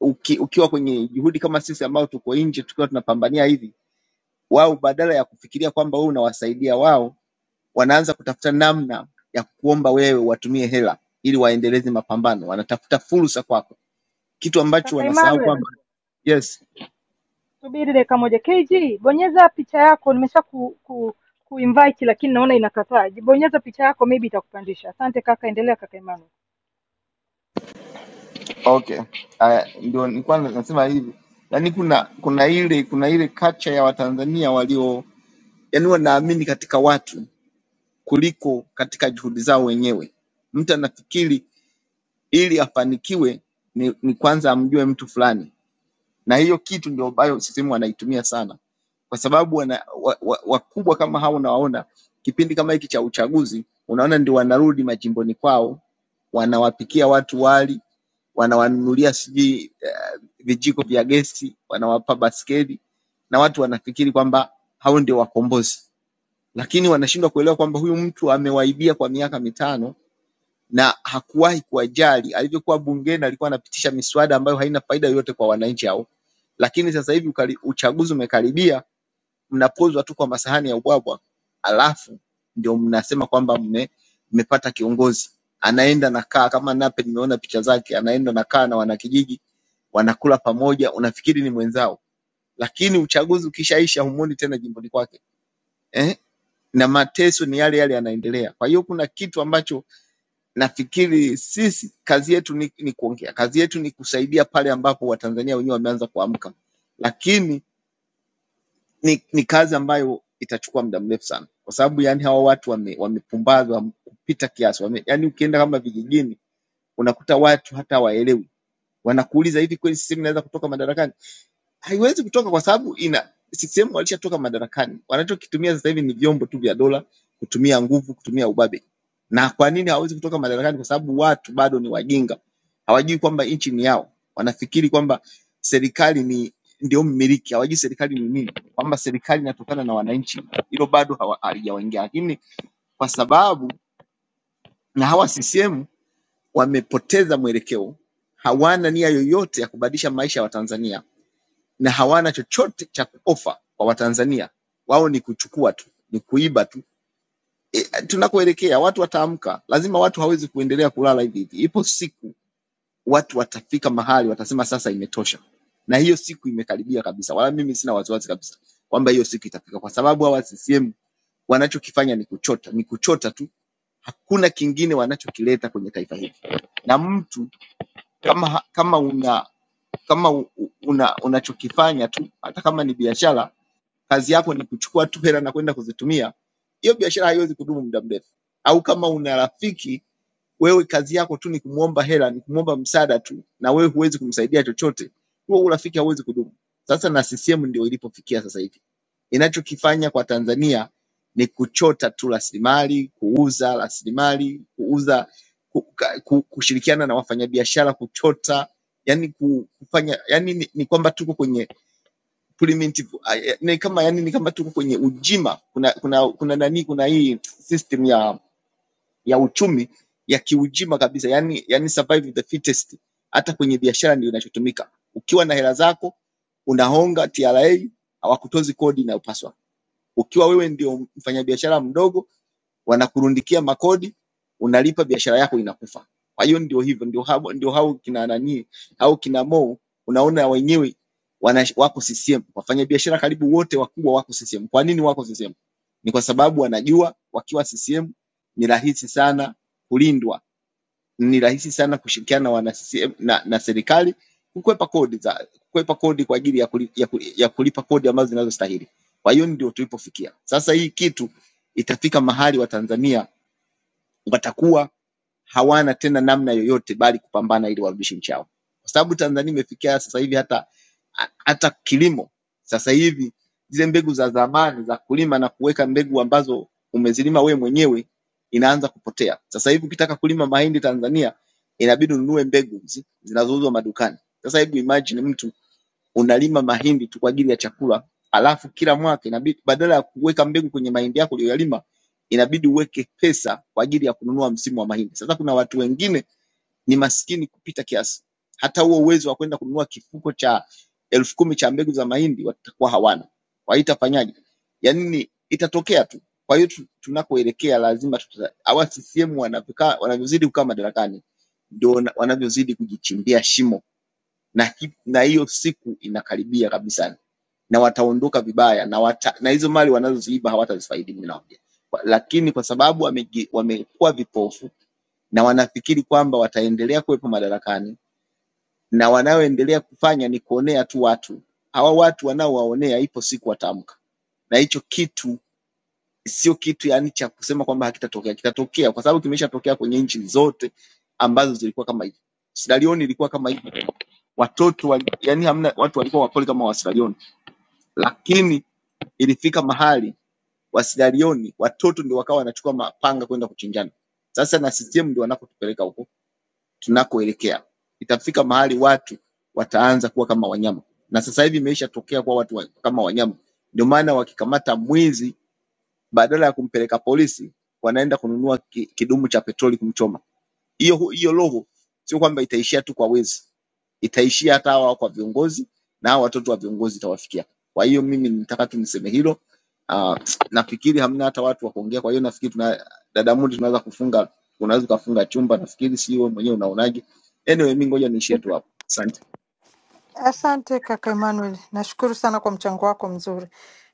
Speaker 11: uki, ukiwa kwenye juhudi kama sisi ambao tuko nje tukiwa tunapambania hivi, wao badala ya kufikiria kwamba wewe unawasaidia wao, wanaanza kutafuta namna ya kuomba wewe watumie hela ili waendeleze mapambano, wanatafuta fursa kwako, kitu ambacho
Speaker 7: Kaka
Speaker 11: wanasahau
Speaker 7: Imanu,
Speaker 11: kwamba Yes.
Speaker 7: subiri dakika moja. KG, bonyeza picha yako. Nimesha ku, ku kuinvite lakini naona inakataa. Bonyeza picha yako maybe itakupandisha. Asante kaka, endelea kaka Imanu.
Speaker 11: Okay. Aya, ndio nilikuwa nasema hivi. Yaani kuna kuna ile kuna ile culture ya Watanzania walio yaani wanaamini katika watu kuliko katika juhudi zao wenyewe. Mtu anafikiri ili afanikiwe ni, ni kwanza amjue mtu fulani, na hiyo kitu ndio ambayo sisehemu wanaitumia sana, kwa sababu wana, wa, wa, wakubwa kama hao unawaona kipindi kama hiki cha uchaguzi, unaona ndio wanarudi majimboni kwao, wanawapikia watu wali wanawanunulia sijui eh, vijiko vya gesi, wanawapa baskeli na watu wanafikiri kwamba hao ndio wakombozi, lakini wanashindwa kuelewa kwamba huyu mtu amewaibia kwa miaka mitano na hakuwahi kuwajali. Alivyokuwa bungeni alikuwa anapitisha miswada ambayo haina faida yoyote kwa wananchi hao, lakini sasa hivi ukari- uchaguzi umekaribia, mnapozwa tu kwa masahani ya ubwabwa, alafu ndio mnasema kwamba mme, mmepata kiongozi anaenda na kaa kama Nape, nimeona picha zake, anaenda na kaa na wanakijiji wanakula pamoja, unafikiri ni mwenzao, lakini uchaguzi ukishaisha humuoni tena jimboni kwake eh? Na mateso ni yale yale yanaendelea. Kwa hiyo kuna kitu ambacho nafikiri sisi kazi yetu ni, ni kuongea, kazi yetu ni kusaidia pale ambapo Watanzania wenyewe wameanza kuamka, lakini ni, ni kazi ambayo itachukua muda mrefu sana, kwa sababu yani hawa watu wame- wamepumbazwa kupita kiasi wame, yani ukienda kama vijijini unakuta watu hata waelewi, wanakuuliza hivi, kweli sisi mnaweza kutoka madarakani? haiwezi kutoka kwa sababu ina CCM walishatoka madarakani. Wanachokitumia sasa hivi ni vyombo tu vya dola, kutumia nguvu, kutumia ubabe. Na kwa nini hawezi kutoka madarakani? Kwa sababu watu bado ni wajinga, hawajui kwamba nchi ni yao. Wanafikiri kwamba serikali ni ndio mmiliki, hawajui serikali ni nini, kwamba serikali inatokana na wananchi. Hilo bado hawa- halijawaingia, lakini kwa sababu na hawa CCM wamepoteza mwelekeo, hawana nia yoyote ya kubadilisha maisha ya Watanzania na hawana chochote cha kuofa kwa Watanzania. Wao ni kuchukua tu, ni kuiba tu. E, tunakoelekea watu wataamka, lazima watu hawezi kuendelea kulala hivi hivi. Ipo siku watu watafika mahali watasema sasa imetosha, na hiyo siku imekaribia kabisa, wala mimi sina wasiwasi kabisa kwamba hiyo siku itafika, kwa sababu hawa CCM wanachokifanya ni kuchota, ni kuchota tu, hakuna kingine wanachokileta kwenye taifa hili. Na mtu kama kama una kama u- u- una unachokifanya tu, hata kama ni biashara kazi yako ni kuchukua tu hela na kwenda kuzitumia, hiyo biashara haiwezi kudumu muda mrefu. Au kama una rafiki wewe, kazi yako tu ni kumwomba hela, ni kumwomba msaada tu, na wewe huwezi kumsaidia chochote, huo urafiki hauwezi kudumu. Sasa na CCM ndio ilipofikia sasa hivi. Inachokifanya kwa Tanzania ni kuchota tu rasilimali, kuuza rasilimali, kuuza ku, ka- ku, kushirikiana na wafanyabiashara kuchota, yani kufanya, yani ni, ni kwamba tuko kwenye primitive ah, eh, ni kama yani ni kama tuko kwenye ujima kuna kuna kuna nani kuna hii system ya ya uchumi ya kiujima kabisa yani yani survive the fittest hata kwenye biashara ndio inachotumika ukiwa na hela zako unahonga TRA hawakutozi kodi inayopaswa ukiwa wewe ndio mfanyabiashara mdogo wanakurundikia makodi, unalipa, biashara yako inakufa. Kwa hiyo ndio hivyo, ndio hao, ndio hao kina nani au kina Mo, unaona wenyewe wana, wako CCM. Wafanya biashara karibu wote wakubwa wako CCM. Kwa nini wako CCM? Ni kwa sababu wanajua wakiwa CCM ni rahisi sana kulindwa, ni rahisi sana kushirikiana na wana CCM na, na serikali kukwepa kodi za kukwepa kodi kwa ajili ya, kuli, ya, kuli, ya kulipa kodi ambazo zinazostahili. Kwa hiyo ndio tulipofikia sasa. Hii kitu itafika mahali Watanzania watakuwa hawana tena namna yoyote bali kupambana ili warudishe nchi yao, kwa sababu Tanzania imefikia sasa hivi hata ha- hata kilimo sasa hivi zile mbegu za zamani za kulima na kuweka mbegu ambazo umezilima we mwenyewe inaanza kupotea. Sasa hivi ukitaka kulima mahindi Tanzania inabidi ununue mbegu hizi zinazouzwa madukani. Sasa hebu imagine mtu unalima mahindi tu kwa ajili ya chakula, alafu kila mwaka inabidi badala ya kuweka mbegu kwenye mahindi yako uliyoyalima inabidi uweke pesa kwa ajili ya kununua msimu wa mahindi. Sasa kuna watu wengine ni maskini kupita kiasi, hata huo uwezo wa kwenda kununua kifuko cha elfu kumi cha mbegu za mahindi watakuwa hawana. Kwa hiyo itafanyaje? Yaani ni- itatokea tu. Kwa hiyo tu- tunakoelekea lazima tuta, hawa CCM wanavyokaa wanavyozidi kukaa madarakani ndio wana- wanavyozidi kujichimbia shimo na hi- na hiyo siku inakaribia kabisa, na wataondoka vibaya na, wata, na hizo mali wanazoziiba hawatazifaidi. Mimi nawaambia, Kwa- lakini kwa sababu wamegi- wamekuwa vipofu na wanafikiri kwamba wataendelea kuwepo madarakani, na wanaoendelea kufanya ni kuonea tu watu. Hawa watu wanaowaonea, ipo siku wataamka, na hicho kitu sio kitu yani cha kusema kwamba hakitatokea, kitatokea kwa sababu kimeshatokea kwenye nchi zote ambazo zilikuwa kama hivi. Sierra Leone ilikuwa kama hivi watoto wali, yani hamna watu walikuwa wapole kama Wasiralioni, lakini ilifika mahali Wasiralioni watoto ndio wakawa wanachukua mapanga kwenda kuchinjana. Sasa na CCM ndio wanakotupeleka huko tunakoelekea. Itafika mahali watu wataanza kuwa kama wanyama, na sasa hivi imeisha tokea kwa watu wa, kama wanyama. Ndio maana wakikamata mwizi, badala ya kumpeleka polisi, wanaenda kununua ki, kidumu cha petroli kumchoma hiyo hiyo roho sio kwamba itaishia tu kwa wezi, itaishia hata hawa kwa viongozi na hawa watoto wa viongozi itawafikia. Kwa hiyo mimi nitaka tu niseme hilo. Uh, nafikiri hamna hata watu wa kuongea, kwa hiyo nafikiri tuna dada Mudi, tunaweza kufunga, unaweza kufunga chumba. Nafikiri sio mwenyewe, unaonaje? Anyway, mimi ngoja niishie tu hapo. Asante.
Speaker 7: Asante kaka Emmanuel, nashukuru sana kwa mchango wako mzuri,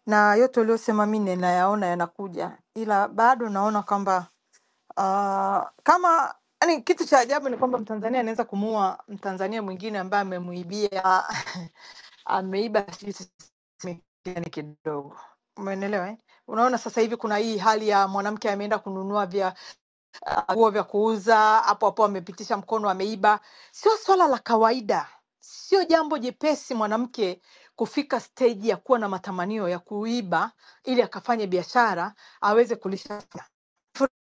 Speaker 7: na yote uliyosema mi ninayaona yanakuja, ila bado naona kwamba uh, kama yani, kitu cha ajabu ni kwamba Mtanzania anaweza kumuua Mtanzania mwingine ambaye amemuibia ameiba sijui sisi kidogo, umeelewa eh? Unaona sasa hivi kuna hii hali ya mwanamke ameenda kununua vya nguo vya kuuza hapo hapo amepitisha mkono ameiba sio swala la kawaida sio jambo jepesi mwanamke kufika steji ya kuwa na matamanio ya kuiba ili akafanye biashara aweze kulisha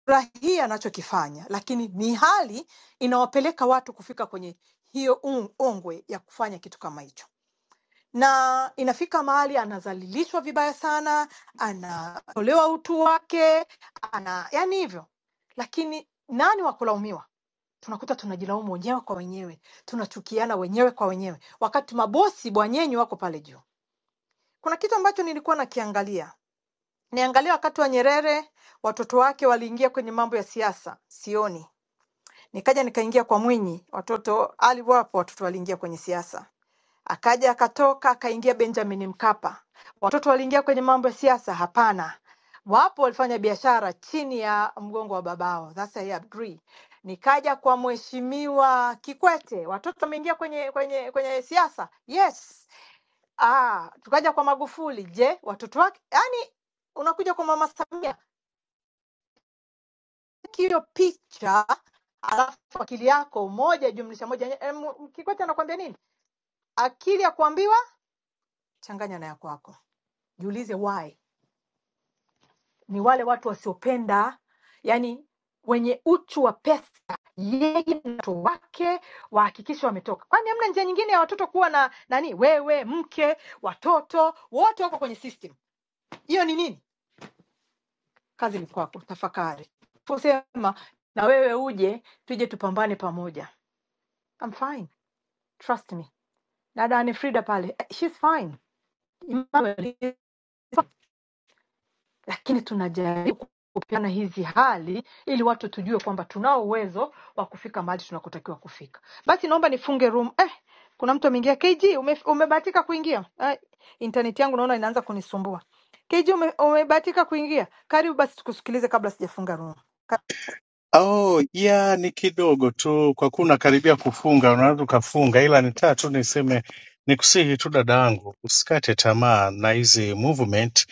Speaker 7: furahia anachokifanya lakini ni hali inawapeleka watu kufika kwenye hiyo ongwe ya kufanya kitu kama hicho na inafika mahali anadhalilishwa vibaya sana, anatolewa utu wake, ana yani hivyo. Lakini nani wa kulaumiwa? Tunakuta tunajilaumu wenyewe kwa wenyewe, tunachukiana wenyewe kwa wenyewe, wakati mabosi bwanyenyi wako pale juu. Kuna kitu ambacho nilikuwa nakiangalia niangalia wakati wa Nyerere, watoto wake waliingia kwenye mambo ya siasa, sioni Nikaja nikaingia kwa Mwinyi, watoto Ali wapo, watoto waliingia kwenye siasa. Akaja akatoka akaingia Benjamin Mkapa, watoto waliingia kwenye mambo ya siasa? Hapana, wapo walifanya biashara chini ya mgongo wa babao. That's I agree. Nikaja kwa Mheshimiwa Kikwete, watoto wameingia kwenye kwenye kwenye siasa? Yes. Ah, tukaja kwa Magufuli, je, watoto wake? Yani unakuja kwa Mama Samia hiyo picha alafu akili yako moja jumlisha moja em, Kikwete anakuambia nini? Akili ya kuambiwa changanya na ya kwako. Jiulize why. Ni wale watu wasiopenda, yani wenye uchu wa pesa, yeye na watoto wake wahakikishe wametoka. Kwani hamna njia nyingine ya watoto kuwa na nani? Wewe, mke, watoto wote wako kwenye system. Hiyo ni nini? Kazi ni kwako, tafakari. Fusema na wewe uje tuje tupambane pamoja. I'm fine. Trust me dada ni Frida pale eh, she's fine Emmanuel is fine. Lakini tunajaribu kupeana hizi hali ili watu tujue kwamba tunao uwezo wa kufika mahali tunakotakiwa kufika. Basi naomba nifunge room. Eh, kuna mtu ameingia. KG ume, umebahatika kuingia? Eh, internet yangu naona inaanza kunisumbua. KG ume, umebahatika kuingia? Karibu basi tukusikilize kabla sijafunga room. Ka-
Speaker 12: Oh, ya ni kidogo tu kwa kuwa unakaribia kufunga, unaweza ukafunga, ila nitaka tu niseme nikusihi tu dada yangu usikate tamaa na hizi movement.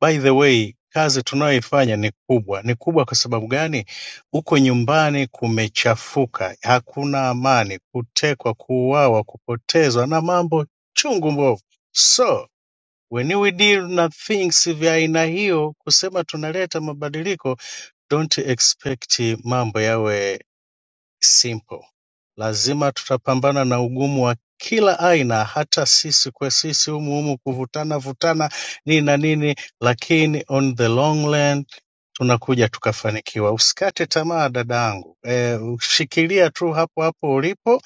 Speaker 12: By the way, kazi tunayoifanya ni kubwa. Ni kubwa kwa sababu gani? Huko nyumbani kumechafuka, hakuna amani, kutekwa, kuuawa, kupotezwa na mambo chungu mbovu. So when we deal na things vya aina hiyo, kusema tunaleta mabadiliko don't expect mambo yawe simple. Lazima tutapambana na ugumu wa kila aina, hata sisi kwa sisi humu humu kuvutana vutana nini na nini, lakini on the long run tunakuja tukafanikiwa. Usikate tamaa dadangu, e, shikilia tu hapo hapo ulipo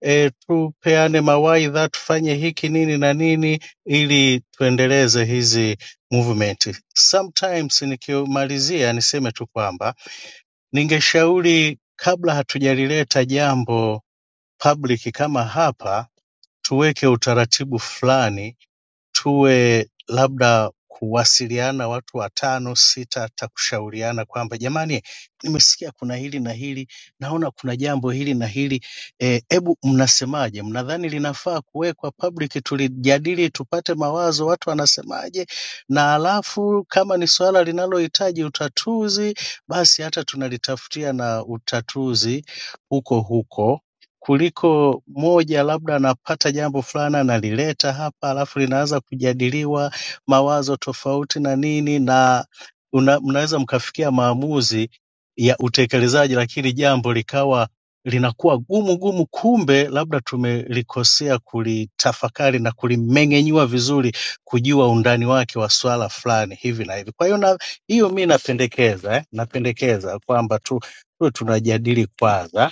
Speaker 12: e, tupeane mawaidha, tufanye hiki nini na nini ili tuendeleze hizi movement. Sometimes nikimalizia niseme tu kwamba Ningeshauri kabla hatujalileta jambo public kama hapa tuweke utaratibu fulani tuwe labda kuwasiliana watu watano sita, hata kushauriana kwamba jamani, nimesikia kuna hili na hili, naona kuna jambo hili na hili, eh, hebu mnasemaje? Mnadhani linafaa kuwekwa public tulijadili, tupate mawazo, watu wanasemaje? Na alafu kama ni suala linalohitaji utatuzi, basi hata tunalitafutia na utatuzi huko huko kuliko moja labda anapata jambo fulani analileta hapa, alafu linaanza kujadiliwa mawazo tofauti na nini, na una, mnaweza mkafikia maamuzi ya utekelezaji, lakini jambo likawa linakuwa gumu gumu, kumbe labda tumelikosea kulitafakari na kulimeng'enyua vizuri, kujua undani wake wa swala fulani hivi na hivi. Kwa hiyo na hiyo mi napendekeza eh, napendekeza kwamba tu tuwe tunajadili kwanza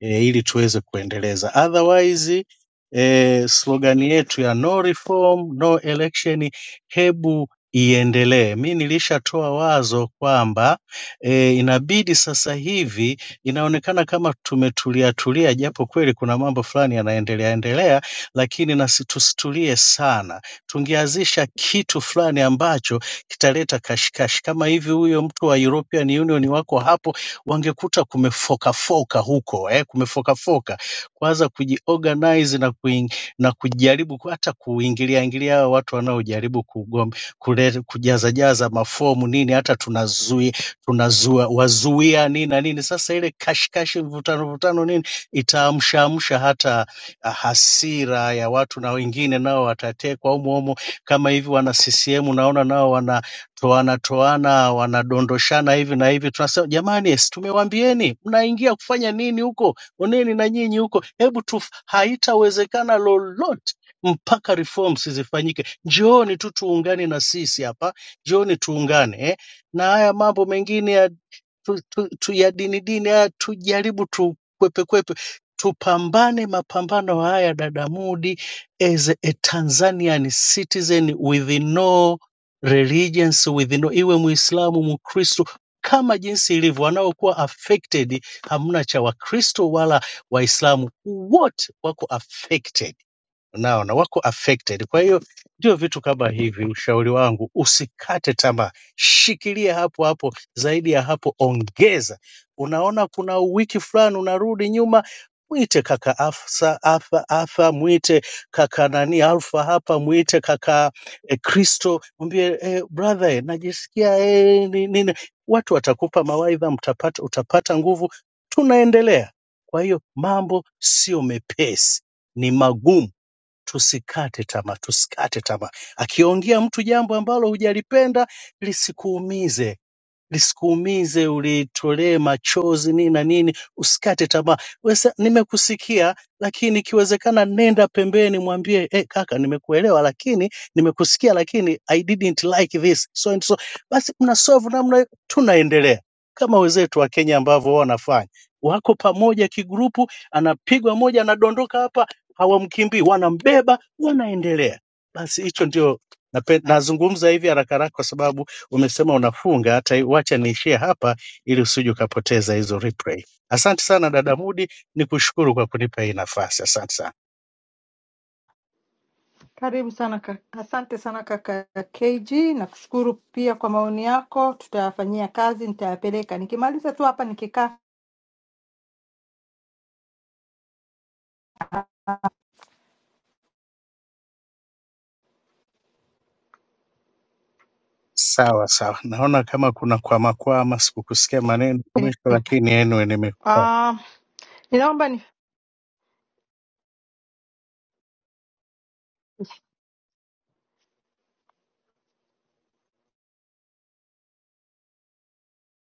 Speaker 12: eh, ili tuweze kuendeleza. Otherwise eh, slogan yetu ya no reform no election, hebu iendelee. Mi nilishatoa wazo kwamba eh, inabidi sasa hivi inaonekana kama tumetulia tulia, japo kweli kuna mambo fulani yanaendelea endelea, lakini na si- tusitulie sana. Tungeanzisha kitu fulani ambacho kitaleta kashikashi, kama hivi huyo mtu wa European Union wako hapo wangekuta kumefokafoka huko eh, kumefokafoka kwanza kujiorganize na, kuing, na kujaribu ku- hata kuingilia ingilia hao watu wanaojaribu kugom- kule- kujaza jaza mafomu nini, hata tunazui tunazua wazuia nini na nini. Sasa ile kashikashi, mvutano mvutano nini itaamshaamsha hata ah, hasira ya watu, na wengine nao watatekwa humo humo kama hivi. Wana CCM naona nao wana toana toana, wanadondoshana hivi na hivi. Tunasema jamani, si tumewambieni mnaingia kufanya nini huko, oneni na nyinyi huko, hebu tu. Haitawezekana lolote mpaka reforms zifanyike. Njooni tu tuungane na sisi hapa, njooni tuungane eh. Na haya mambo mengine ya, tu, tu, tu, ya dini dini haya tujaribu tukwepe kwepe, kwepe, tupambane mapambano haya dada Mudi, as a Tanzanian citizen with no religions within, iwe Muislamu, Mkristo, kama jinsi ilivyo, wanaokuwa affected, hamna cha Wakristo wala Waislamu, wote wako affected unaona wako affected. Kwa hiyo ndio vitu kama hivi, ushauri wangu usikate tamaa, shikilia hapo hapo, zaidi ya hapo ongeza. Unaona kuna wiki fulani unarudi nyuma, mwite kaka Afsa, Afa, Afa, mwite kaka nani Alfa hapa, mwite kaka eh, Kristo, mwambie eh, brother eh, najisikia eh, ni- nini. Watu watakupa mawaidha, mtapata, utapata nguvu. Tunaendelea. Kwa hiyo mambo sio mepesi, ni magumu Tusikate tamaa, tusikate tamaa. Akiongea mtu jambo ambalo hujalipenda lisikuumize, lisikuumize, ulitolee machozi nini na nini, usikate tamaa. Wesa, nimekusikia lakini ikiwezekana nenda pembeni, mwambie eh, kaka, nimekuelewa lakini nimekusikia lakini I didn't like this so and so. Basi mna solve namna, hiyo, tunaendelea kama wenzetu wa Kenya ambavyo wao wanafanya, wako pamoja kigrupu, anapigwa moja, anadondoka hapa, hawamkimbii, wanambeba, wanaendelea. Basi hicho ndio nape- nazungumza hivi haraka haraka kwa sababu umesema unafunga, hata wacha niishie hapa ili usije ukapoteza hizo replay. Asante sana dada Mudi, ni kushukuru kwa kunipa hii nafasi, asante sana.
Speaker 7: Karibu sana kaka. Asante sana kaka KG, nakushukuru pia kwa maoni yako, tutayafanyia kazi, nitayapeleka. Nikimaliza tu hapa nikikaa
Speaker 12: Sawa sawa, naona kama kuna kwamakwama, sikukusikia maneno mwisho, lakini anyway, nimekupata.
Speaker 7: Ah, ninaomba